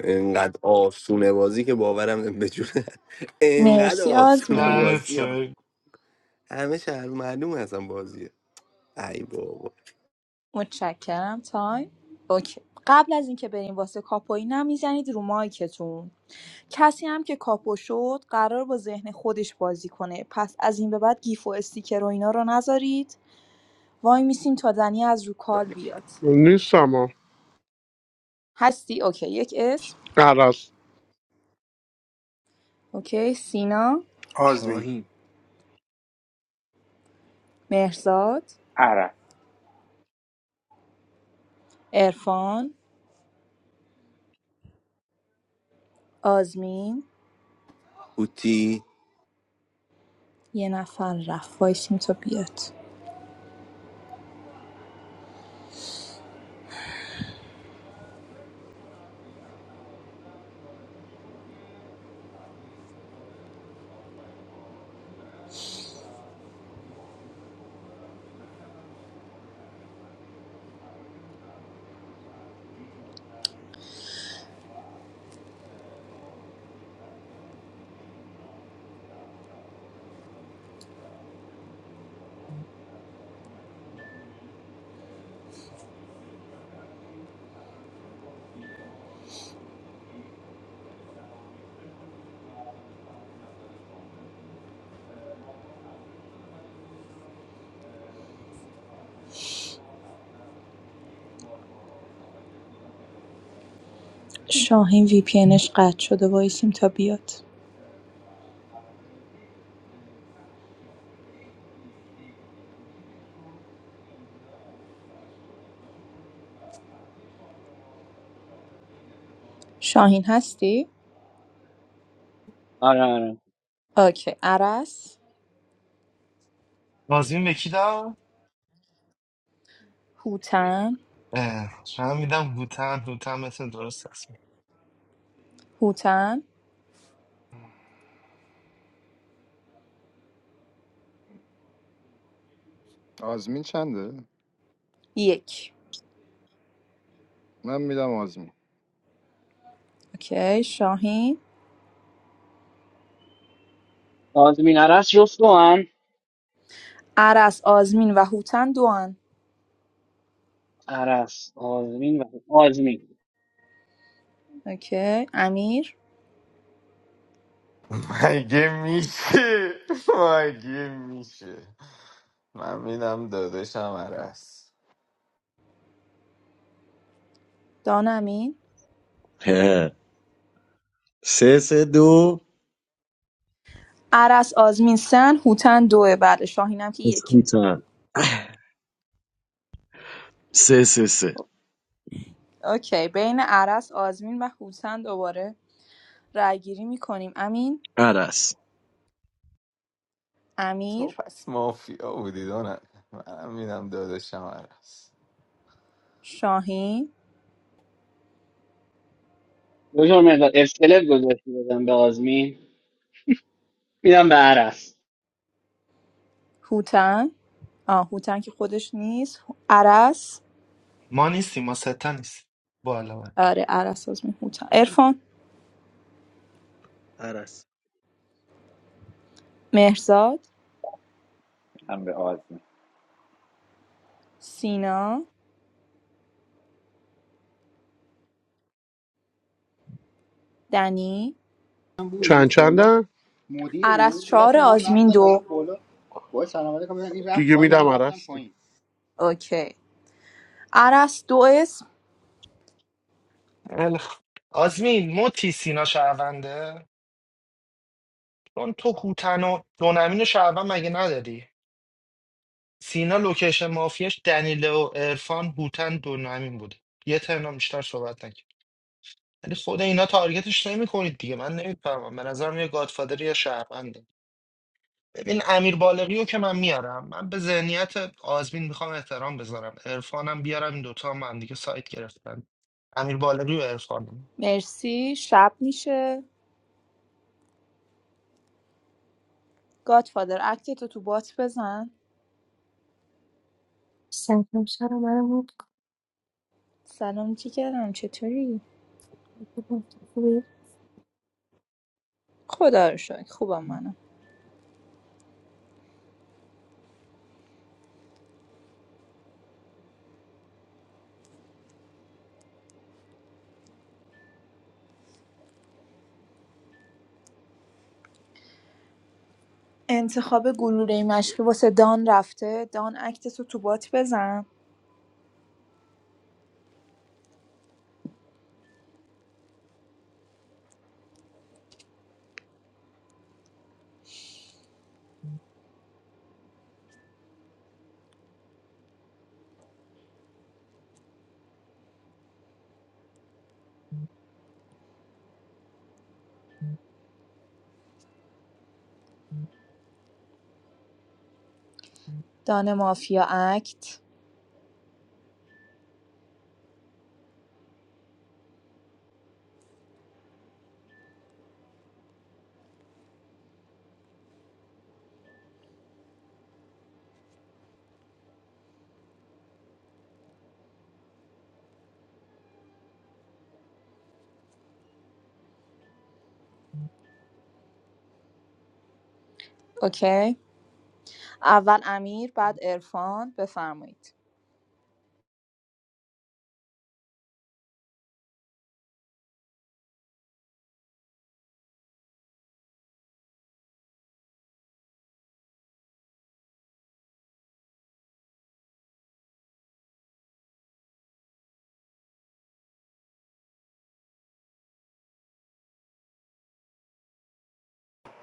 [SPEAKER 6] انقدر آسونه بازی که باورم نمی- به جون انقدر
[SPEAKER 18] مرسی
[SPEAKER 6] آسونه
[SPEAKER 18] آزمین
[SPEAKER 20] نه،
[SPEAKER 6] بازی ها
[SPEAKER 20] چه-
[SPEAKER 6] همه شهر معلومه اصلا بازیه ای بابا
[SPEAKER 18] متشکرم تایم اوکی قبل از اینکه بریم واسه کاپویی نمیزنید رو مایکتون کسی هم که کاپو شد قرار با ذهن خودش بازی کنه پس از این به بعد گیف و استیکر و اینا رو نذارید وای میسیم تا دنی از رو کال بیاد
[SPEAKER 5] نیستم ها.
[SPEAKER 18] هستی اوکی یک اسم
[SPEAKER 5] عرس
[SPEAKER 18] اوکی سینا
[SPEAKER 19] آزمین
[SPEAKER 21] شاهین
[SPEAKER 18] مهرزاد
[SPEAKER 22] عرق
[SPEAKER 18] عرفان آزمین
[SPEAKER 6] هوتی
[SPEAKER 18] یه نفر رفت وایسیم تا بیاد شاهین وی پی انش قطع شده وایسیم تا بیاد شاهین هستی؟
[SPEAKER 11] آره آره
[SPEAKER 18] اوکی عرس
[SPEAKER 20] آزمین به کی داد
[SPEAKER 18] هوتن
[SPEAKER 20] اه، شاید میدم هوتن هوتن مثل درست هست
[SPEAKER 18] هوتن
[SPEAKER 4] آزمین چنده
[SPEAKER 18] یک
[SPEAKER 4] من میدم آزمین
[SPEAKER 18] اوکی شاهین
[SPEAKER 11] آزمین عرس جفت با هم
[SPEAKER 18] عرس آزمین و هوتن دوان
[SPEAKER 11] عرس آزمین و آزمین
[SPEAKER 18] اوکی امیر
[SPEAKER 1] مگه میشه مگه میشه من میدم داداشم عرس
[SPEAKER 18] دان امین
[SPEAKER 9] هه. سه سه دو
[SPEAKER 18] عرس آزمین سن هوتن دوه بله شاهین هم که یکه
[SPEAKER 9] اسکوتن سه سه سه
[SPEAKER 18] اوکی بین عرس آزمین و هوتن دوباره رای گیری میکنیم امین
[SPEAKER 9] عرس
[SPEAKER 1] تو
[SPEAKER 18] امیر
[SPEAKER 1] پس مافیا بودی دونه من میدم داداشم عرس
[SPEAKER 18] شاهین
[SPEAKER 11] دکتر مرزاد اسکلت گذاشتی بدم به آزمین میدم به عرس
[SPEAKER 18] هوتن آه هوتن که خودش نیست عرس
[SPEAKER 20] ما نیستیم ما ستا نیستیم بالا من.
[SPEAKER 18] آره عرس آزمین هوتن ارفان
[SPEAKER 21] عرس
[SPEAKER 18] مهرزاد
[SPEAKER 22] هم به آزمه
[SPEAKER 18] سینا دنی
[SPEAKER 5] چند چندن مدیر
[SPEAKER 18] عرض
[SPEAKER 5] بود یه
[SPEAKER 18] چهار
[SPEAKER 5] لحظه من
[SPEAKER 18] آزمین
[SPEAKER 5] رفتم فقط
[SPEAKER 18] دو
[SPEAKER 5] بالا باید سلام علیکم بزنم. این رفت دیگه پایین میدم من رفتم عرس دیگه
[SPEAKER 18] اوکی عرض دو اسم
[SPEAKER 20] خیلی خوب. آزمین موتی سینا شهرونده چون تو هوتن و دونمین و شهروند مگه نداری سینا لوکیشن مافیاش دنیله و عرفان هوتن دونمین بوده یه ترنم بیشتر صحبت ولی خود اینا تارگتش نمی کنید دیگه من نمیفهمم به نظرم یه گادفادر یا شهرونده ببین امیر بالغی رو که من میارم من به ذهنیت آزمین میخوام احترام بذارم عرفانم بیارم این دوتا هم, هم دیگه سایت گرفتن امیر بالغی و عرفانم
[SPEAKER 18] مرسی شب میشه گادفادر اکتتو تو بات بزن
[SPEAKER 23] Thank you so
[SPEAKER 18] سلام جیگرم چطوری؟ خدا رو شکر خوبم منم انتخاب گلوله مشقی واسه دان رفته دان اکتتو تو بات بزن دان مافیا اکت اوکی اول امیر بعد ارفان بفرمایید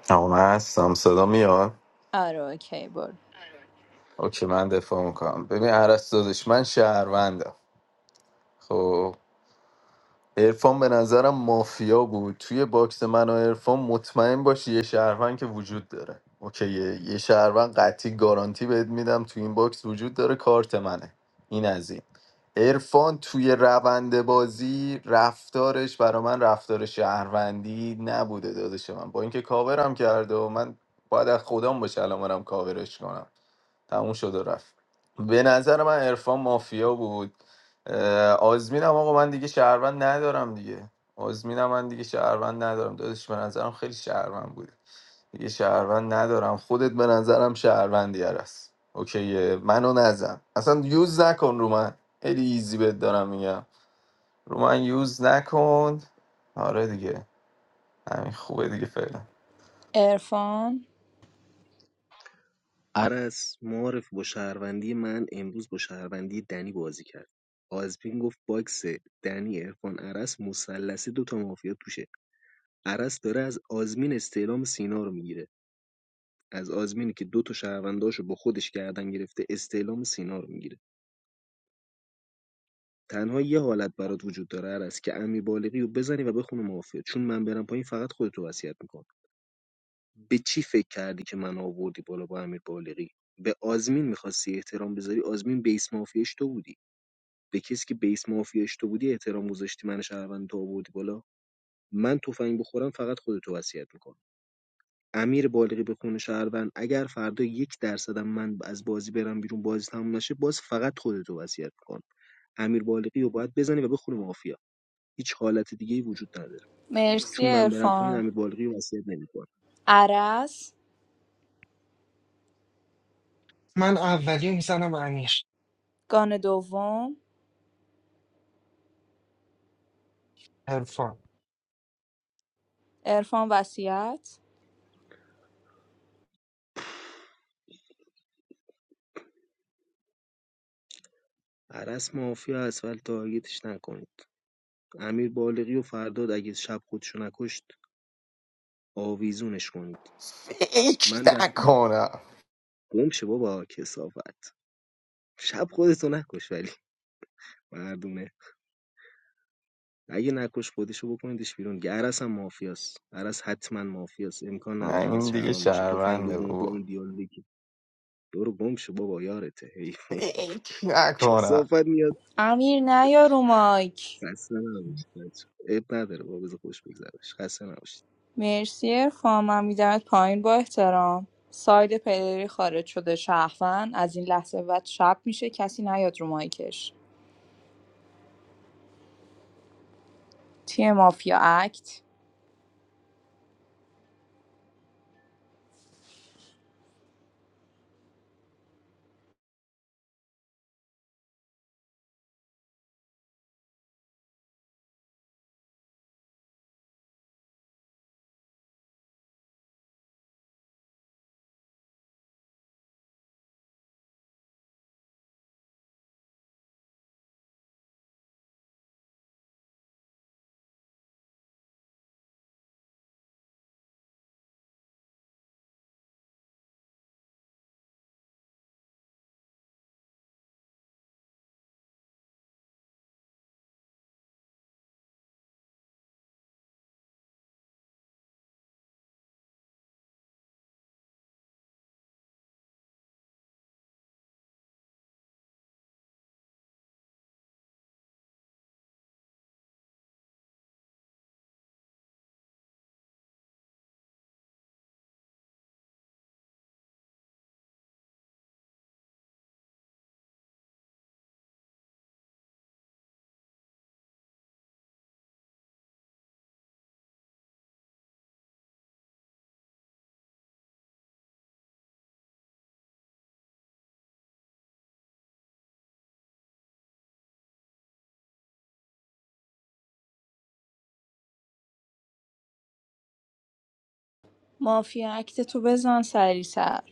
[SPEAKER 1] آقا من هستم صدا میاد
[SPEAKER 18] آره اوکی برو
[SPEAKER 1] اوکی من دفاع میکنم ببین عرس داداش من شهروندم خب عرفان به نظرم مافیا بود توی باکس من و عرفان مطمئن باش یه شهروند که وجود داره اوکیه یه شهروند قطعی گارانتی بهت میدم توی این باکس وجود داره کارت منه این از این عرفان توی روند بازی رفتارش برا من رفتار شهروندی نبوده دادش من با اینکه کاورم کرده و من باید از خودم باشه الان برم کاورش کنم تموم شد و رفت به نظر من عرفان مافیا بود اه، آزمینم آقا من دیگه شهروند ندارم دیگه آزمینم من دیگه شهروند ندارم دادش به نظرم خیلی شهروند بود دیگه شهروند ندارم خودت به نظرم شهروندی هست اوکیه منو نزن اصلا یوز نکن رو من خیلی ایزی بهت دارم میگم رو من یوز نکن آره دیگه همین خوبه دیگه فعلا
[SPEAKER 18] ارفان
[SPEAKER 21] عرض معارف با شهروندی من امروز با شهروندی دنی بازی کرد آزمین گفت باکس دنی ارفان عرس مثلثی دوتا مافیا توشه عرس داره از آزمین استعلام سینا رو میگیره از آزمینی که دو تا شهرونداشو با خودش گردن گرفته استعلام سینا رو میگیره تنها یه حالت برات وجود داره عرس که امی بالغی رو بزنی و بخونه مافیا چون من برم پایین فقط خودتو وصیت میکنم به چی فکر کردی که من آوردی بالا با امیر بالغی به آزمین میخواستی احترام بذاری آزمین بیس مافیاش تو بودی به کسی که بیس مافیاش تو بودی احترام گذاشتی من شهروند تو آوردی بالا من تفنگ بخورم فقط خودتو وصیت میکنم امیر بالغی به خون شهروند اگر فردا یک درصدم من از بازی برم بیرون بازی تموم نشه باز فقط خودتو وصیت میکنم امیر بالغی رو باید بزنی و بخونه مافیا هیچ حالت دیگه ای وجود نداره
[SPEAKER 18] مرسی
[SPEAKER 21] چون من برم پایین
[SPEAKER 18] ارفان
[SPEAKER 21] امیر بالغی رو وصیت نمیکنم
[SPEAKER 18] عرض،
[SPEAKER 20] من اولی رو میزنم امیر
[SPEAKER 18] گان دوم،
[SPEAKER 20] عرفان
[SPEAKER 18] عرفان وصیت
[SPEAKER 21] عرس مافیا اصلا تارگتش نکنید امیر بالغی و فرداد اگه شب خودشو نکشت آویزونش کنید
[SPEAKER 1] فکر
[SPEAKER 21] من وقتی
[SPEAKER 1] نکنم
[SPEAKER 21] گم شه بابا کسافت شب خودتو نکش ولی مردونه اگه نکش خودشو بکنیدش بیرون که عرس هم مافیاست عرس حتما مافیاست امکان
[SPEAKER 1] نه
[SPEAKER 21] نداره عرس
[SPEAKER 1] این دیگه
[SPEAKER 21] شهروند باشه تفنگ
[SPEAKER 1] شهرونده
[SPEAKER 21] دومو با
[SPEAKER 1] بابا
[SPEAKER 21] اون دیالوگی که برو گم شو بابا یارته حیوان
[SPEAKER 1] فکر نکنم
[SPEAKER 21] کسافت میاد
[SPEAKER 18] امیر نیا رو مایک
[SPEAKER 21] خسته نباشید بچه‌ها. عیب نداره بابا بذار خوش بگذرش خسته نباشید
[SPEAKER 18] مرسی عرفان من میدمت پایین با احترام ساید پلیری خارج شده شهروند از این لحظه به بعد شب میشه کسی نیاد رو مایکش تیم مافیا اکت مافیا اکت تو بزن سریعتر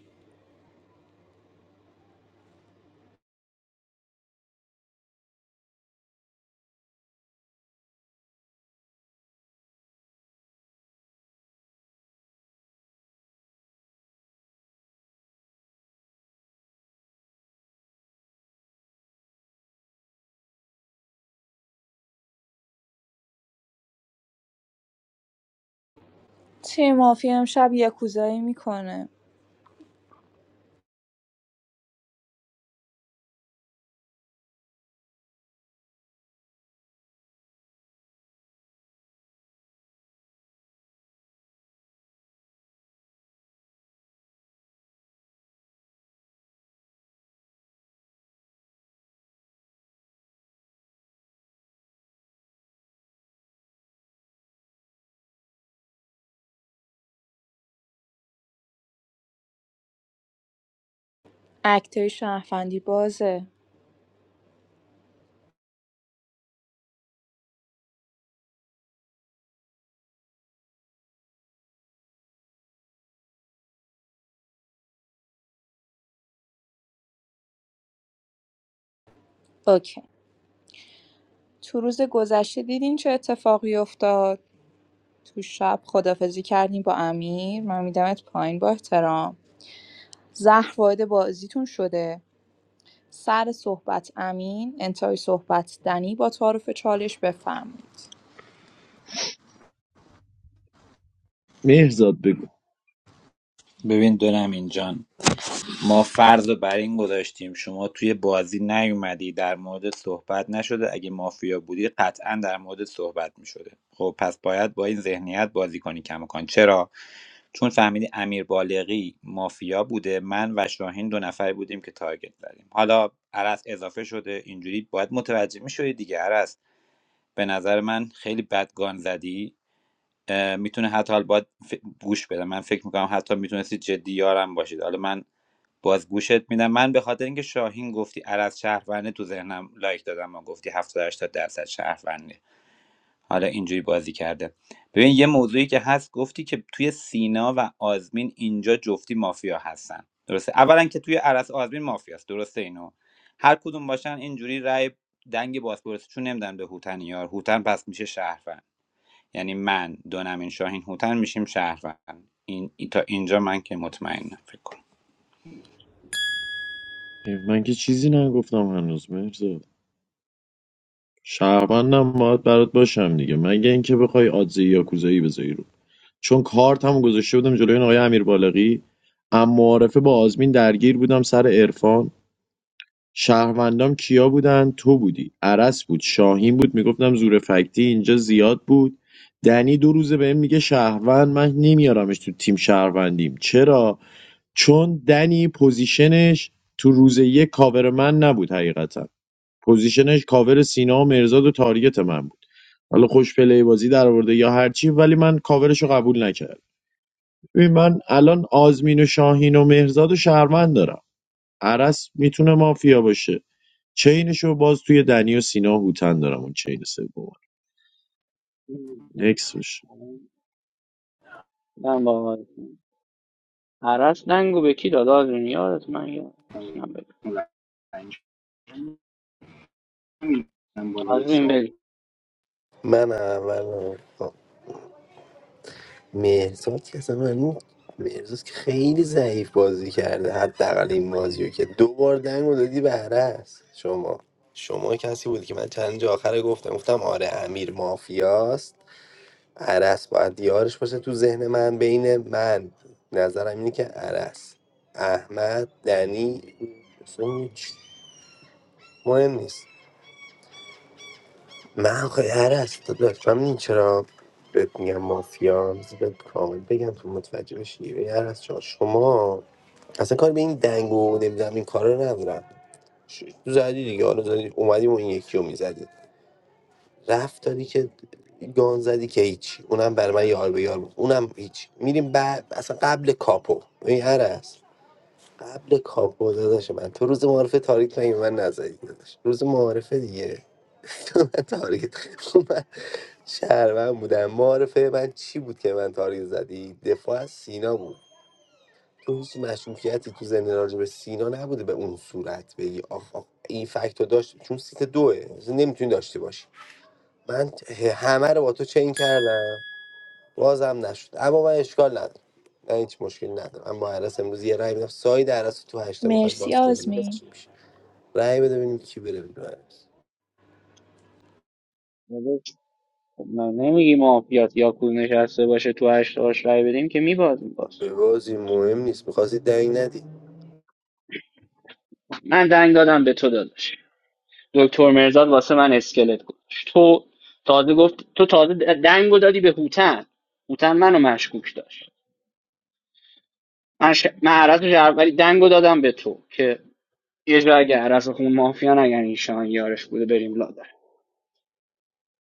[SPEAKER 18] تیم مافیا امشب یکوزایی میکنه اکتای شهروندی بازه اوکی تو روز گذشته دیدین چه اتفاقی افتاد تو شب خدافزی کردیم با امیر من میدمت پایین با احترام زهر وارد بازیتون شده سر صحبت امین انتهای صحبت دنی با تعارف چالش بفرمایید
[SPEAKER 9] مهرزاد بگو
[SPEAKER 22] ببین دونم اینجان ما فرض رو بر این گذاشتیم شما توی بازی نیومدی در مورد صحبت نشده اگه مافیا بودی قطعا در مورد صحبت میشده خب پس باید با این ذهنیت بازی کنی کماکان چرا چون فهمیدی امیر بالغی مافیا بوده من و شاهین دو نفر بودیم که تارگت زدیم حالا عرس اضافه شده اینجوری باید متوجه میشدی دیگه عرس به نظر من خیلی بدگان زدی میتونه حتی حالا باید ف- گوش بده من فکر میکنم حتی میتونستید جدی یارم باشید حالا من باز گوشت میدم من به خاطر اینکه شاهین گفتی عرض شهرونده تو ذهنم لایک دادم و گفتی 70 80 درصد شهرونده حالا اینجوری بازی کرده ببین یه موضوعی که هست گفتی که توی سینا و آزمین اینجا جفتی مافیا هستن درسته اولا که توی عرض آزمین مافیاست درسته اینو هر کدوم باشن اینجوری رای دنگ بازپرسی چون نمیدن به هوتن یار هوتن پس میشه شهروند یعنی من دونمین شاهین هوتن میشیم شهروند این تا اینجا من که مطمئنم فکر کنم
[SPEAKER 9] من که چیزی نگفتم هنوز مهرزاد شهروندم باید برات باشم دیگه مگه اینکه بخوای آدزه یاکوزایی بذاری رو چون کارت هم گذاشته بودم جلوی این آقای امیر بالغی اما معارفه با آزمین درگیر بودم سر عرفان شهروندام کیا بودن تو بودی عرس بود شاهین بود میگفتم زور فکتی اینجا زیاد بود دنی دو روزه بهم میگه شهروند من نمیارمش تو تیم شهروندیم چرا چون دنی پوزیشنش تو روز یک کاور من نبود حقیقتا پوزیشنش کاور سینا و مرزاد و تاریت من بود حالا خوش پلی بازی در آورده یا هرچی ولی من کاورش رو قبول نکردم ببین من الان آزمین و شاهین و مهرزاد و شهروند دارم عرس میتونه مافیا باشه چینشو باز توی دنی و سینا و هوتن دارم اون چین سوم نکس باشه
[SPEAKER 11] من با آرزو. عرس دنگو به کی داد آزمین یادت من یادم
[SPEAKER 5] پایین
[SPEAKER 11] نیست.
[SPEAKER 5] اون رنج. نمی‌دونم بالا یه
[SPEAKER 11] آزمین
[SPEAKER 5] سوال
[SPEAKER 11] بری
[SPEAKER 6] من اول مهرزاد که اصلا معلوم مهرزاد که خیلی ضعیف بازی کرده حداقل این بازی رو که دو بار دنگ رو دادی به عرس شما شما کسی بودی که من چند جا آخر گفتم گفتم آره امیر مافیاست عرس باید یارش باشه تو ذهن من بین من نظرم اینه که عرس احمد دنی اصلا هیچ مهم نیست من خواهی عرش تو لطفا این چرا بهت میگم مافیا بذار بهت کامل بگم تو متوجه بشی به عرش جان شما اصلا کار به این دنگ و نمیدونم این کارا رو ندارم ش- تو زدی دیگه حالا زدی اومدیم و این یکی رو میزدی رفت دادی که گان زدی که هیچ اونم برای من یار به یار بود اونم هیچ میریم بعد اصلا قبل کاپو این عرس قبل کاپو داداش من تو روز معارفه تاریک نگی من نزدی داداش روز معارفه دیگه من تارگت من شهروند بودم معارفه من چی بود که من تارگت زدی دفاع از سینا بود تو هیچ مشکوکیتی تو زنده راجع به سینا نبوده به اون صورت بگی آخ آخ این فکت رو داشت چون سیت دوه نمیتونی داشته باشی من همه رو با تو چین کردم بازم نشد اما من اشکال ندارم من هیچ مشکلی ندارم اما عرس امروز یه رای بدم ساید عرس رو تو هشته میخواد
[SPEAKER 18] مرسی
[SPEAKER 6] باز کنیم ببینیم
[SPEAKER 18] آزمین
[SPEAKER 6] چی میشه رای بده ببینیم کی بره بیرون عرس.
[SPEAKER 11] من نمیگی مافیات یا کو نشسته باشه تو هشت هاش رای بدیم که میباز میباز
[SPEAKER 6] به بازی مهم نیست میخواستی دنگ ندی
[SPEAKER 11] من دنگ دادم به تو داداش دکتر مرزاد واسه من اسکلت گذاشت تو تازه گفت تو تازه دنگو دادی به هوتن هوتن منو مشکوک داشت من, ش... من عرض رو جر- ولی دنگو دادم به تو که یه جا اگه عرض خون مافیا نگن ایشان یارش بوده بریم لا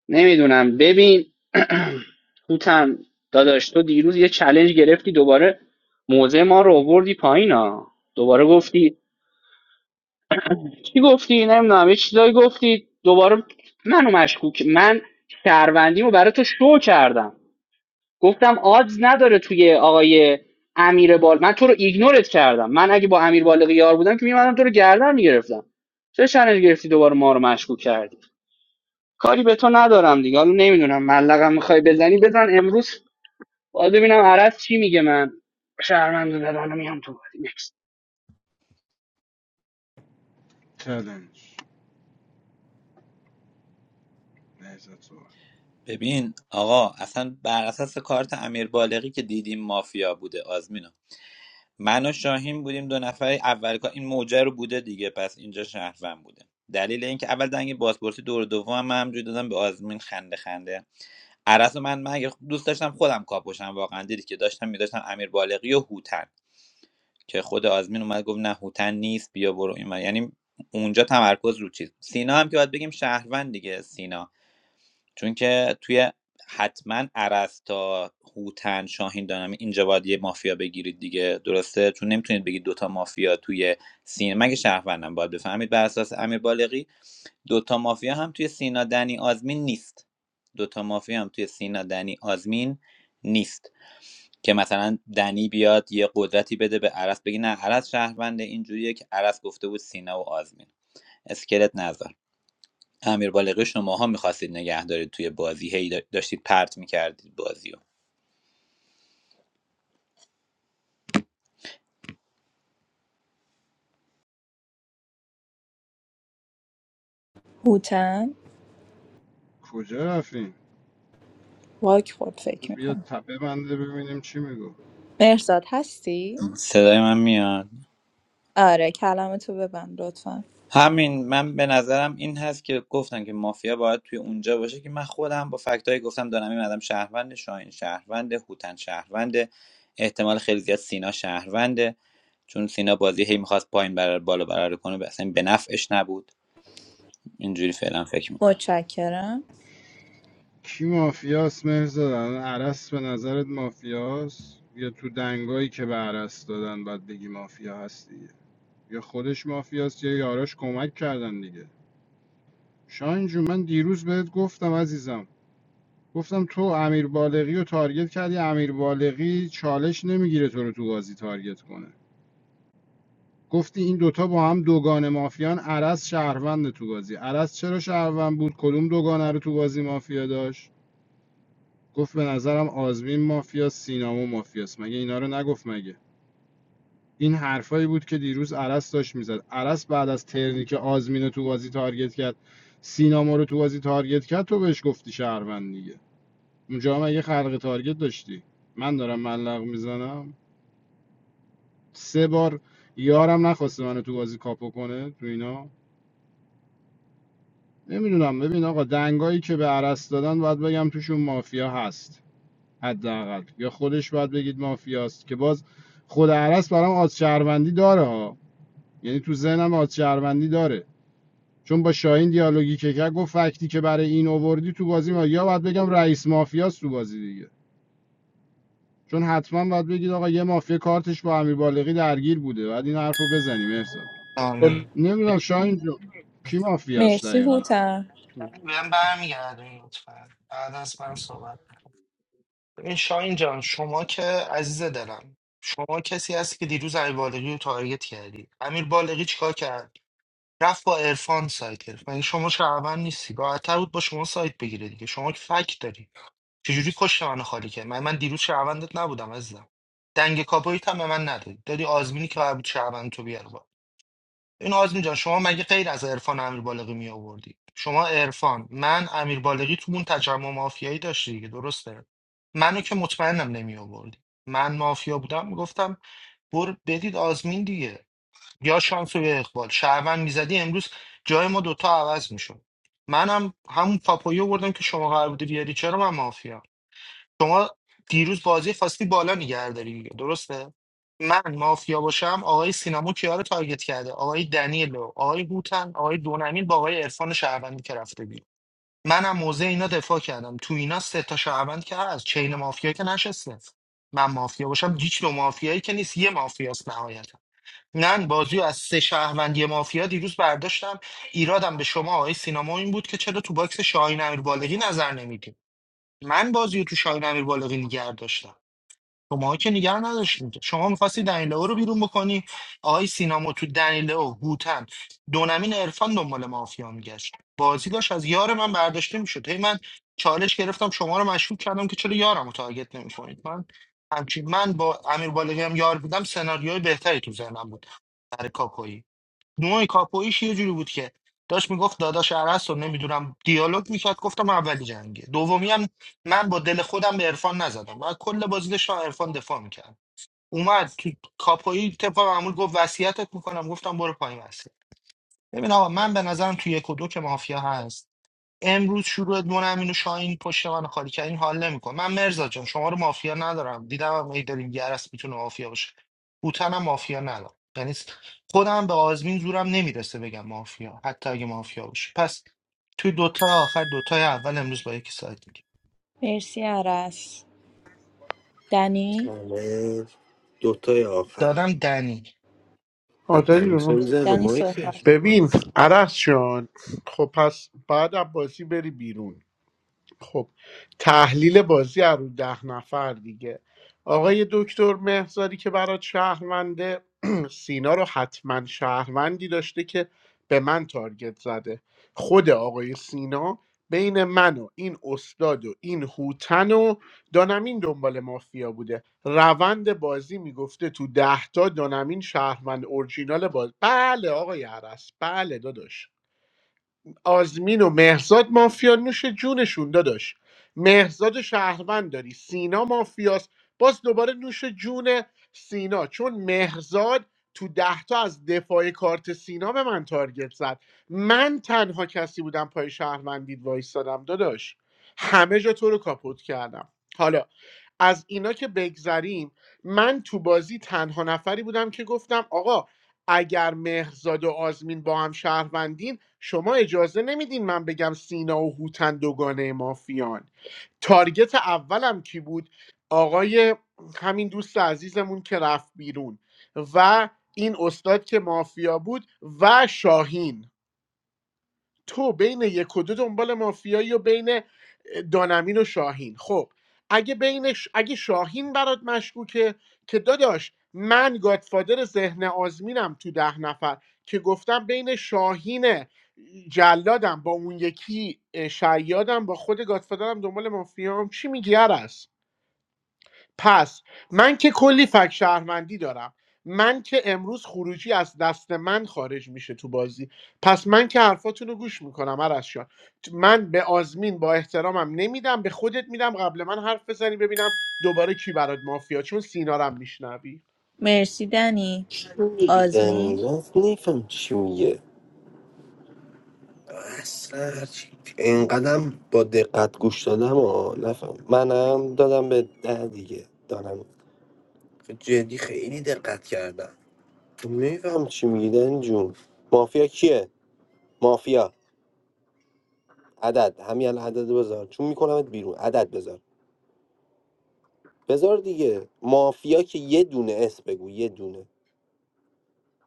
[SPEAKER 11] نمیدونم ببین هوتم داداش تو دیروز یه چلنج گرفتی دوباره موضع ما رو آوردی پایین ها دوباره گفتی چی گفتی نمیدونم یه چیزایی گفتی دوباره منو مشکوک من شهروندیمو برای تو شو کردم گفتم آدز نداره توی آقای امیر بال من تو رو ایگنورت کردم من اگه با امیر بالغی یار بودم که میمدم تو رو گردن میگرفتم چه چلنج گرفتی دوباره ما رو مشکوک کردی کاری به تو ندارم دیگه حالا نمیدونم ملقم میخوای بزنی بزن امروز باید ببینم عرض چی میگه من شهرمند زدن الان میام تو بازی نکست
[SPEAKER 4] چلنج نهزت صحبت
[SPEAKER 22] ببین آقا اصلا بر اساس کارت امیر بالغی که دیدیم مافیا بوده آزمینا من و شاهین بودیم دو نفر اول که این موجه رو بوده دیگه پس اینجا شهروند بوده دلیل اینکه اول دنگ بازپرسی دور دوم هم من همجوری دادم به آزمین خنده خنده عرض من من اگه دوست داشتم خودم کاپوشم واقعا دیدی که داشتم میداشتم امیر بالغی و هوتن که خود آزمین اومد گفت نه هوتن نیست بیا برو این ور. یعنی اونجا تمرکز رو چیز سینا هم که باید بگیم شهروند دیگه سینا چون که توی حتما عرض تا هوتن شاهین دانم اینجا باید یه مافیا بگیرید دیگه درسته چون نمیتونید بگید دوتا مافیا توی سینا مگه شهروندم باید بفهمید بر اساس امیر بالغی دوتا مافیا هم توی سینا دنی آزمین نیست دوتا مافیا هم توی سینا دنی آزمین نیست که مثلا دنی بیاد یه قدرتی بده به عرس بگی نه عرس شهروند اینجوریه که عرس گفته بود سینا و آزمین اسکلت نذار امیر بالغی شماها میخواستید نگه دارید توی بازی هی داشتید پرت میکردید بازیو.
[SPEAKER 18] هوتن
[SPEAKER 4] کجا رفتیم
[SPEAKER 18] واک خورد فکر
[SPEAKER 4] بیا
[SPEAKER 18] میکنم
[SPEAKER 4] تپه بنده ببینیم چی میگو
[SPEAKER 18] مرزاد هستی؟
[SPEAKER 22] رو صدای من میاد
[SPEAKER 18] آره کلامتو ببند لطفا
[SPEAKER 22] همین من به نظرم این هست که گفتن که مافیا باید توی اونجا باشه که من خودم با فکتایی گفتم دانمی مدام شهروند شاهین شهروند هوتن شهروند احتمال خیلی زیاد سینا شهرونده چون سینا بازی هی میخواست پایین برار بالا برار کنه به اصلا به نفعش نبود اینجوری فعلا فکر میکنم
[SPEAKER 18] متشکرم
[SPEAKER 4] کی مافیاست مرزاد الان عرس به نظرت مافیاست یا تو دنگایی که به عرس دادن باید بگی مافیا هستی یا خودش مافیاست یا یاراش کمک کردن دیگه شاهین جون من دیروز بهت گفتم عزیزم گفتم تو امیر بالغی رو تارگت کردی امیر بالغی چالش نمیگیره تو رو تو بازی تارگت کنه گفتی این دوتا با هم دوگان مافیان عرس شهروند تو بازی عرس چرا شهروند بود کدوم دوگانه رو تو بازی مافیا داشت گفت به نظرم آزمین مافیاست سینامو مافیاست مگه اینا رو نگفت مگه این حرفایی بود که دیروز عرس داشت میزد عرس بعد از ترنی که آزمین رو تو بازی تارگت کرد سینا ما رو تو بازی تارگت کرد تو بهش گفتی شهروند دیگه اونجا هم اگه خلق تارگت داشتی من دارم ملق میزنم سه بار یارم نخواسته منو تو بازی کاپو کنه تو اینا نمیدونم ببین آقا دنگایی که به عرس دادن باید بگم توشون مافیا هست حداقل یا خودش باید بگید مافیاست که باز خود عرس برام آز شهروندی داره ها یعنی تو ذهنم آز شهروندی داره چون با شاهین دیالوگی که کرد گفت فکتی که برای این اووردی تو بازی ما یا باید بگم رئیس مافیاست تو بازی دیگه چون حتما باید بگید آقا یه مافیا کارتش با امیر بالغی درگیر بوده بعد این حرفو رو بزنیم ارسا
[SPEAKER 20] آره
[SPEAKER 4] نمیدونم شاهین جون کی مافیاست
[SPEAKER 18] مرسی
[SPEAKER 4] دقیقا
[SPEAKER 18] هوتن
[SPEAKER 20] بهم برمیگردونی لطفا بعد از من صحبت ببین شاهین جان شما که عزیز دلم شما کسی هستی که دیروز امیر بالغی رو تارگت کردی امیر بالغی چیکار کرد رفت با عرفان سایت گرفت یعنی شما شهروند نیستی راحت‌تر بود با شما سایت بگیره دیگه شما که فک داری چجوری پشت منو خالی کرد من من دیروز شهروندت نبودم عزیزم دنگ کاپویت هم به من ندادی دادی آزمینی که قرار بود شهروند تو بیاره با این آزمین جان شما مگه غیر از عرفان امیر بالغی می آوردی شما عرفان من امیر بالغی تو اون تجمع مافیایی داشتی دیگه درسته منو که مطمئنم نمی آوردی من مافیا بودم میگفتم بر بدید آزمین دیگه یا شانس و یا اقبال شهروند میزدی امروز جای ما دوتا عوض میشد منم همون پاپایو بردم که شما قرار بوده بیاری چرا من مافیا شما دیروز بازی خواستی بالا نگه داری دیگه درسته من مافیا باشم آقای سینامو کیا رو تارگت کرده آقای دنیلو آقای هوتن آقای دونمین با آقای عرفان شهروندی که رفته بیرون منم موضع اینا دفاع کردم تو اینا سه تا شهروند که هست چین مافیا که نشسته من مافیا باشم هیچ نوع مافیایی که نیست یه مافیاست نهایت من بازی رو از سه شهروندی مافیا دیروز برداشتم ایرادم به شما آقای سینما این بود که چرا تو باکس شاهین امیر بالغی نظر نمیدیم من بازی رو تو شاهین امیر بالغی نگر داشتم شما که نگر نداشتید شما میخواستی دنیلو رو بیرون بکنی آقای سینما تو دنیلو هوتن دونمین عرفان دنبال مافیا میگشت بازی داشت از یار من برداشته میشد هی من چالش گرفتم شما رو مشکوک کردم که چرا یارم رو تارگت نمیکنید من همچین من با امیر بالغی هم یار بودم سناریوی بهتری تو ذهنم بود برای کاپویی نوع کاپویش یه جوری بود که داشت میگفت داداش عرس رو نمیدونم دیالوگ میکرد گفتم اولی جنگه دومی هم من با دل خودم به عرفان نزدم و کل بازی داشت عرفان دفاع میکرد اومد تو کاپویی طبق معمول گفت وصیتت میکنم گفتم برو پایین وصیت ببین آقا من به نظرم تو یک و دو که مافیا هست امروز شروع دونم و شاهین پشت من خالی کرد این حال نمیکن من مرزا جان شما رو مافیا ندارم دیدم هم ای داریم گرس میتونه مافیا باشه بوتن هم مافیا ندارم یعنی خودم به آزمین زورم نمیرسه بگم مافیا حتی اگه مافیا باشه پس توی دوتا آخر دوتای اول امروز با یکی ساعت میگیم
[SPEAKER 18] مرسی عرس دنی
[SPEAKER 6] آره دوتای آخر
[SPEAKER 20] دادم دنی
[SPEAKER 6] بعد دمیسا
[SPEAKER 5] آدری
[SPEAKER 6] میزن رو
[SPEAKER 18] دنی
[SPEAKER 6] مایکش
[SPEAKER 18] صحبت
[SPEAKER 6] دوباره.
[SPEAKER 5] ببین عرس شد خب پس بعد از بری بیرون خب تحلیل بازی از رو ده نفر دیگه آقای دکتر مهزادی که برات شهرونده سینا رو حتما شهروندی داشته که به من تارگت زده خود آقای سینا بین من و این استاد و این هوتن و دانمین دنبال مافیا بوده روند بازی میگفته تو ده تا دانمین شهروند اورجینال باز بله آقای عرس بله داداش آزمین و مهرزاد مافیا نوش جونشون داداش مهرزاد و شهروند داری سینا مافیاست باز دوباره نوش جون سینا چون مهرزاد تو ده تا از دفاع کارت سینا به من تارگت زد من تنها کسی بودم پای شهروندید وایستادم داداش همه جا تو رو کاپوت کردم حالا از اینا که بگذریم من تو بازی تنها نفری بودم که گفتم آقا اگر مهرزاد و آزمین با هم شهروندین شما اجازه نمیدین من بگم سینا و هوتن دوگانه مافیان تارگت اولم کی بود آقای همین دوست عزیزمون که رفت بیرون و این استاد که مافیا بود و شاهین تو بین یک و دو دنبال مافیایی و بین دانمین و شاهین خب اگه بین اگه شاهین برات مشکوکه که داداش من گادفادر ذهن آزمینم تو ده نفر که گفتم بین شاهین جلادم با اون یکی اه، شیادم با خود گادفادرم دنبال مافیام چی میگی است پس من که کلی فک شهروندی دارم من که امروز خروجی از دست من خارج میشه تو بازی پس من که حرفاتون رو گوش میکنم عرض شان من به آزمین با احترامم نمیدم به خودت میدم قبل من حرف بزنی ببینم دوباره کی برات مافیا چون سینارم میشنوی
[SPEAKER 18] مرسی دنی
[SPEAKER 6] چی میگیزنی
[SPEAKER 18] آزمین
[SPEAKER 6] من نیفهم چی میگه اصلا هرچی اینقدرم با دقت گوش دادم و نفهم منم دادم به ده دیگه دارم جدی خیلی دقت کردم نمیفهم چی میگیدن جون مافیا کیه مافیا عدد همین الان عدد بذار چون میکنمت بیرون عدد بذار بذار دیگه مافیا که یه دونه اسم بگو یه دونه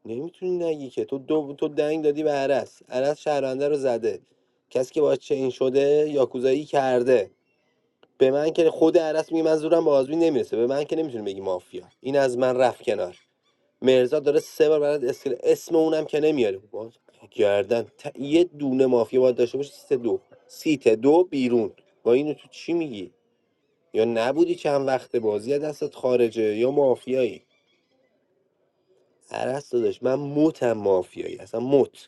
[SPEAKER 6] نمیتونی نگی که تو دو تو دنگ دادی به عرس عرس شهرونده رو زده کسی که باش چین شده یاکوزایی کرده به من که خود عرس میگه من زورم به آزمین نمیرسه به من که نمیتونی بگی مافیا این از من رفت کنار مرزا داره سه بار برات اسکل اسم اونم که نمیاره باز گردن ت... یه دونه مافیا باید داشته باشه سیت دو سیت دو بیرون با اینو تو چی میگی یا نبودی چند وقت بازی از دستت خارجه یا مافیایی عرس داداش من متم مافیایی اصلا مت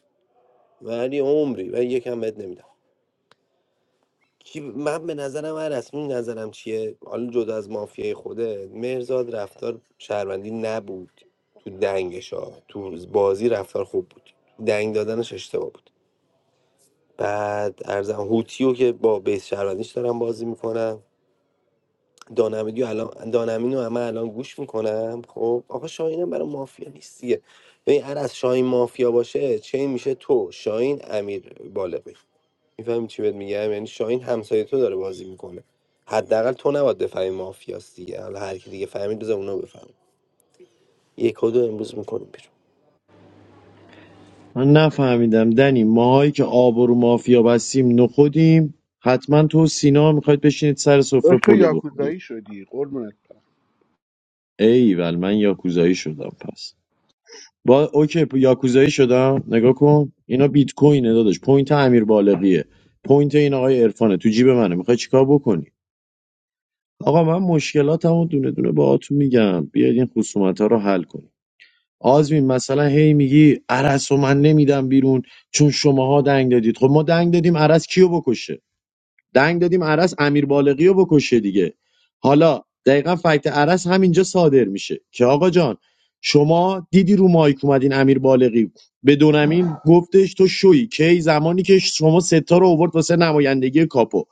[SPEAKER 6] ولی عمری و یکم بد نمیدم کی من به نظرم من رسمی نظرم چیه حالا جدا از مافیای خوده مهرزاد رفتار شهروندی نبود تو دنگش ها تو بازی رفتار خوب بود دنگ دادنش اشتباه بود بعد ارزم هوتیو که با بیس شهروندیش دارم بازی میکنم دانمینو الان دانمینو همه الان گوش میکنم خب آقا شاهینم برای مافیا نیست دیگه ببین هر از شاهین مافیا باشه چه میشه تو شاهین امیر بالغی میفهمی چی بهت میگم یعنی شاهین همسایه تو داره بازی میکنه حداقل تو نباید بفهمی مافیاست دیگه حالا هر کی دیگه فهمید بذار اونا بفهم یک و دو امروز میکنیم بیرون
[SPEAKER 9] من نفهمیدم دنی ماهایی که آب و رو مافیا بستیم نخودیم حتما تو و سینا میخواید بشینید سر سفره
[SPEAKER 5] داشت تو
[SPEAKER 9] پلو بخورید
[SPEAKER 5] یاکوزایی شدی قربونت برم.
[SPEAKER 9] ایول من یاکوزایی شدم پس با اوکی پ- یاکوزایی شدم نگاه کن اینا بیت کوینه داداش پوینت امیر بالغیه پوینت این آقای عرفانه تو جیب منه میخوای چیکار بکنی آقا من مشکلاتمو دونه دونه باهاتون میگم بیاید این خصومت ها رو حل کنید آزمین مثلا هی میگی عرس و من نمیدم بیرون چون شماها دنگ دادید خب ما دنگ دادیم عرس کیو بکشه دنگ دادیم عرس امیر بالغی رو بکشه دیگه حالا دقیقا فکت عرس همینجا صادر میشه که آقا جان شما دیدی رو مایک اومدین امیر بالغی به دونمین گفتش تو شوی کی زمانی که شما ستا رو اوورد واسه نمایندگی کاپو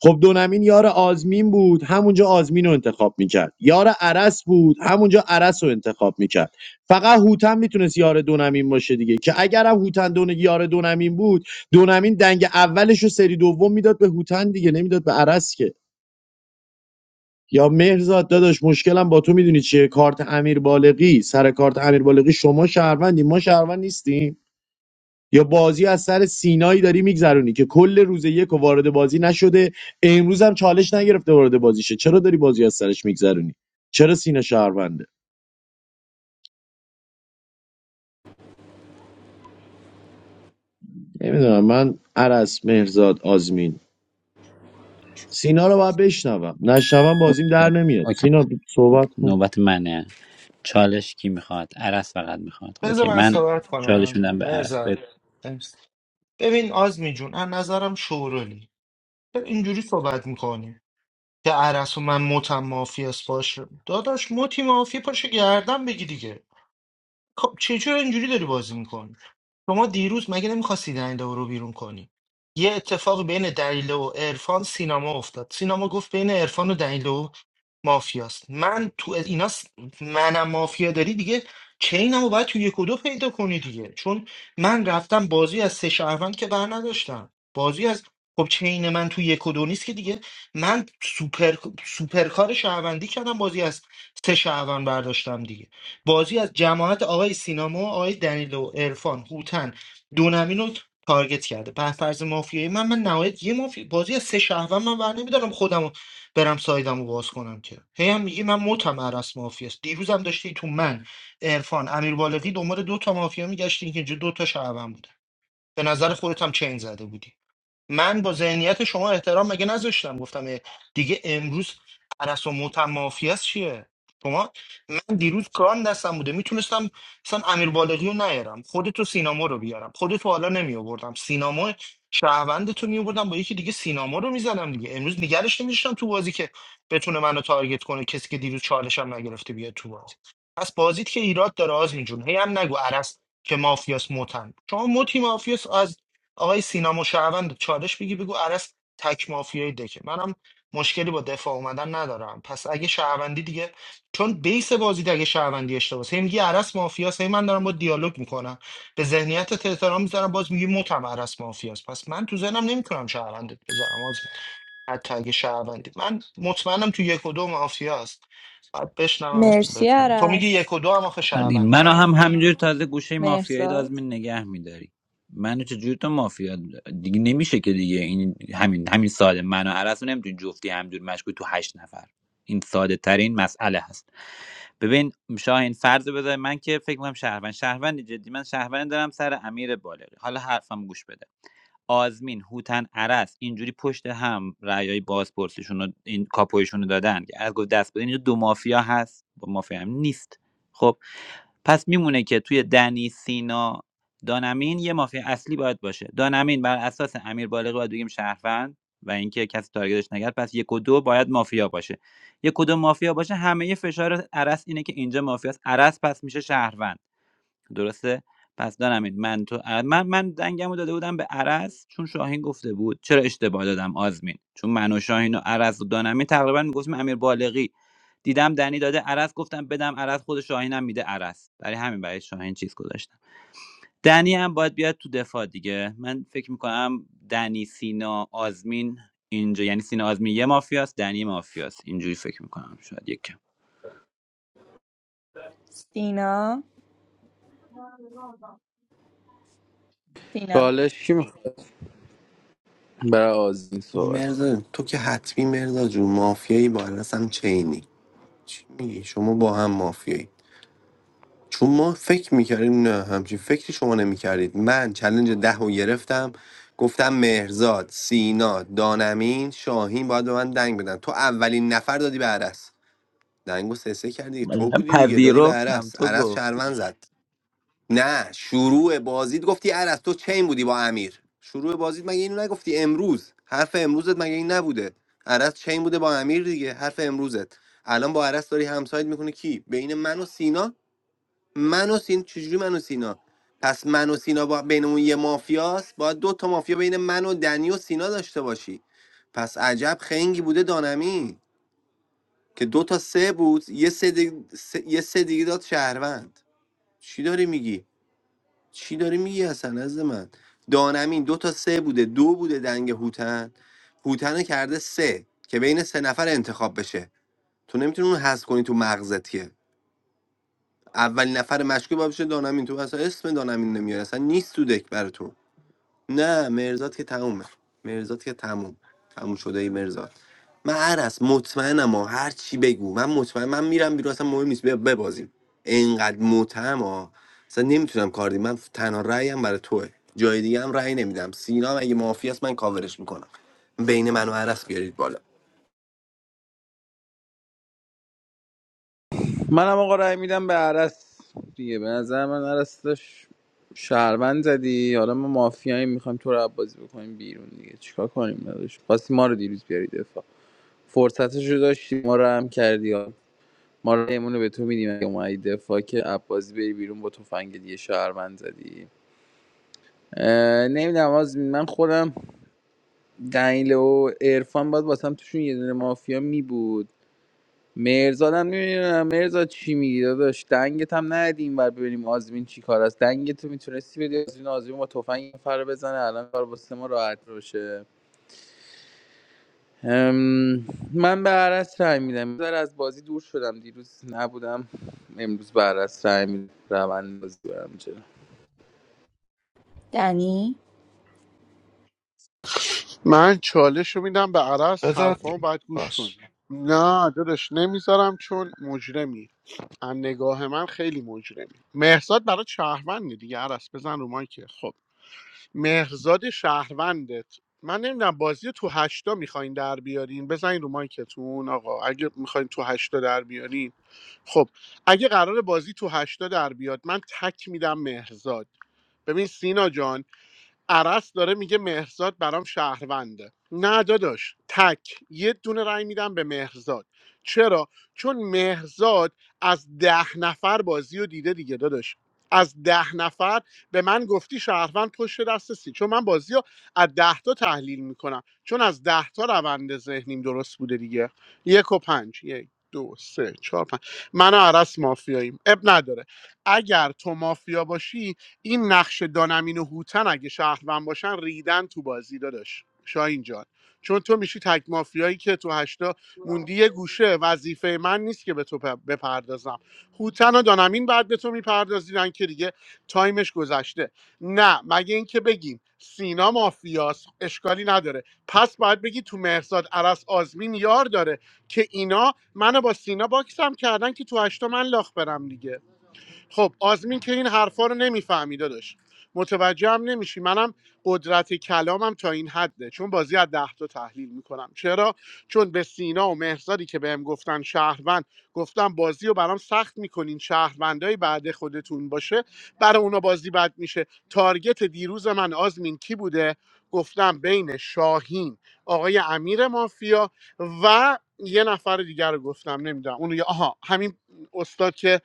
[SPEAKER 9] خب دونمین یار آزمین بود همونجا آزمین رو انتخاب میکرد یار عرس بود همونجا عرس رو انتخاب میکرد فقط هوتن میتونست یار دونمین باشه دیگه که اگرم هوتن دون یار دونمین بود دونمین دنگ اولش رو سری دوم میداد به هوتن دیگه نمیداد به عرس که یا مهرزاد داداش مشکلم با تو میدونی چیه کارت امیر بالغی سر کارت امیر بالغی شما شهروندی ما شهروند نیستیم یا بازی از سر سینایی داری میگذرونی که کل روز یک و وارد بازی نشده امروز هم چالش نگرفته وارد بازی شه چرا داری بازی از سرش میگذرونی چرا سینا شهرونده نمیدونم من عرس مهرزاد آزمین سینا رو باید بشنوم نشنوم بازیم در
[SPEAKER 22] اوکی
[SPEAKER 9] نمیاد
[SPEAKER 22] اوکی.
[SPEAKER 9] سینا صحبت کن
[SPEAKER 22] نوبت منه چالش کی میخواد عرس فقط میخواد
[SPEAKER 20] بذار
[SPEAKER 22] اوکی
[SPEAKER 20] من
[SPEAKER 22] من
[SPEAKER 20] صحبت
[SPEAKER 22] چالش
[SPEAKER 20] کنم
[SPEAKER 22] میدم به عرس
[SPEAKER 20] مرزا ببین آزمین جون از نظرم شورولی اینجوری صحبت میکنی که ارسطو من متم مافی است باشه داداش متی مافی پاشو گردن بگی دیگه خب چه- چرا اینجوری داری بازی میکنی شما دیروز مگه نمیخواستی دنیلو رو بیرون کنی یه اتفاق بین دنیلو و عرفان سینما افتاد سینما گفت بین عرفان و دنیلو مافیاست من تو اینا س- منم مافیا داری دیگه چینمو باید تو یک و دو پیدا کنی دیگه چون من رفتم بازی از سه شهروند که بر نداشتم بازی از خب چین من تو یک و دو نیست که دیگه من سوپر سوپرکار شهروندی کردم بازی از سه شهروند برداشتم دیگه بازی از جماعت آقای سینما آقای دنیلو عرفان هوتن دونمین رو تارگت کرده بر فرض مافیایی من من نهایت یه مافی بازی از سه شهروند من ور نمیدارم خودم رو برم سایدم رو باز کنم که هی هم میگی من متم عرص مافیاست دیروزم داشتی تو من عرفان امیر بالغی دنبال دو تا مافیا میگشتی که اینجا دو تا شهروند بوده به نظر خودت هم چین زده بودی من با ذهنیت شما احترام مگه نذاشتم گفتم اه، دیگه امروز پرستو متمافی است چیه شما من دیروز کار دستم بوده میتونستم مثلا امیر بالغی رو نیارم خودتو سینما رو بیارم خودتو حالا نمی آوردم سینما شهروند تو می آوردم با یکی دیگه سینما رو میزنم دیگه امروز نگرش نمیشتم تو بازی که بتونه منو تارگت کنه کسی که دیروز چالش هم نگرفته بیاد تو بازی پس بازیت که ایراد داره آزمین جون هی هم نگو عرس که مافیاس متن شما متی مافیاس آقای سینا مشعوند چالش بگی بگو عرس تک مافیای دکه منم مشکلی با دفاع اومدن ندارم پس اگه شهروندی دیگه چون بیس بازی دیگه اگه شهروندی اشتباس هی میگی عرس مافیاس هی من دارم با دیالوگ میکنم به ذهنیت احترام میذارم باز میگی متم عرس مافیاس پس من تو ذهنم نمیتونم شهروندت بذارم از حتی اگه شهروندی من مطمئنم تو یک و دو مافیاست بعد بشنوم تو
[SPEAKER 18] مرسی
[SPEAKER 20] بزنم. تو میگی
[SPEAKER 18] عرس
[SPEAKER 20] یک و دو هم آخه
[SPEAKER 22] ولی منو
[SPEAKER 20] شهروندن
[SPEAKER 22] هم
[SPEAKER 20] حالا
[SPEAKER 22] همینجور تازه گوشه مافیایی
[SPEAKER 18] مرزاد
[SPEAKER 22] دازمین نگه میداری منو چجوری تو مافیا دیگه نمیشه که دیگه این همین همین ساده منو عرس رو نمیتونی جفتی همجور مشکوک تو هشت نفر این ساده ترین مسئله هست ببین شاهین فرض رو بذار من که فکر کنم شهروند شهروند جدی من شهروند دارم سر امیر بالغی حالا حرفم گوش بده آزمین هوتن عرس اینجوری پشت هم رأیای بازپرسیشون رو این کاپویشون رو دادن که از گفت دست بدین اینجا دو مافیا هست با مافیا هم نیست خب پس میمونه که توی دنی سینا دانمین یه مافیا اصلی باید باشه دانمین بر اساس امیر بالغی باید بگیم شهروند و اینکه کسی تارگتش نگرد پس یک و دو باید مافیا باشه یک و دو مافیا باشه همه یه فشار عرس اینه که اینجا مافیاست عرس پس میشه شهروند درسته پس دانمین من تو من من دنگمو داده بودم به عرس چون شاهین گفته بود چرا اشتباه دادم آزمین چون من و شاهین و عرس و دانمین تقریبا میگفتیم امیر بالغی دیدم دنی داده عرض گفتم بدم عرض خود شاهینم میده عرض برای همین برای شاهین چیز گذاشتم دنی هم باید بیاد تو دفاع دیگه من فکر میکنم دنی سینا آزمین اینجا یعنی سینا آزمین یه مافیاست دنی مافیاست اینجوری فکر میکنم شاید یکم
[SPEAKER 18] سینا سینا
[SPEAKER 19] چالش کی میخواد برای آزین صحبت کنه؟
[SPEAKER 6] مرزا تو که حتمی مرزا جون مافیایی با عرص هم چینی چی میگی شما با هم مافیایی چون ما فکر میکردیم نه همچین فکری شما نمیکردید من چلنج ده رو گرفتم گفتم مهرزاد سینا دانمین شاهین باید به من دنگ بدن تو اولین نفر دادی به عرص دنگو سه سه کردی
[SPEAKER 22] من
[SPEAKER 6] تو بودی دیگه دادی به
[SPEAKER 22] پذیرفتم
[SPEAKER 6] عرس
[SPEAKER 22] تو
[SPEAKER 6] عرس
[SPEAKER 22] گفتی
[SPEAKER 6] شهروند زد نه شروع بازید گفتی عرس تو چین بودی با امیر شروع بازید مگه اینو نگفتی امروز حرف امروزت مگه این نبوده عرس چین بوده با امیر دیگه حرف امروزت الان با عرس داری همسایت میکنه کی بین من و سینا من و سین چجوری من و سینا پس من و سینا با بین یه مافیاست باید دو تا مافیا بین من و دنی و سینا داشته باشی پس عجب خنگی بوده دانمی که دو تا سه بود یه سه دیگه, سه... یه سه دیگه داد شهروند چی داری میگی چی داری میگی اصلا از من دانمین دو تا سه بوده دو بوده دنگ هوتن هوتن رو کرده سه که بین سه نفر انتخاب بشه تو نمیتونی اون حذف کنی تو مغزت که اولین نفر مشکوک باشه دانمین تو اصلا اسم دانمین نمیاره اصلا نیست تو دک براتون نه مرزاد که تمومه مرزاد که تموم تموم شده ای مرزاد من عرس مطمئنم ها هر چی بگو من مطمئن من میرم بیرون اصلا مهم نیست بیا ببازیم انقدر متهم ها اصلا نمیتونم کار دیم. من تنها رأیم برای توه جای دیگه هم رأی نمیدم سینا هم اگه معافی است من کاورش میکنم بین من و عرس بیارید بالا
[SPEAKER 19] منم آقا رأی میدم به عرس دیگه به نظر من عرس داشت شهروند زدی حالا ما مافیایی میخوایم تو رو عبازی بکنیم بیرون دیگه چیکار کنیم نداشت خواستی ما رو دیروز بیاری دفاع فرصتش رو داشتی ما رو هم کردی ها. ما رأیمون رو به تو میدیم اگه اومدی دفاع که عبازی بری بیرون با تفنگ دیگه شهروند زدی نمیدونم آزمین من خودم دنیله و عرفان باید واسم توشون یه دونه مافیا می بود مرزاد هم نمیدونم مرزاد چی میگی داداش دنگت هم ندیم بر ببینیم آزمین چی کار است دنگت رو میتونستی بدی آزمین آزمین با تفنگ فر بزنه الان کار واسه ما راحت باشه ام، من به عرس رای میدم بذار از بازی دور شدم دیروز نبودم امروز به عرس رای میدم روند بازی برم جلو.
[SPEAKER 18] دنی
[SPEAKER 5] من چالش رو میدم به عرس
[SPEAKER 20] بذار
[SPEAKER 5] حرفان باید گوش کنی
[SPEAKER 20] باش
[SPEAKER 5] نه داداش نمیذارم چون مجرمی از نگاه من خیلی مجرمی مهرزاد برای شهرونده دیگه عرس بزن رو مایکه خب مهرزاد شهروندت من نمیدونم بازی رو تو هشتا میخواین در بیارین بزنین رو مایکتون آقا اگه میخواین تو هشتا در بیارین خب اگه قرار بازی تو هشتا در بیاد من تک میدم مهرزاد ببین سینا جان عرس داره میگه مهرزاد برام شهرونده نه داداش تک یه دونه رأی میدم به مهرزاد چرا چون مهرزاد از ده نفر بازی رو دیده دیگه داداش از ده نفر به من گفتی شهروند پشت دست سی چون من بازی رو از ده تا تحلیل میکنم چون از ده تا روند ذهنیم درست بوده دیگه یک و پنج یک دو سه چهار پنج من و عرس مافیاییم اب نداره اگر تو مافیا باشی این نقش دانمین و هوتن اگه شهروند باشن ریدن تو بازی داداش شاهین جان چون تو میشی تک مافیایی که تو هشتا موندی یه گوشه وظیفه من نیست که به تو پ- بپردازم هوتن و دانمین بعد به تو میپردازیدن که دیگه تایمش گذشته نه مگه اینکه بگیم سینا مافیاس اشکالی نداره پس باید بگی تو مهرزاد عرس آزمین یار داره که اینا منو با سینا باکسم کردن که تو هشتا من لاخ برم دیگه خب آزمین که این حرفا رو نمیفهمیده داشت متوجه هم نمیشی منم قدرت کلامم تا این حده چون بازی از ده تا تحلیل میکنم چرا چون به سینا و مهرزادی که بهم گفتن شهروند گفتم بازی رو برام سخت میکنین شهروندای بعد خودتون باشه برای اونا بازی بد میشه تارگت دیروز من آزمین کی بوده گفتم بین شاهین آقای امیر مافیا و یه نفر دیگر رو گفتم نمیدونم اون یه- آها همین استاد که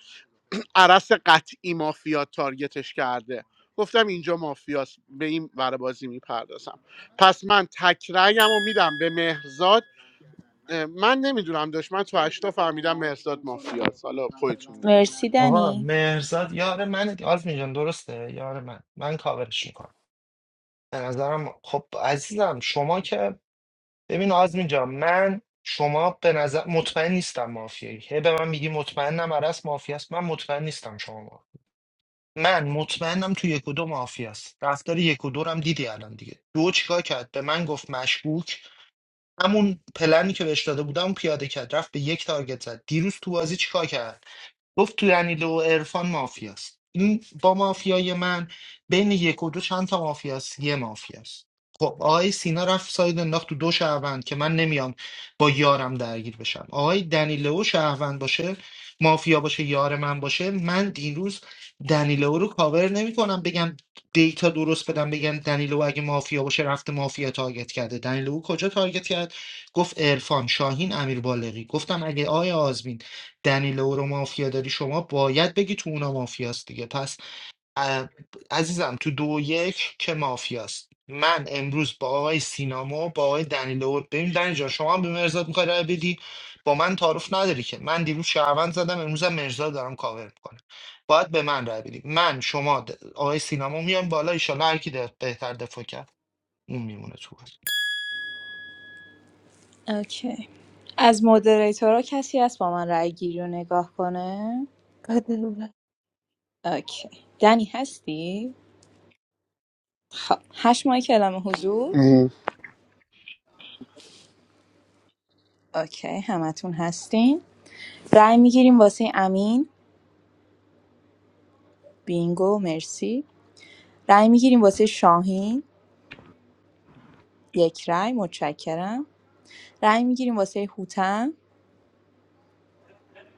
[SPEAKER 5] عرس قطعی مافیا تارگتش کرده گفتم اینجا مافیاست به این ور بازی میپردازم پس من تکرهیم رو میدم به مهرزاد اه، من نمیدونم داشت من تو هشتا فهمیدم مهرزاد مافیاست حالا خودتون میدونی
[SPEAKER 18] مرسی
[SPEAKER 20] آقا
[SPEAKER 18] دنی
[SPEAKER 20] مهرزاد یار منه دی- آلفین جان درسته یار من من کاورش میکنم به نظرم خب عزیزم شما که ببین آزمین جان من شما به نظر مطمئن نیستم مافیایی هی به من میگی مطمئنم عرس مافیاست من مطمئن نیستم شما ما. من مطمئنم تو یک و دو مافیاست رفتار یک و دو رو هم دیدی الان دیگه دو چیکار کرد به من گفت مشکوک همون پلنی که بهش داده بودم پیاده کرد رفت به یک تارگت زد دیروز تو بازی چیکار کرد گفت تو انیلو و عرفان مافیاست این با مافیای من بین یک و دو چند تا مافیاست یه مافیاست خب آقای سینا رفت ساید انداخت تو دو شهروند که من نمیام با یارم درگیر بشم آقای دنیلو شهروند باشه مافیا باشه یار من باشه من این روز دنیلو رو کاور نمیکنم بگم دیتا درست بدم بگم دنیلو اگه مافیا باشه رفته مافیا تارگت کرده دنیلو کجا تارگت کرد گفت عرفان شاهین امیر بالغی گفتم اگه آقای آزمین دنیلو رو مافیا داری شما باید بگی تو اونا مافیاست دیگه پس اه، عزیزم تو دو و یک که مافیاست من امروز با آقای سینامو با آقای دنیلو ببین دنی جان شما هم به مرزاد میخوای رای بدی با من تعارف نداری که من دیروز شهروند زدم امروز هم مرزاد دارم کاور میکنم باید به من رای بدی من شما د- آقای سینما میان بالا ایشالا هر کی د- بهتر دفاع کرد اون میمونه تو بازی.
[SPEAKER 18] اوکی از مودریتورا کسی هست با من رأی گیری رو نگاه کنه
[SPEAKER 23] much.
[SPEAKER 18] اوکی دنی هستی خب هشت ماه کلام حضور اوکی همتون هستین رای میگیریم واسه امین بینگو مرسی رای میگیریم واسه شاهین یک رای متشکرم رای میگیریم واسه هوتن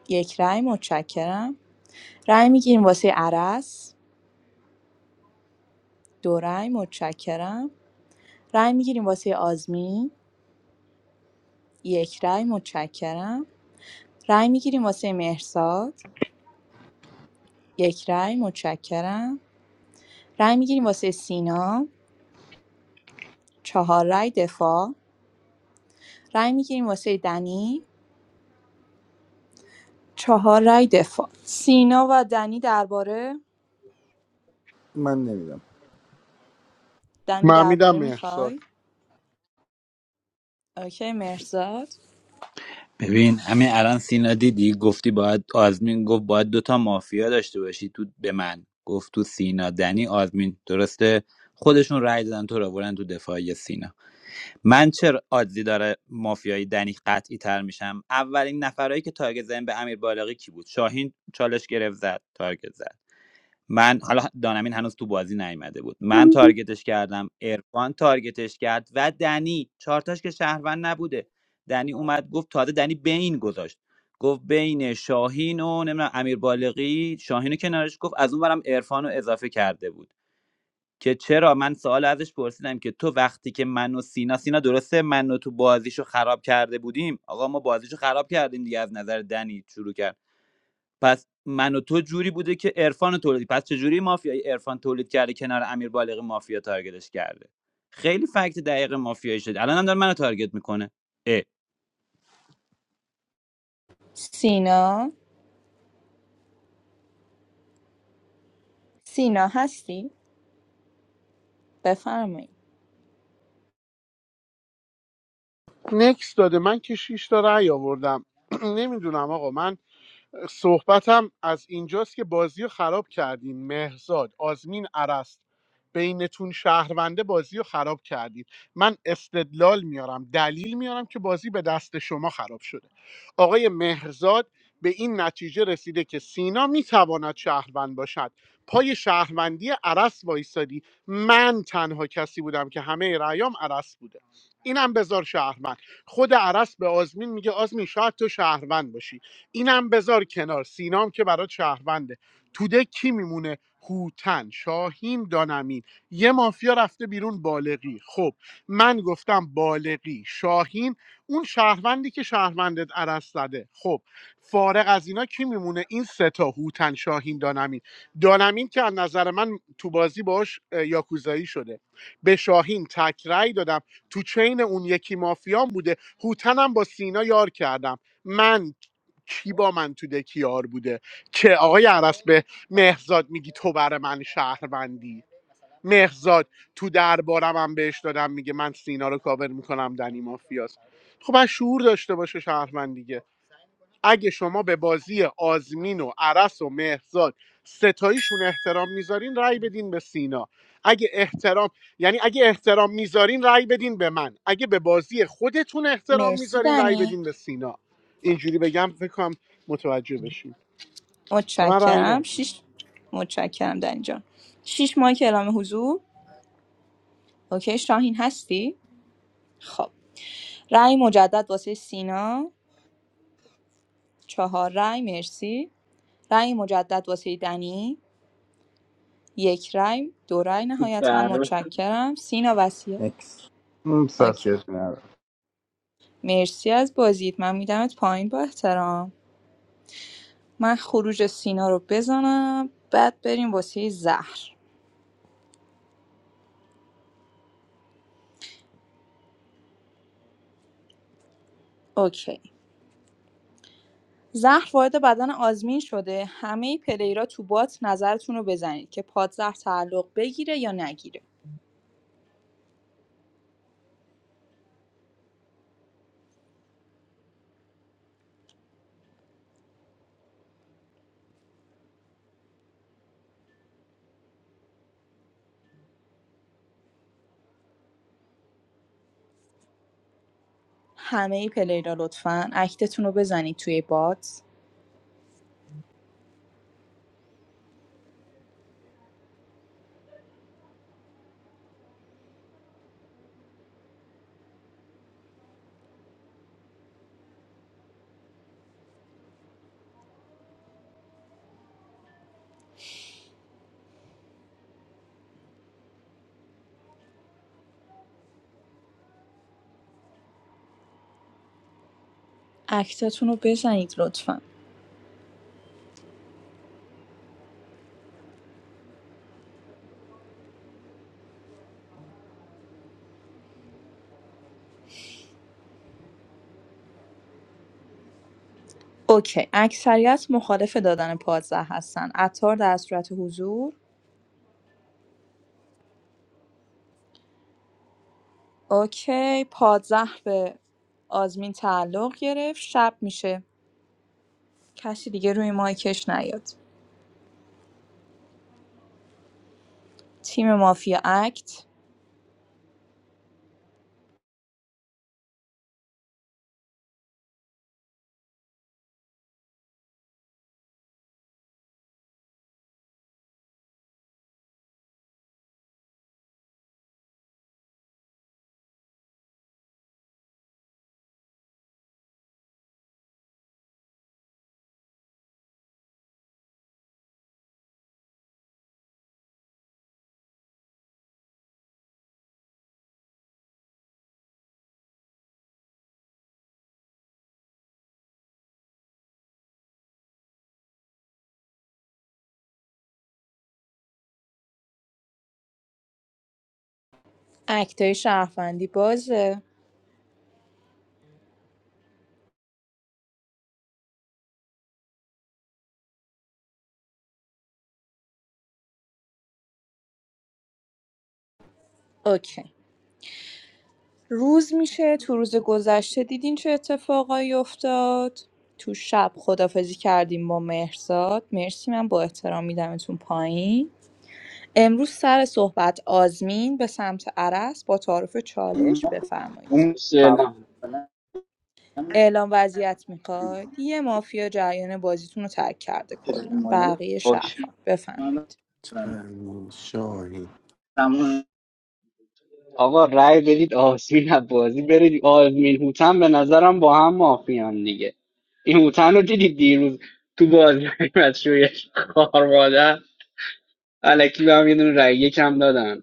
[SPEAKER 18] یک رای متشکرم رای میگیریم واسه عرس دو رای متشکرم رای میگیریم واسه آزمین یک رای متشکرم رای میگیریم واسه مهرزاد یک رای متشکرم رای میگیریم واسه سینا چهار رای دفاع رای میگیریم واسه دنی چهار رای دفاع سینا و دنی درباره
[SPEAKER 19] من نمیدم
[SPEAKER 18] دنی
[SPEAKER 5] من میدم
[SPEAKER 18] درباره
[SPEAKER 5] مهرزاد
[SPEAKER 18] میخوای اوکی مهرزاد
[SPEAKER 22] ببین همین الان سینا دیدی گفتی باید آزمین گفت باید دوتا مافیا داشته باشی تو به من گفت تو سینا دنی آزمین درسته خودشون رأی دادن تو را برن تو دفاعی سینا من چه آدزی داره مافیایی دنی قطعی تر میشم اولین نفرهایی که تارگت زدن به امیر بالغی کی بود شاهین چالش گرفت زد تارگت زد من حالا دانمین هنوز تو بازی نیومده بود من تارگتش کردم ارفان تارگتش کرد و دنی چارتاش که شهروند نبوده دنی اومد گفت تازه دنی بین گذاشت گفت بین شاهین و نمیدونم امیر بالغی شاهین رو کنارش گفت از اون برم عرفان رو اضافه کرده بود که چرا من سوال ازش پرسیدم که تو وقتی که من و سینا سینا درسته من و تو بازیشو خراب کرده بودیم آقا ما بازیشو خراب کردیم دیگه از نظر دنی شروع کرد پس من و تو جوری بوده که عرفان تولید پس چجوری مافیای عرفان تولید کرده کنار امیر بالغ مافیا تارگتش کرده خیلی فکت دقیق مافیایی شد الان هم داره منو تارگت میکنه اه
[SPEAKER 18] سینا سینا هستی بفرمایید
[SPEAKER 5] نکس داده من که شیش تا رأی آوردم نمیدونم آقا من صحبتم از اینجاست که بازی رو خراب کردین مهرزاد آزمین عرست بینتون شهرونده بازی رو خراب کردید من استدلال میارم دلیل میارم که بازی به دست شما خراب شده آقای مهرزاد به این نتیجه رسیده که سینا میتواند شهروند باشد پای شهروندی عرس وایسادی من تنها کسی بودم که همه رأیام عرس بوده اینم بذار شهروند خود عرس به آزمین میگه آزمین شاید تو شهروند باشی اینم بذار کنار سینام که برای شهرونده توده کی میمونه هوتن شاهین دانمین یه مافیا رفته بیرون بالغی خب من گفتم بالغی شاهین اون شهروندی که شهروندت عرض زده خب فارغ از اینا کی میمونه این سه تا هوتن شاهین دانمین دانمین که از نظر من تو بازی باش یاکوزایی شده به شاهین تک رأی دادم تو چین اون یکی مافیان بوده هوتنم با سینا یار کردم من کی با من تو دکیار بوده که آقای عرس به مهزاد میگی تو بر من شهروندی مهزاد تو دربارم هم بهش دادم میگه من سینا رو کاور میکنم دنی مافیاست خب از شعور داشته باشه شهروند دیگه اگه شما به بازی آزمین و عرس و مهرزاد ستاییشون احترام میذارین رأی بدین به سینا اگه احترام یعنی اگه احترام میذارین رأی بدین به من اگه به بازی خودتون احترام
[SPEAKER 18] مرسی
[SPEAKER 5] میذارین رأی
[SPEAKER 18] دنی
[SPEAKER 5] بدین به سینا اینجوری بگم فکر کنم متوجه بشین به من رأی
[SPEAKER 18] متشکرم
[SPEAKER 5] ندین
[SPEAKER 18] شیش متشکرم در اینجا شیش ماه که اعلام حضور اوکی شاهین هستی خب رأی مجدد واسه سینا چهار رأی مرسی رأی مجدد واسه دنی یک رأی دو رأی نهایتا
[SPEAKER 11] شهرمند
[SPEAKER 18] متشکرم سینا وسیه
[SPEAKER 19] اکس اون
[SPEAKER 18] اوکی
[SPEAKER 19] ساسیت ندارم
[SPEAKER 18] مرسی از بازیت من میدمت پایین با احترام من خروج سینا رو بزنم بعد بریم واسه زهر اوکی زهر وارد بدن آزمین شده همه پلیرا تو بات نظرتون رو بزنید که پادزهر تعلق بگیره یا نگیره همه پلیرا لطفا اکتتون رو بزنید توی بات اکتتون رو بزنید لطفا اوکی اکثریت مخالف دادن پادزهر هستن عطار در صورت حضور اوکی پادزهر به آزمین تعلق گرفت شب میشه کسی دیگه روی مایکش نیاد تیم مافیا اکت اکتای شهروندی بازه اوکی روز میشه تو روز گذشته دیدین چه اتفاقایی افتاد تو شب خدافزی کردیم با مهرزاد مرسی من با احترام میدمتون پایین امروز سر صحبت آزمین به سمت عرس با تعارف چالش بفرمایید
[SPEAKER 5] اون
[SPEAKER 11] سلام
[SPEAKER 5] اولا
[SPEAKER 18] اعلام وضعیت میخواد یه مافیا جریان بازیتون رو ترک کرده
[SPEAKER 5] پدر
[SPEAKER 18] کلا
[SPEAKER 5] مادری
[SPEAKER 18] بقیه
[SPEAKER 11] باش
[SPEAKER 18] شهرفان
[SPEAKER 5] من
[SPEAKER 18] بفرمایید
[SPEAKER 6] امین شاهی
[SPEAKER 5] تمام.
[SPEAKER 11] آقا رأی بدید آزمین از بازی برید آزمین هوتن به نظرم با هم مافیان دیگه این هوتن رو دیدید دیروز تو بازی از شویش خوار مادر الکی به هم یه دونه رأی یکم دادن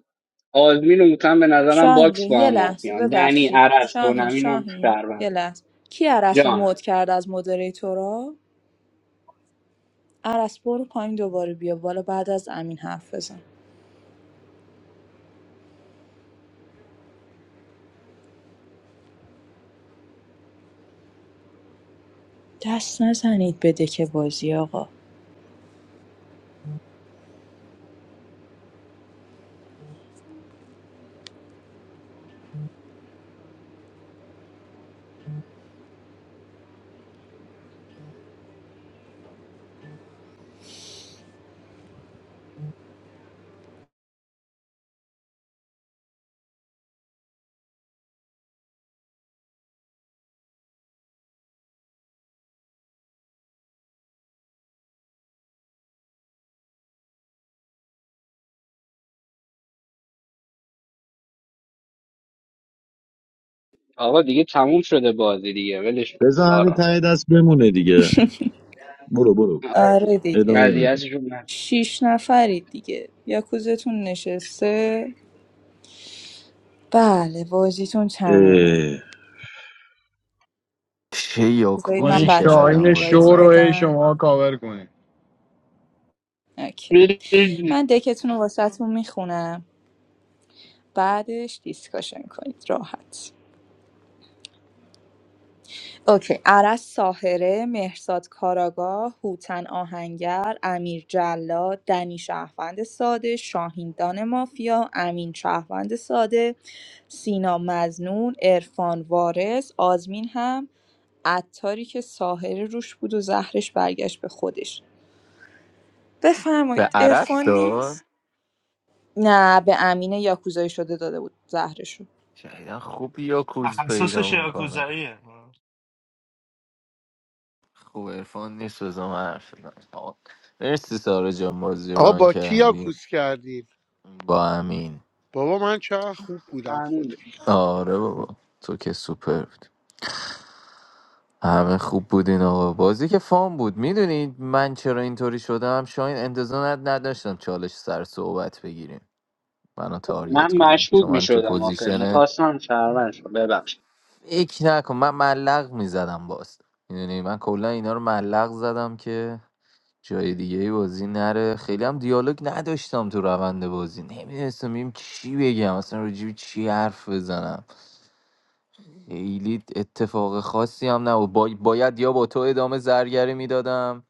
[SPEAKER 11] آزمین و هوتن به نظرم
[SPEAKER 18] شاهین جان
[SPEAKER 11] باکس با
[SPEAKER 18] یه
[SPEAKER 11] هم
[SPEAKER 18] لحظه
[SPEAKER 11] مافیان دنی
[SPEAKER 18] ببخشید
[SPEAKER 11] عرض
[SPEAKER 18] شاهین
[SPEAKER 11] دونمینم
[SPEAKER 18] شاهین
[SPEAKER 11] شهروند
[SPEAKER 18] یه لحظه کی عرس رو
[SPEAKER 11] جان
[SPEAKER 18] مود کرد از مدریتورا عرض برو پایین دوباره بیا بالا بعد از امین حرف بزن دست نزنید بده که بازی آقا
[SPEAKER 11] آقا دیگه تموم شده بازی دیگه ولش کن
[SPEAKER 9] بذار همین
[SPEAKER 11] سارا
[SPEAKER 9] ته دست بمونه دیگه برو برو
[SPEAKER 11] آره
[SPEAKER 18] آره
[SPEAKER 11] دیگه
[SPEAKER 18] دیگه
[SPEAKER 9] ادامه بده
[SPEAKER 11] اذیتشون نکن.
[SPEAKER 18] شیش نفرید دیگه یاکوزتون نشسته بله بازیتون تمومه
[SPEAKER 9] اه،
[SPEAKER 1] چه
[SPEAKER 18] بذارید
[SPEAKER 4] با
[SPEAKER 18] من
[SPEAKER 4] این
[SPEAKER 1] یاکوزی
[SPEAKER 18] بچه ها رو
[SPEAKER 1] کردم
[SPEAKER 4] شاهین
[SPEAKER 1] با
[SPEAKER 18] اینوایت
[SPEAKER 4] شو رو
[SPEAKER 1] دونم
[SPEAKER 4] هی
[SPEAKER 18] بدم
[SPEAKER 4] شما کاور کنید
[SPEAKER 18] اوکی. من دکتون رو واسهتون میخونم بعدش دیسکاشن کنید راحت اوکی عرس ساحره مهرزاد کاراگاه هوتن آهنگر امیر جلاد دنی شهروند ساده شاهین دان مافیا امین شهروند ساده سینا مزنون عرفان وارث آزمین هم عطاری که ساحره روش بود و زهرش برگشت به خودش
[SPEAKER 1] به
[SPEAKER 18] بفرمایید عرفان
[SPEAKER 1] عرص داد
[SPEAKER 18] نیست نه به امین یاکوزایی شده داده بود زهرشو
[SPEAKER 1] شاید خوب یاکوز
[SPEAKER 20] تخصص
[SPEAKER 1] پیدا میکنه
[SPEAKER 20] شیاکوزاییه
[SPEAKER 1] خوب ارفان نیست بزن حرف بزنم. آقا، مرسی سارا جان بازی
[SPEAKER 5] آقا
[SPEAKER 1] ران
[SPEAKER 5] با کی
[SPEAKER 1] کردی
[SPEAKER 5] یاکوس کردین
[SPEAKER 1] با امین
[SPEAKER 5] بابا من چقدر خوب بودم خدا.
[SPEAKER 11] من
[SPEAKER 1] آره بابا تو که سوپر بود همه خوب بودین آقا بازی که فان بود میدونید من چرا اینطوری شدم شاین انتظار ند- نداشتم چالش سر صحبت بگیریم منو
[SPEAKER 11] من
[SPEAKER 1] تاریت کنه
[SPEAKER 11] مشکوک
[SPEAKER 1] چون
[SPEAKER 11] می
[SPEAKER 1] من تو
[SPEAKER 11] شدم آخه
[SPEAKER 1] پوزیشن
[SPEAKER 11] میخواستم شهرون شد ببخش
[SPEAKER 1] فکر نکن من ملق میزدم باز میدونی من کلا اینا رو ملق زدم که جای دیگه ای بازی نره خیلی هم دیالوگ نداشتم تو روند بازی نمیدونستم بیم چی بگم اصلا راجب چی حرف بزنم خیلی اتفاق خاصی هم نبود با... باید یا با تو ادامه زرگری میدادم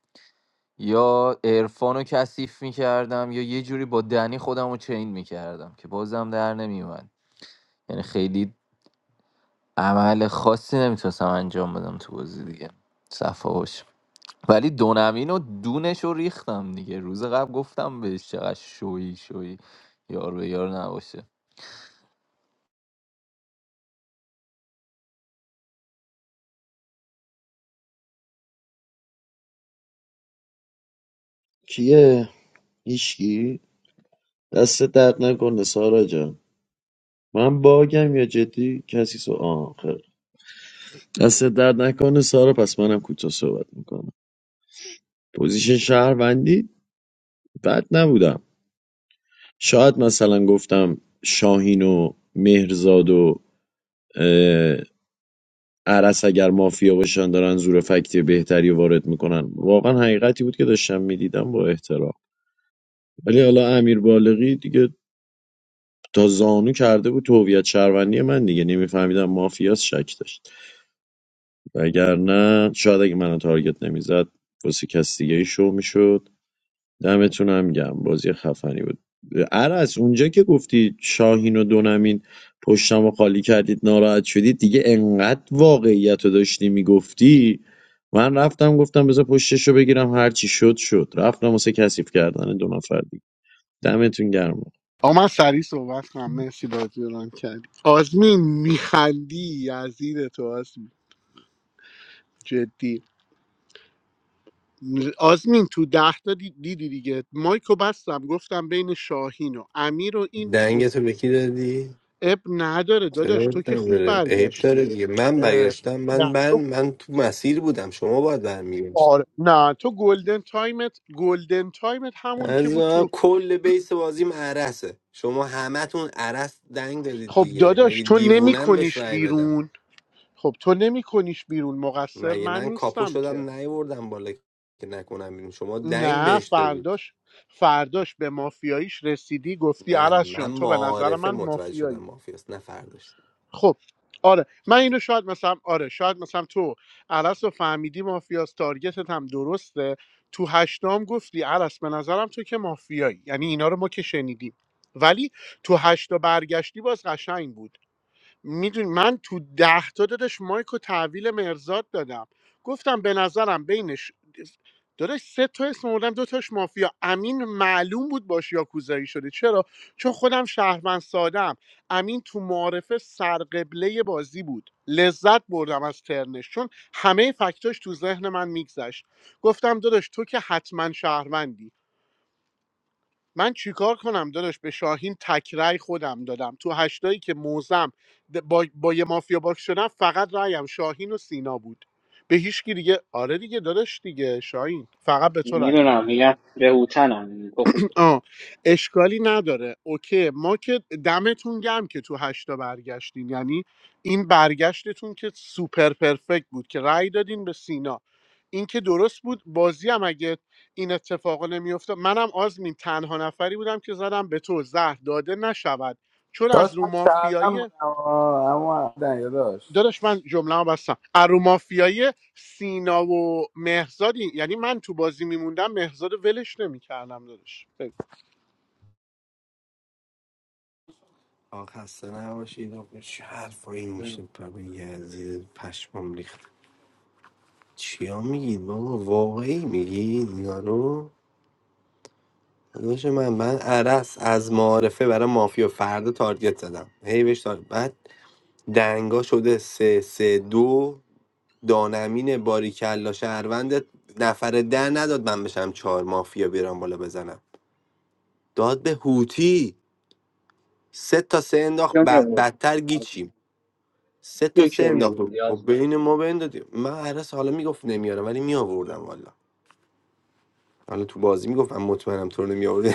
[SPEAKER 1] یا عرفان رو کثیف میکردم یا یه جوری با دنی خودم رو چین میکردم که بازم در نمیومد یعنی خیلی عمل خاصی نمیتونستم انجام بدم تو بازی دیگه صفا باش. ولی دونمین و دونش رو ریختم دیگه روز قبل گفتم بهش چقدر شویی شویی یار به یار نباشه
[SPEAKER 9] کیه هیچکی دست درد نکنه سارا جان من باگم یا جدی کسی سو آخر دست درد نکنه سارا پس منم کوتاه صحبت میکنم پوزیشن شهروندی بد نبودم شاید مثلا گفتم شاهین و مهرزاد و اه، عرس اگر مافیا باشن دارن زور فکتی بهتری وارد میکنن واقعا حقیقتی بود که داشتم میدیدم با احترام ولی حالا امیر بالغی دیگه تا زانو کرده بود تو هویت شهروندی من دیگه نمیفهمیدم مافیاس شک داشت وگرنه شاید اگه منو تارگت نمیزد واسه کس دیگه ای شو میشد دمتون هم گم بازی خفنی بود عرس اونجا که گفتی شاهین و دونمین پشتم و خالی کردید ناراحت شدید دیگه انقدر واقعیت رو داشتی میگفتی من رفتم گفتم بذار پشتش رو بگیرم هرچی شد شد رفتم واسه کثیف کردن دو نفر دیگه دمتون گرم
[SPEAKER 5] آقا من سریع صحبت کنم مرسی بازی رو ران کردی آزمین میخندی یزید تو آزمین جدی آزمین تو ده تا دی- دیدی دیگه مایکو بستم گفتم بین شاهین و امیر و این اس-
[SPEAKER 6] دنگتو به کی دادی
[SPEAKER 5] اب نداره
[SPEAKER 6] چرا
[SPEAKER 5] داداش تو که خوب
[SPEAKER 6] نداره عیب داره
[SPEAKER 5] برگشتی
[SPEAKER 6] دیگه من
[SPEAKER 5] اه،
[SPEAKER 6] برگشتم من
[SPEAKER 5] نه
[SPEAKER 6] بر
[SPEAKER 5] تو
[SPEAKER 6] من تو مسیر بودم شما باید برمیگشت
[SPEAKER 5] آره نه تو گلدن تایمت گلدن تایمت همون که
[SPEAKER 6] از
[SPEAKER 5] بود
[SPEAKER 6] من
[SPEAKER 5] تو
[SPEAKER 6] کل بیس بازیم عرسه شما همتون عرس دنگ دادید
[SPEAKER 5] خب
[SPEAKER 6] دیگه
[SPEAKER 5] داداش
[SPEAKER 6] مگه
[SPEAKER 5] تو نمی
[SPEAKER 6] دیوونم بهش
[SPEAKER 5] کنیش
[SPEAKER 6] رأی بدم
[SPEAKER 5] بیرون خب تو نمی کنیش بیرون مقصر
[SPEAKER 6] مگه
[SPEAKER 5] من
[SPEAKER 6] من کاپو
[SPEAKER 5] نیستم که
[SPEAKER 6] شدم نیوردم بالا که نکنم بیرون شما دنگ
[SPEAKER 5] نه
[SPEAKER 6] بهش دادید
[SPEAKER 5] فرداش فرداش به مافیاییش رسیدی گفتی
[SPEAKER 6] نه
[SPEAKER 5] عرش
[SPEAKER 6] من
[SPEAKER 5] جان تو به نظر
[SPEAKER 6] معارفه
[SPEAKER 5] من
[SPEAKER 6] متوجه شدم
[SPEAKER 5] مافیایی
[SPEAKER 6] مافیاست نه فرداش
[SPEAKER 5] خب آره من اینو شاید مثلا آره شاید مثلا تو عرس رو فهمیدی مافیاست تارگتت هم درسته تو هشتم گفتی عرس به نظرم تو که مافیایی یعنی اینا رو ما که شنیدیم ولی تو هشتا برگشتی باز قشنگ بود میدونی من تو ده تا دادش مایک و تحویل مرزاد دادم گفتم به نظرم بینش داداش سه تا اسم آوردم دو تاش مافیا امین معلوم بود باش یاکوزایی شده چرا چون خودم شهروند سادم امین تو معارفه سرقبله بازی بود لذت بردم از ترنش چون همه فکتاش تو ذهن من میگذشت گفتم داداش تو که حتما شهروندی من چیکار کنم داداش به شاهین تکرای خودم دادم تو هشتایی که موزم با, با یه مافیا باک شدم فقط رایم شاهین و سینا بود به هیچ کی دیگه آره دیگه داداش دیگه شاهین فقط به تو رای دادم
[SPEAKER 11] میدونم میگم به هوتنم تو خوب
[SPEAKER 5] آه اشکالی نداره اوکی ما که دمتون گم که تو هشتا برگشتین یعنی این برگشتتون که سوپر پرفکت بود که رأی دادین به سینا این که درست بود بازی هم اگه این اتفاق نمیافتاد منم آزمین تنها نفری بودم که زدم به تو زهر داده نشود چون از
[SPEAKER 19] داشت
[SPEAKER 5] رو
[SPEAKER 19] من
[SPEAKER 5] مافیایی
[SPEAKER 19] شهرم بودم آه، اما دنیا داشت
[SPEAKER 5] داداش من جمله بستم از رو مافیایی سینا و مهزادی یعنی من تو بازی میموندم مهزاد رو ولش نمیکردم داداش
[SPEAKER 6] آخ خسته نباشید آقا چه حرفایی میشه بابا یزید پشمام ریخت چیا میگید بابا واقعی میگید یارو داداش من من عرس از معارفه برای مافیا فردا تارگت زدم هی بهش تار- بعد دنگا شده سه سه دو دانمین باریکلا شهروند نفر ده نداد من بشم چهار مافیا بیرام بالا بزنم داد به هوتی سه تا سه انداخت
[SPEAKER 11] کیا می
[SPEAKER 6] ب-
[SPEAKER 11] آوردی
[SPEAKER 6] بدتر گیچیم سه تا
[SPEAKER 11] یکی
[SPEAKER 6] سه
[SPEAKER 11] رو می
[SPEAKER 6] انداخت
[SPEAKER 11] آوردی
[SPEAKER 6] و
[SPEAKER 11] یاسین.
[SPEAKER 6] بین ما بندادیم من عرس حالا میگفت نمیارم ولی میآوردم والا حالا تو بازی میگفت من مطمئنم تو رو نمیآورد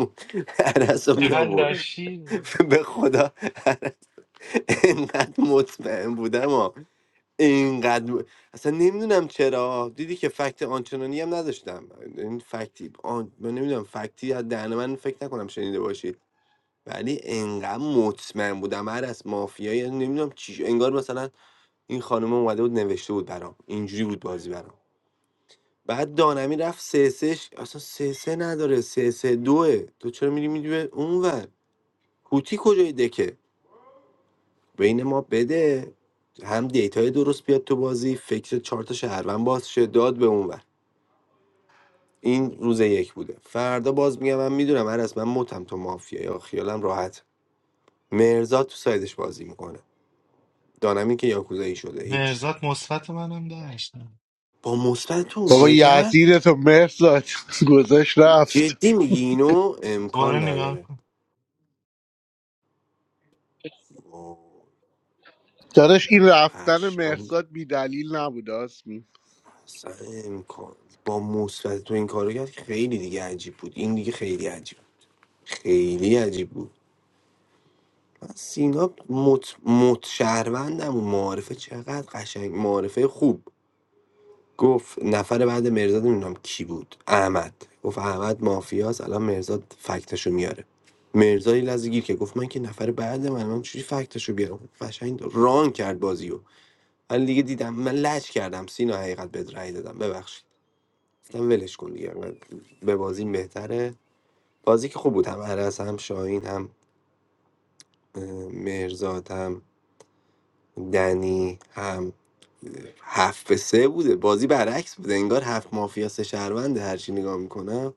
[SPEAKER 6] عرس رو
[SPEAKER 20] چقدر
[SPEAKER 6] میآورد
[SPEAKER 20] لاشی
[SPEAKER 6] به خدا اینقدر مطمئن بودم ها اینقدر م- اصلا نمیدونم چرا دیدی که فکت آنچنانی هم نداشتم این فکتی آن... من نمیدونم فکتی از دهن من فکر نکنم شنیده باشی ولی انقدر مطمئن بودم هر از مافیایی نمیدونم چی انگار مثلا این خانم اومده بود نوشته بود برام اینجوری بود بازی برام بعد دانمی رفت سه سهش اصلا سه سه نداره سه سه دوه تو چرا میری میری اونور هوتی کجای دکه بین ما بده هم دیتای درست بیاد تو بازی فکر چهار تا شهروند باز شه داد به اونور این روز یک بوده فردا باز میگم من میدونم هر از من متم تو مافیا یا خیالم راحت مرزاد تو سایدش بازی میکنه دانمی که یاکوزایی شده هیچ
[SPEAKER 20] مرزاد مثبت منم داشت
[SPEAKER 6] با مثبت تو اون
[SPEAKER 5] بابا
[SPEAKER 6] کار کرد
[SPEAKER 5] یزید تو مرزاد گذاشت رفت
[SPEAKER 6] جدی میگی اینو
[SPEAKER 20] دوباره
[SPEAKER 6] امکان
[SPEAKER 20] نگاه
[SPEAKER 6] نداره
[SPEAKER 20] کن
[SPEAKER 6] وای،
[SPEAKER 5] داداش این رفتن
[SPEAKER 6] پشمام
[SPEAKER 5] مرزاد بی دلیل نبود آسمی
[SPEAKER 6] اصلا امکان با مثبت تو این کارو کرد خیلی دیگه عجیب بود این دیگه خیلی عجیب خیلی عجیب بود سینا مت مت شهروندم و معارفه چقدر قشنگ معارفه خوب گفت نفر بعد مرزاد نمیدونم کی بود احمد گفت احمد مافیاس الان مرزاد فکتشو میاره مرزاد یه لحظه گیر که گفت من که نفر بعد من من چجوری فکتشو بیارم قشنگ ران کرد بازیو من دیگه دیدم من لج کردم سینا حقیقت بد رأی دادم ببخشید گفتم ولش کن دیگه من به بازی بهتره بازی که خوب بود هم عرس هم شاهین هم اه، مرزاد هم دنی هم هفت به سه بوده بازی برعکس بوده انگار هفت مافیا سه شهرونده هرچی نگاه میکنم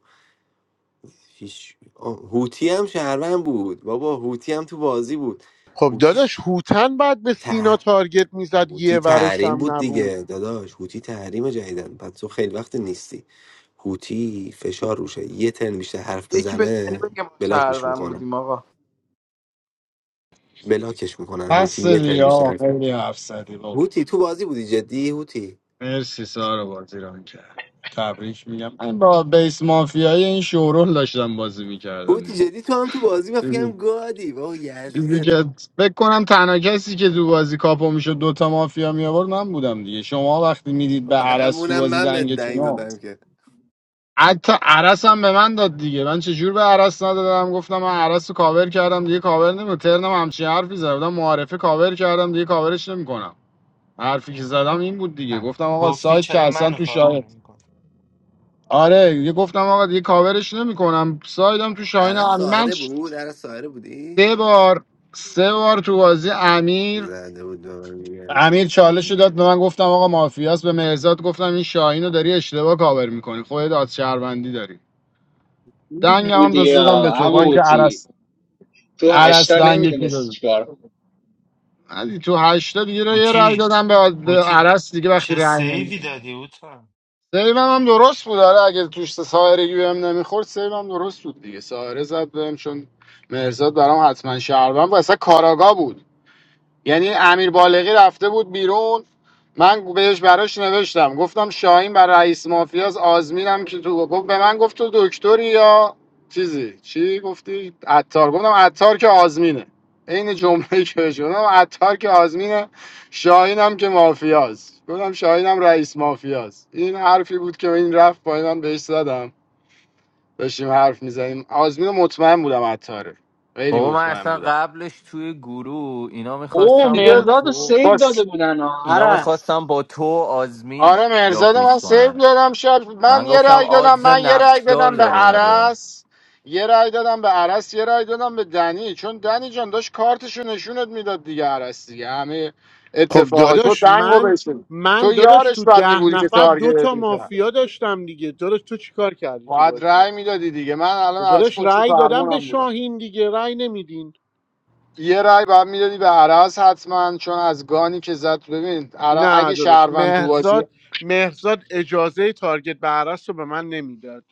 [SPEAKER 6] هیچ آه، هوتی هم شهروند بود بابا هوتی هم تو بازی بود
[SPEAKER 5] خب
[SPEAKER 6] هوتی س-
[SPEAKER 5] داداش هوتن بعد به سینا
[SPEAKER 6] ته...
[SPEAKER 5] تارگت میزد
[SPEAKER 6] هوتی
[SPEAKER 5] یه ورش
[SPEAKER 6] تحریم
[SPEAKER 5] هم
[SPEAKER 6] بود
[SPEAKER 5] نبود
[SPEAKER 6] دیگه داداش هوتی تحریم جدیدن بعد تو خیلی وقت نیستی هوتی فشار روشه یه ترن بیشتر حرف
[SPEAKER 19] یکی به دنی
[SPEAKER 6] بزنه
[SPEAKER 19] بگه ما
[SPEAKER 6] بلاکش
[SPEAKER 19] شهروند
[SPEAKER 6] میکنن
[SPEAKER 19] بودیم آقا
[SPEAKER 6] بلاکش میکنن هوتی
[SPEAKER 4] بس
[SPEAKER 6] یه ترن
[SPEAKER 4] دیگه
[SPEAKER 6] بیشتر
[SPEAKER 4] آقا
[SPEAKER 6] حرف بزنه.
[SPEAKER 4] خیلی حرف زدی بابا
[SPEAKER 6] هوتی تو بازی بودی جدی هوتی
[SPEAKER 4] مرسی سارا بازی ران کرد تبریک میگم من با بیس مافیای این شورول داشتم بازی میکردم
[SPEAKER 6] هوتی جدی تو هم تو بازی من فکرم
[SPEAKER 4] دیگه
[SPEAKER 6] گادی بابا
[SPEAKER 4] چیزی
[SPEAKER 6] یزیدت
[SPEAKER 4] که فکر کنم تنها کسی که تو بازی کاپو میشد دوتا مافیا می آورد من بودم دیگه شما وقتی میدید به عرس تو
[SPEAKER 6] همونم
[SPEAKER 4] بازی
[SPEAKER 6] من به
[SPEAKER 4] دنگتون
[SPEAKER 6] دنگ
[SPEAKER 4] ها.
[SPEAKER 6] دادم که
[SPEAKER 4] حتی عرس هم به من داد دیگه من چجور به عرس ندادم گفتم من عرس رو کاور کردم دیگه کاور نمی ترنم همچین حرفی زدم معارفه کاور کردم دیگه کاورش نمیکنم حرفی که زدم این بود دیگه
[SPEAKER 20] هم.
[SPEAKER 4] گفتم آقا
[SPEAKER 20] گفتی
[SPEAKER 4] سایت که
[SPEAKER 20] چرا
[SPEAKER 4] اصلا
[SPEAKER 20] منو
[SPEAKER 4] تو
[SPEAKER 20] کاور
[SPEAKER 4] شاهد
[SPEAKER 20] نمیکن
[SPEAKER 4] آره دیگه گفتم آقا دیگه کاورش نمیکنم سایدم تو شاهین
[SPEAKER 6] عرص
[SPEAKER 4] امیر. من
[SPEAKER 6] ساهره
[SPEAKER 4] ش-
[SPEAKER 6] بود عرص ساهره بودی
[SPEAKER 4] سه بار سه بار تو بازی امیر
[SPEAKER 6] زده بود به من میگردی
[SPEAKER 4] امیر چالش رو داد به من گفتم آقا مافیاس به مهرزاد گفتم این شاهین رو داری اشتباه کاور میکنی خودت داد شهروندی داری دنگ هم
[SPEAKER 11] بودی
[SPEAKER 4] داد دادم به
[SPEAKER 11] یا
[SPEAKER 4] تو بانک
[SPEAKER 11] عموتی
[SPEAKER 4] عرس
[SPEAKER 11] تو
[SPEAKER 4] عرس
[SPEAKER 11] هشتا
[SPEAKER 4] دنگ کی
[SPEAKER 11] نمیدونستی
[SPEAKER 4] داد
[SPEAKER 11] چیکار
[SPEAKER 4] علی تو هشتا دیگه رو یه رای
[SPEAKER 20] بوتی
[SPEAKER 4] دادم به به
[SPEAKER 20] بوتی
[SPEAKER 4] عرس دیگه وقتی
[SPEAKER 20] چه
[SPEAKER 4] رای
[SPEAKER 20] سیوی
[SPEAKER 4] نمیده
[SPEAKER 20] دادی اوتا
[SPEAKER 4] سیوم هم درست بود آره اگه توش سایرگی بهم نمیخورد سیوم هم درست بود دیگه سایره زد بهم چون مهرزاد برام حتما شهروند بود اصلا کاراگاه بود یعنی امیر بالغی رفته بود بیرون من بهش براش نوشتم گفتم شاهین بر رئیس مافیاز آزمینم که تو گفت به من گفت تو دکتری یا چیزی چی گفتی عطار گفتم عطار که آزمینه عین جمله که بهش گفتم عطار که آزمینه شاهینم که مافیاز گفتم شاهینم رئیس مافیاز این حرفی بود که این رفت پایین من بهش زدم داشتیم حرف میزنیم آزمین مطمئن بودم عطاره خیلی
[SPEAKER 1] بابا من
[SPEAKER 4] مطمئن
[SPEAKER 1] اصلا
[SPEAKER 4] بودم
[SPEAKER 1] قبلش توی گروه اینا
[SPEAKER 11] او
[SPEAKER 1] میخواستم
[SPEAKER 4] دیگه
[SPEAKER 1] با
[SPEAKER 11] مرزاد رو
[SPEAKER 1] تو
[SPEAKER 4] با
[SPEAKER 11] سیو داده بودن ها
[SPEAKER 1] اینا
[SPEAKER 11] هرس
[SPEAKER 1] میخواستم با تو و آزمین
[SPEAKER 4] آره مرزاد من
[SPEAKER 1] یاکوس
[SPEAKER 4] سیف
[SPEAKER 1] کنن
[SPEAKER 4] دادم شب من
[SPEAKER 1] من
[SPEAKER 4] یه
[SPEAKER 1] گفتم
[SPEAKER 4] رای دادم
[SPEAKER 1] آدز
[SPEAKER 4] من یه رای
[SPEAKER 1] نقشدار
[SPEAKER 4] دادم به
[SPEAKER 1] داره اونجا
[SPEAKER 4] عرس یه رای دادم به عرس یه رای دادم به دنی چون دنی جان داشت کارتشو نشونت میداد دیگه عرس دیگه همه
[SPEAKER 5] خب
[SPEAKER 4] اتفاقات تو
[SPEAKER 5] داداش
[SPEAKER 4] دنگو
[SPEAKER 5] من
[SPEAKER 4] بشین
[SPEAKER 5] من
[SPEAKER 4] تو
[SPEAKER 5] داداش
[SPEAKER 4] یارش
[SPEAKER 5] تو
[SPEAKER 4] بد
[SPEAKER 5] ده
[SPEAKER 4] بودی که
[SPEAKER 5] نفر دو
[SPEAKER 4] تارگت
[SPEAKER 5] تا
[SPEAKER 4] میکرد
[SPEAKER 5] مافیا داشتم دیگه داداش تو چیکار کردی تو
[SPEAKER 4] باید
[SPEAKER 5] بازی
[SPEAKER 4] رای میدادی دیگه من الان
[SPEAKER 5] خب
[SPEAKER 4] از
[SPEAKER 5] داداش
[SPEAKER 4] پشت
[SPEAKER 5] رأی دادم به
[SPEAKER 4] فرمونم بودم
[SPEAKER 5] شاهین دیگه رأی نمیدین
[SPEAKER 4] یه رای باید میدادی به عرس حتما چون از گانی که زد ببین عرا-
[SPEAKER 5] نه
[SPEAKER 4] اگه
[SPEAKER 5] داداش
[SPEAKER 4] شهروند تو بازی
[SPEAKER 5] مهرزاد مهرزاد اجازه تارگت به عرص رو به من نمیداد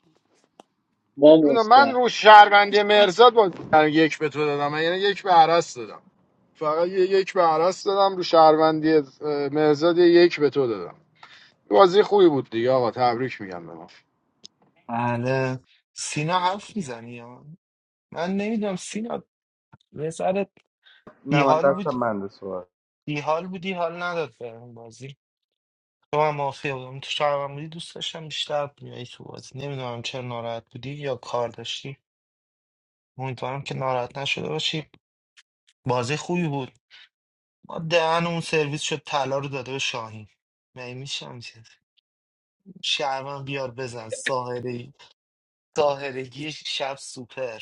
[SPEAKER 11] با
[SPEAKER 4] اونو من
[SPEAKER 11] مستن
[SPEAKER 4] رو شهروندی مرزاد با من یک به تو دادم من یعنی یک به عرس دادم فقط یه یک به عرس دادم رو شهروندی اه، مرزاد یه یک به تو دادم بازی خوبی بود دیگه آقا تبریک میگم به ما
[SPEAKER 20] بله سینا حرف میزنی یا من نمیدونم سینا وزارت
[SPEAKER 19] نه من
[SPEAKER 20] بیحال بود
[SPEAKER 19] دستم بنده صحبت
[SPEAKER 20] بیحال بودی حال نداد بهم بازی تو هم موافقه بودم تو شهرم بودی دوست داشتم بیشتر بیایی تو بازی نمیدونم چرا ناراحت بودی یا کار داشتی امیدوارم که ناراحت نشده باشی بازی خوبی بود ما دهن اون سرویس شد طلا رو داده به شاهین می میشم شهرمن بیار بزن ساهره ساهرگی شب سوپر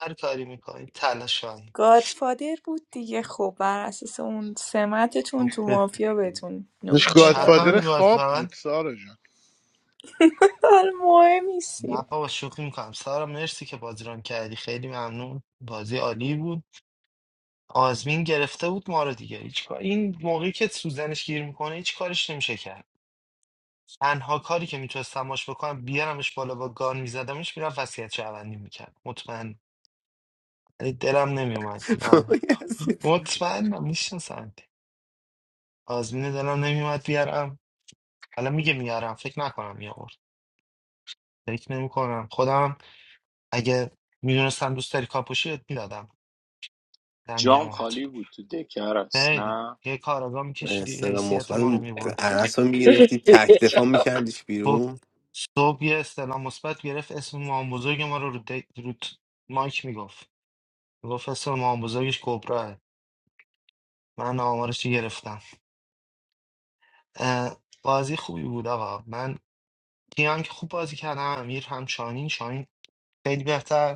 [SPEAKER 20] هر کاری میکنی تلاشایی
[SPEAKER 18] گادفادر بود دیگه خب بر اساس اون سمتتون
[SPEAKER 20] خب
[SPEAKER 18] تو
[SPEAKER 20] به
[SPEAKER 18] مافیا بهتون نو-
[SPEAKER 5] داداش
[SPEAKER 18] مدال
[SPEAKER 20] چپ هم
[SPEAKER 5] گادفادر
[SPEAKER 18] دادن
[SPEAKER 20] میباز
[SPEAKER 5] خواب بود
[SPEAKER 20] فقط
[SPEAKER 5] سارا جان.
[SPEAKER 18] مهم نیست
[SPEAKER 20] نه بابا شوخی میکنم سارا مرسی که بازی ران کردی خیلی ممنون بازی عالی بود آزمین گرفته بود ما رو دیگه هیچ کار این موقعی که سوزنش گیر میکنه هیچ کارش نمیشه کرد تنها کاری که میتونستم ماش بکنم بیارمش بالا با گان میزدمش میرم وصیت شهروندی میکرد مطمئن ولی دلم نمیومد نه.
[SPEAKER 6] بابای هستید
[SPEAKER 20] مطمئنم میشناسم آزمین دلم نمیومد بیارم حالا میگه میارم فکر نکنم میآورد فکر نمیکنم خودم اگه میدونستم دوست داری کاپوشیت میدادم دنگم
[SPEAKER 24] John
[SPEAKER 20] و
[SPEAKER 24] Hollywood to declare as
[SPEAKER 20] خیلی
[SPEAKER 24] not.
[SPEAKER 20] یه کاراگاه میکشیدی
[SPEAKER 6] استرا
[SPEAKER 20] حیثیت ما رو
[SPEAKER 6] مثبت
[SPEAKER 20] میبرد
[SPEAKER 6] عرص رو میگرفتی تک دفاع میکردیش
[SPEAKER 20] صبح
[SPEAKER 6] بیرون
[SPEAKER 20] صبح یه استعلام مثبت گرفت اسم مام بزرگ ما رو رو, دی- رو ت- مایک میگفت گفت اسم مام بزرگش کبراه من آمارش رو گرفتم اه، بازی خوبی بود آقا من کیان که خوب بازی کردم امیر هم شاهین شاهین خیلی بهتر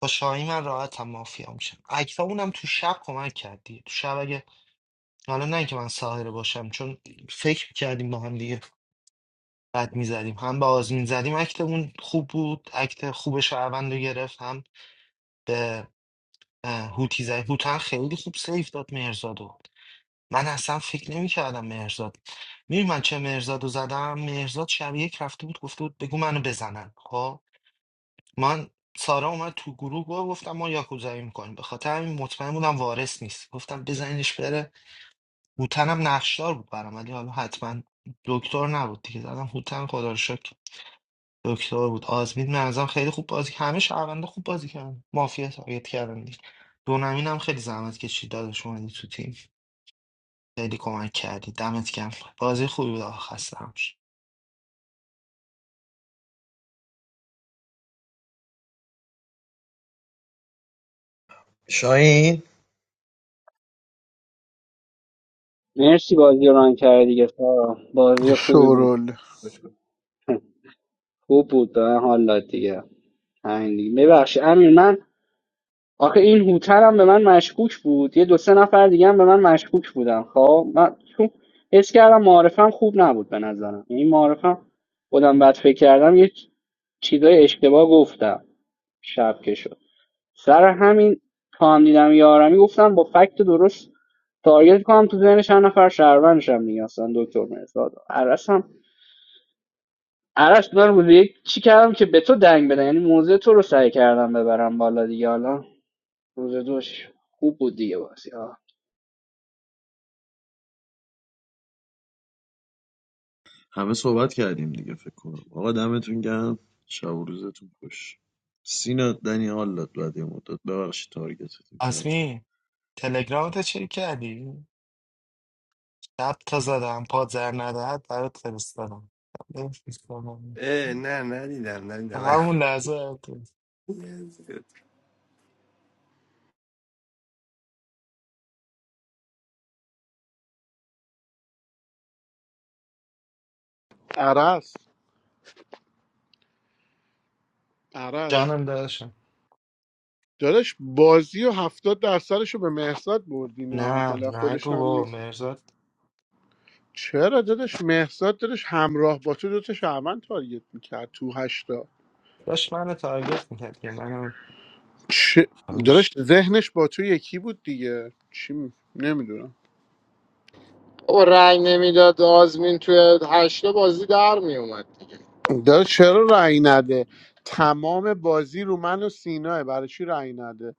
[SPEAKER 20] با شاهی من راحت هم مافیا میشم اکتا اونم تو شب کمک کردی تو شب اگه حالا نه که من ساهره باشم چون فکر کردیم با هم دیگه بد میزدیم هم به آزمین زدیم اکتمون خوب بود اکت خوب شهروند رو گرفت هم به اه، هوتی زدیم هوتن خیلی خوب سیف داد مهرزادو من اصلا فکر نمیکردم مهرزاد میری من چه مهرزادو زدم مهرزاد شب یک رفته بود گفته بود بگو منو بزنن خب من سارا اومد تو گروه گفت- گفتم ما یاکوزایی میکنیم به خاطر همین مطمئن بودم وارث نیست گفتم بزنینش بره هوتنم نقشدار بود برام ولی حالا حتما دکتر نبود دیگه زدم هوتن خدا رو شکر دکتر بود آزمین منظرم خیلی خوب بازی کرد. همه شهرونده خوب بازی کردن مافیا تارگت کردن دیگه دونمین هم خیلی زحمت کشید داداش اومدی تو تیم خیلی کمک کردی دمت گرم بازی خوبی بود آخه خسته نباش.
[SPEAKER 11] مرسی بازی رو ران کردی دیگه سارا بازی خوبی بود
[SPEAKER 5] شورول
[SPEAKER 11] خوب بود به من حال داد دیگه همین دیگه ببخشید امیر من آخه این هوتر هم به من مشکوک بود یه دو سه نفر دیگه هم به من مشکوک بودن خب من چون حس کردم معارفم خوب نبود به نظرم این معارفم خودم بعد فکر کردم یه چیزای اشتباه گفتم شب که شد سر همین تا هم دیدم یارمی گفتم با فکت درست تارگت کنم تو ذهن چند نفر شهروندشم دیگه اصلا دکتر مرزاد آرش من روز یک چی کردم که به تو دنگ بدن یعنی موزه تو رو سعی کردم ببرم بالا دیگه حالا روز دوش خوب بود دیگه بازی
[SPEAKER 9] همه صحبت کردیم دیگه فکر کنم آقا دمتون گرم شب و روزتون خوش سینا دنی حال داد بعد یه مدت ببخشید تارگتتون کردم
[SPEAKER 20] آزمین تلگرامت چه کردی شب تا زدم پادر ندهد برات فرستادم بفرستادم.
[SPEAKER 6] اه نه ندیدم ندیدم
[SPEAKER 20] همون لحظه
[SPEAKER 5] عرس عرس
[SPEAKER 20] جانم داشتم
[SPEAKER 5] داداش بازی و هفتاد درصدش رو به مهرزاد بردینا
[SPEAKER 20] نه
[SPEAKER 5] حالا خودش
[SPEAKER 20] نگو
[SPEAKER 5] هم
[SPEAKER 20] بابا
[SPEAKER 5] نیست
[SPEAKER 20] مرزاد
[SPEAKER 5] چرا داداش مهرزاد داداش همراه با تو دوتا شهروند تارگت میکرد تو هشتا
[SPEAKER 20] داشت منو تارگت میکرد که منم
[SPEAKER 5] چه داداش ذهنش با تو یکی بود دیگه چی می... نمیدونم
[SPEAKER 4] او رأی نمیداد آزمین توی هشته بازی در میومد دیگه
[SPEAKER 5] داداش چرا رأی نده تمام بازی رو من و سیناه برای چی رأی نده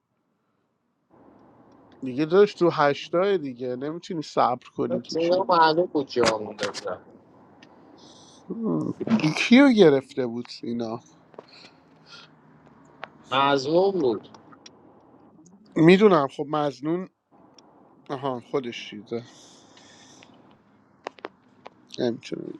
[SPEAKER 5] دیگه داداش تو هشتای دیگه نمیتونی صبر کنی که چی
[SPEAKER 4] اینا
[SPEAKER 5] هم.
[SPEAKER 4] معلوم بود جا مونده بودم
[SPEAKER 5] کیو گرفته بود سینا
[SPEAKER 4] مظلوم بود
[SPEAKER 5] میدونم خب مزنون آها خودش چیزه نمیتونه بگه.